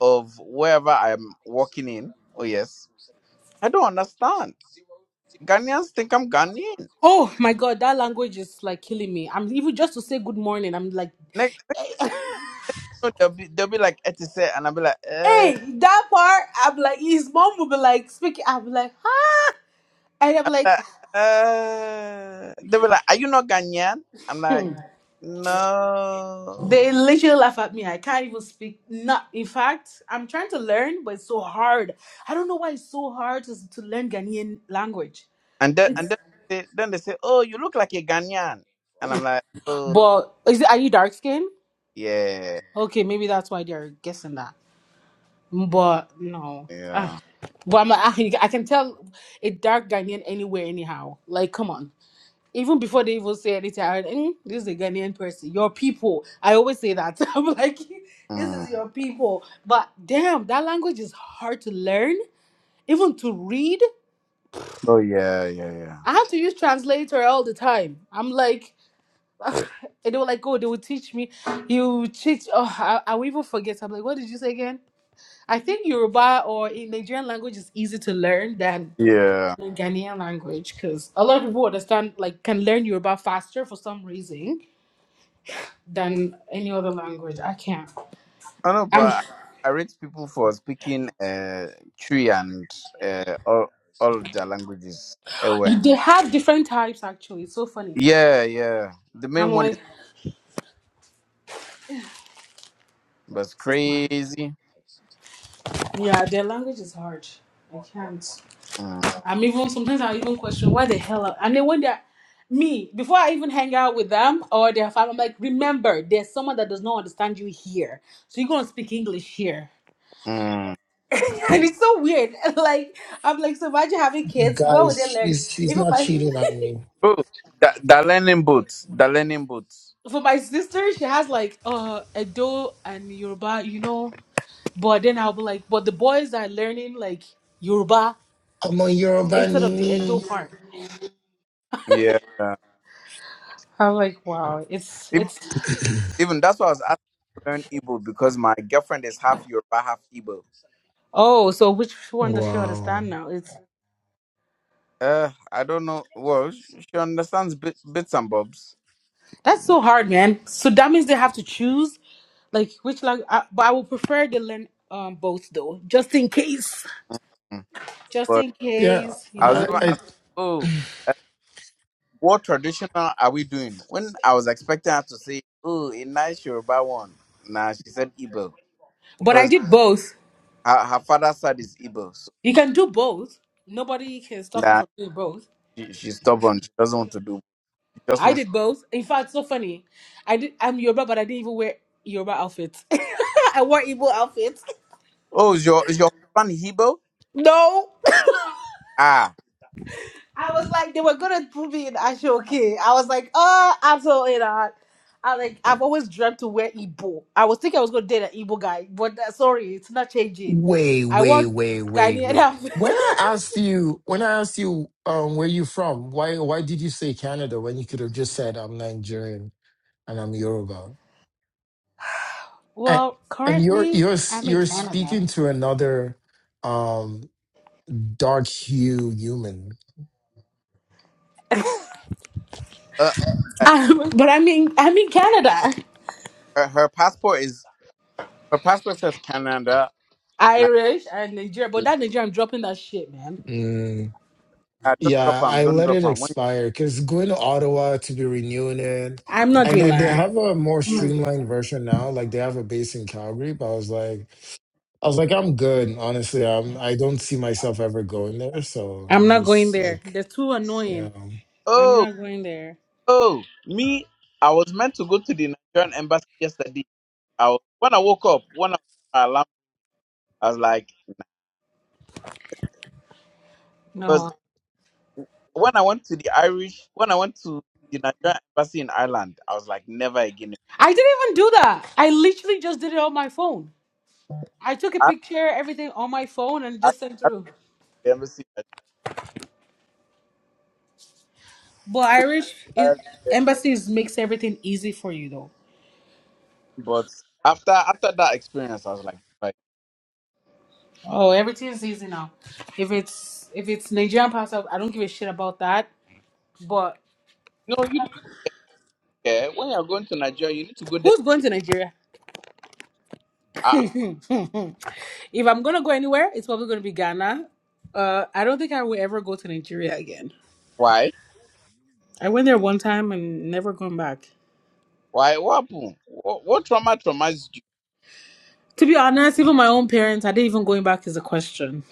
of wherever I'm walking in, oh yes, I don't understand. Ghanaians think I'm Ghanaian. Oh my god, that language is like killing me. I'm even just to say good morning. I'm like, Next, so they'll be they'll be like Etise, and I'll be like, uh, Hey, that part, I'm like, his mom will be like speaking. I'm like, huh? And I'm I'm like, like, uh, they'll be like, are you not Ghanaian? I'm like, hmm. no. they literally laugh at me. I can't even speak. Not, in fact, I'm trying to learn, but it's so hard. I don't know why it's so hard to, to learn Ghanaian language. And then and then they, then they say, oh, you look like a Ghanaian, and I'm like, oh But is it, are you dark skinned? yeah, Okay, maybe that's why they're guessing that. But no. Ah. yeah, But I'm, I, I can tell a dark Ghanaian anywhere, anyhow. Like, come on. even before they even say anything, I heard, mm, this is a Ghanaian person. Your people. I always say that. I'm like, this mm. is your people. But damn, that language is hard to learn, even to read. oh yeah, yeah, yeah, I have to use translator all the time. I'm like, ugh, and they were like, oh, they will teach me. You teach. Oh, I, I will even forget. I'm like, what did you say again? I think Yoruba or in Nigerian language is easy to learn than yeah. the Ghanaian language because a lot of people understand, like, can learn Yoruba faster for some reason than any other language. I can't. I know, I but mean, I rate people for speaking uh, Chui and uh, all all of their languages. Eh, well, they have different types actually. It's so funny. Yeah, yeah. The I'm main one is like, was is this mine? crazy. Yeah, their language is hard. I can't. Mm, I'm even sometimes I even question why the hell. I, and then when they're me before I even hang out with them or their family, I'm like, remember, there's someone that does not understand you here, so you're gonna speak English here. mm. and it's so weird. Like I'm like, so imagine having kids. What would Guys, they learn? he's he's Even not my cheating on me. Oh, the, the learning boots. The learning boots. for my sister, she has like uh Edo and Yoruba, you know. But then I'll be like, but the boys are learning like Yoruba I'm on Yoruba instead of the Edo Nini. part. Yeah. I'm like, wow, it's Even, it's even that's why I was asking to learn Igbo because my girlfriend is half Yoruba, half Igbo. oh, so which one does she Wow. understand now? It's Uh, I don't know. Well, sh- she understands bit, bits and bobs. that's so hard, man. So that means they have to choose like which language. I, but I would prefer they learn um both though, just in case, Mm. just But in Yeah, case, you I was know. I, even I asking, oh. What traditional are we doing? When I was expecting her to say, "Oh, a nice Yoruba one," nah, she said Igbo But I because did both. her, her father's side is Igbo. So You can do both. Nobody can stop you nah, from doing both. she, she's stubborn. She doesn't want to do. She just I wants. did both. In fact, so funny. I did. I'm Yoruba, but I didn't even wear Yoruba outfits. I wore Igbo outfits. Oh, is your is your husband Igbo? No, Ah, I was like they were gonna put me in Ashoke. I was like, oh, absolutely not. I like I've always dreamt to wear Igbo. I was thinking I was gonna date an Igbo guy, but uh, sorry, it's not changing. wait, I wait, wore wait, wait, Ghanaian wait. outfit. When I asked you, when I asked you, um, where you from? Why, why did you say Canada when you could have just said I'm Nigerian and I'm Yoruba? And well, and you're currently you're s- I'm in you're Canada. speaking to another um dark hue human. uh, i but I I'm in I'm in Canada. her, her passport is her passport says Canada. Nah, Irish and Nigeria, but that Nigeria, I'm dropping that shit, man. nah, don't drop Yeah, him. I Don't let drop it him. When, expire because going to Ottawa to be renewing it. I'm not And doing then they that. have a more streamlined version now. Like they have a base in Calgary, but I was like I was like, I'm good. Honestly, I'm I don't see myself ever going there. So I'm it's not going just there. like, They're too annoying. yeah. I'm oh, not going there. oh, me. I was meant to go to the Nigerian embassy yesterday. I was, when I woke up, when I alarm, I was like. No. when I went to the Irish, when I went to the Nigerian embassy in Ireland, I was like, never again. I didn't even do that. I literally just did it on my phone. I took a I, picture, everything on my phone, and I, just sent I through. the embassy, in But Irish is, Nigeria, embassies makes everything easy for you though. but after after that experience, I was like, like, Oh, everything's easy now. If it's if it's Nigerian passport, I don't give a shit about that. But no, you don't care. When you're going to Nigeria, you need to go there. who's going to Nigeria? Ah, if I'm gonna go anywhere, it's probably gonna be Ghana. Uh, I don't think I will ever go to Nigeria again. why? I went there one time and never gone back. Why? What happened? What, what trauma traumatized you? To be honest, even my own parents, I didn't even going back is a question.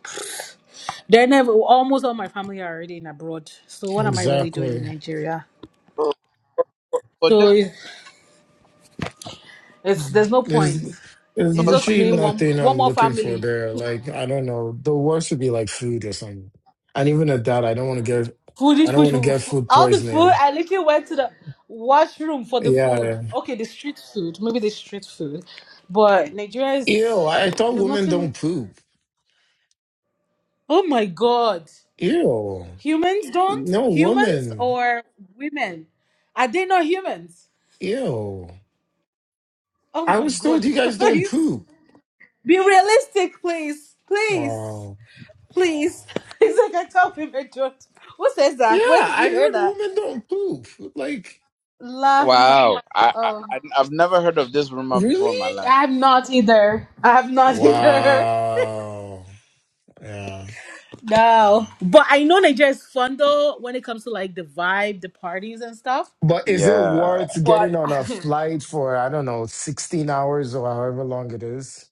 They're never almost all my family are already in abroad. So what am I really doing in Exactly. Nigeria? Oh, But So that it's, it's there's no point. There's there's It's was, just literally me. one nothing one I'm more looking for family. there. Like, I don't know. The worst would be like food or something. And even at that, I don't want to get I Foodish don't push want to get food all the food. poisoning. I literally went to the washroom for the food. Yeah, Okay, the street food, maybe the street food, but Nigeria is Ew, I thought there's women nothing. don't poop. Oh my god! Ew. Humans don't? No Humans woman. or women? Are they not humans? Ew. Oh I my was told god, you guys don't guys. poop. Be realistic, please. Please. Wow. Please. It's like I tell women jokes. Who says Yeah, that? Where did I you hear heard that? women don't poop. Like, Laugh my wow, I, I oh. I- I've never heard of this rumor before in my really? life. I'm not either. I'm not either. Wow. Yeah. No. But I know Nigeria is fun though when it comes to like the vibe, the parties and stuff. But is it Yeah, worth But. getting on a flight for, I don't know, 16 hours or however long it is?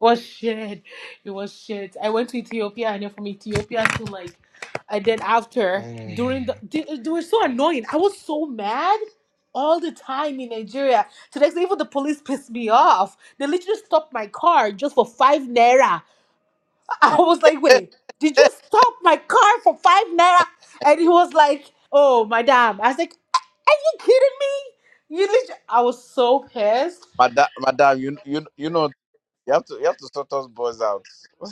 was shit. It was shit. I went to Ethiopia and then from Ethiopia to like, and then after Mm. during the they, they were so annoying. I was so mad all the time in Nigeria. To the extent even the police pissed me off. They literally stopped my car just for five naira. I was like, Hey, wait, did you stop my car for five naira? And he was like, oh, madam. I was like, are you kidding me? You literally, I was so pissed. madam, madam, you you you know you have to you have to sort us boys out.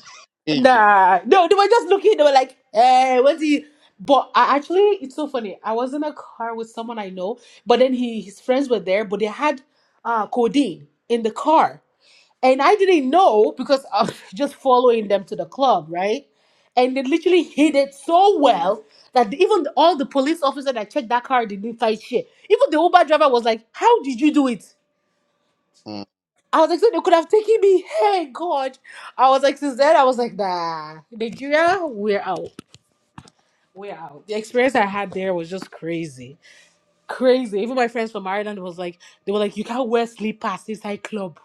Hey, Nah, no, they were just looking. They were like, "Hey, what's he?" But I actually, it's so funny. I was in a car with someone I know, but then he his friends were there, but they had uh codeine in the car, and I didn't know because I was just following them to the club, right? And they literally hid it so well that even all the police officer that checked that car didn't find shit. Even the Uber driver was like, "How did you do it?" I was like, so they could have taken me. Hey, God. I was like, since then, I was like, nah, Nigeria, we're out. We're out. The experience I had there was just crazy. Crazy. Even my friends from Ireland was like, they were like, you can't wear slippers inside club.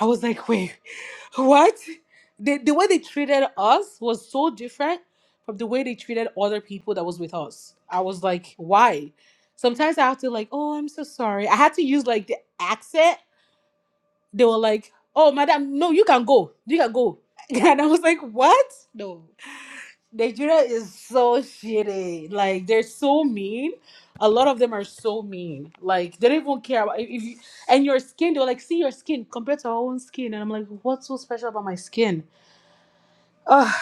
I was like, wait, what? The, the way they treated us was so different from the way they treated other people that was with us. I was like, why? Sometimes I have to like, oh, I'm so sorry. I had to use like the accent they were like, "Oh, madam, no, you can go. You can go." And I was like, "What? No." Nigeria is so shitty. Like they're so mean. A lot of them are so mean. Like they don't even care about if if you and your skin. They're like, see your skin compared to our own skin. And I'm like, what's so special about my skin? Ugh,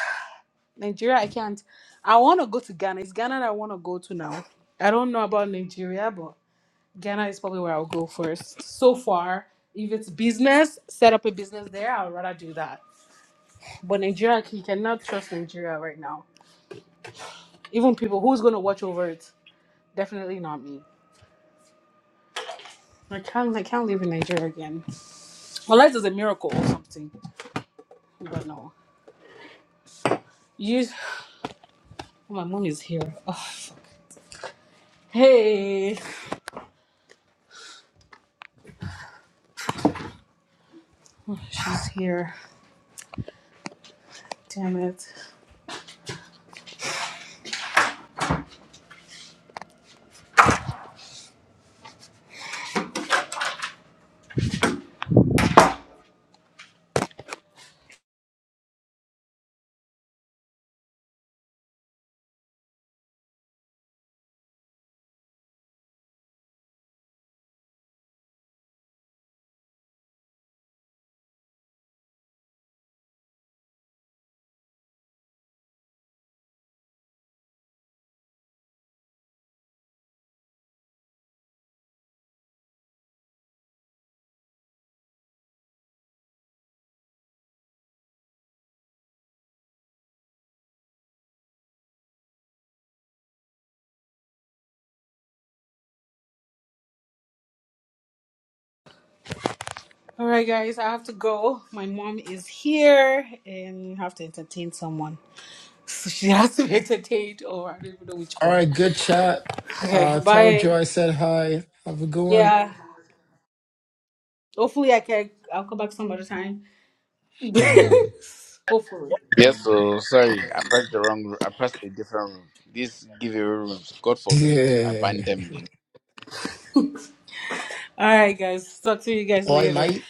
Nigeria, I can't. I want to go to Ghana. It's Ghana that I want to go to now. I don't know about Nigeria, but." Ghana is probably where I'll go first. So far, if it's business, set up a business there, I'd rather do that. But Nigeria, you cannot trust Nigeria right now. Even people, who's going to watch over it? Definitely not me. I can't, I can't live in Nigeria again. Unless there's a miracle or something. But no. You, oh, my mom is here. Ugh. Hey, Oh, she's here. Damn it. All right, guys, I have to go. My mom is here and you have to entertain someone. So she has to hesitate, or I don't even know which All one. right, good chat. Okay, Uh, tell bye. Joe I said hi. Have a good one. Yeah. Hopefully, I can. I'll come back some other time. Mm. Hopefully. Yes, so sorry, I pressed the wrong. ro- I pressed a different room. These giveaway rooms, God forbid, I ban Yeah. them in the. All right, guys. Talk to you guys Oi, later. mate.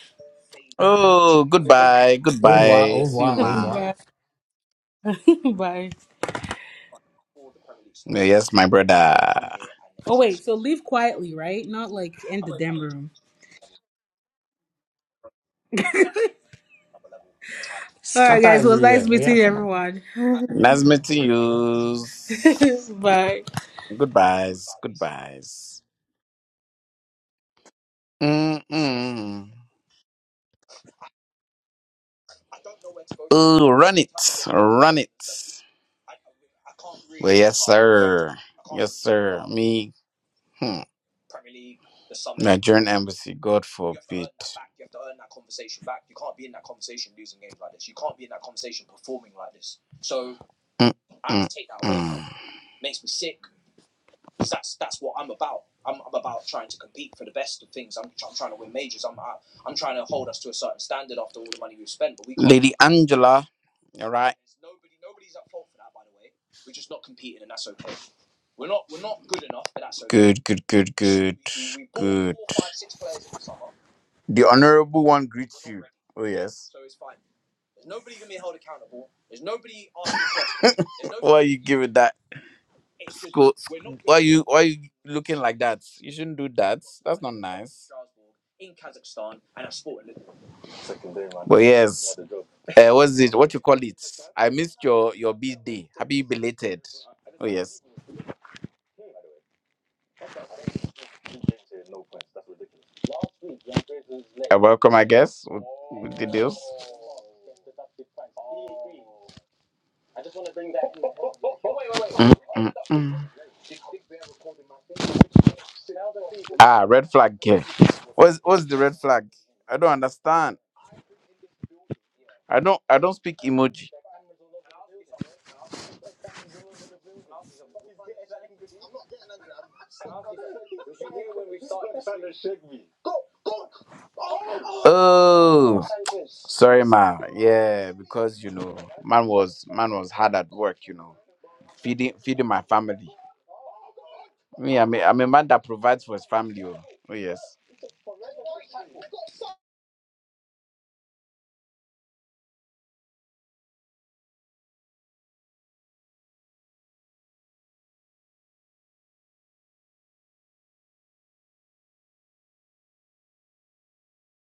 Oh, goodbye, Au revoir, au goodbye. See you, revoir, au ma. revoir. bye. bye. Yeah, Yes, my brother. Oh wait. So leave quietly, right? Not like in the damn room. All right, Scapa guys. It was nice everywhere. Oh, yeah, meeting come on. everyone. Nice meeting you. bye. Goodbyes, goodbyes. Mm-mm. Oh, run it, run it. Well, yes, sir. Yes, sir. Me. hmm. Nigerian embassy, God forbid. You You that conversation conversation back. can't be in losing like like this. this. Mm, mm. Lady Angela, all right. good, good, good, in The honorable one greets you. ready, Oh yes. are you giving that? sc- you why you looking like that? You shouldn't do that. That's not nice. Well, yes. Uh, what's it? What you call it? I missed your your birthday. Happy belated. Oh yes. Uh, welcome, I guess. With, with the deals. Mm, mm, mm. Ah, red flag. Here. What's what's the red flag? I don't understand. I don't I don't speak emoji. Oh, sorry, ma. Yeah, because you know, man was man was hard at work. You know, feeding feeding my family. Me, I'm a, I'm a man that provides for his family. Oh, oh yes.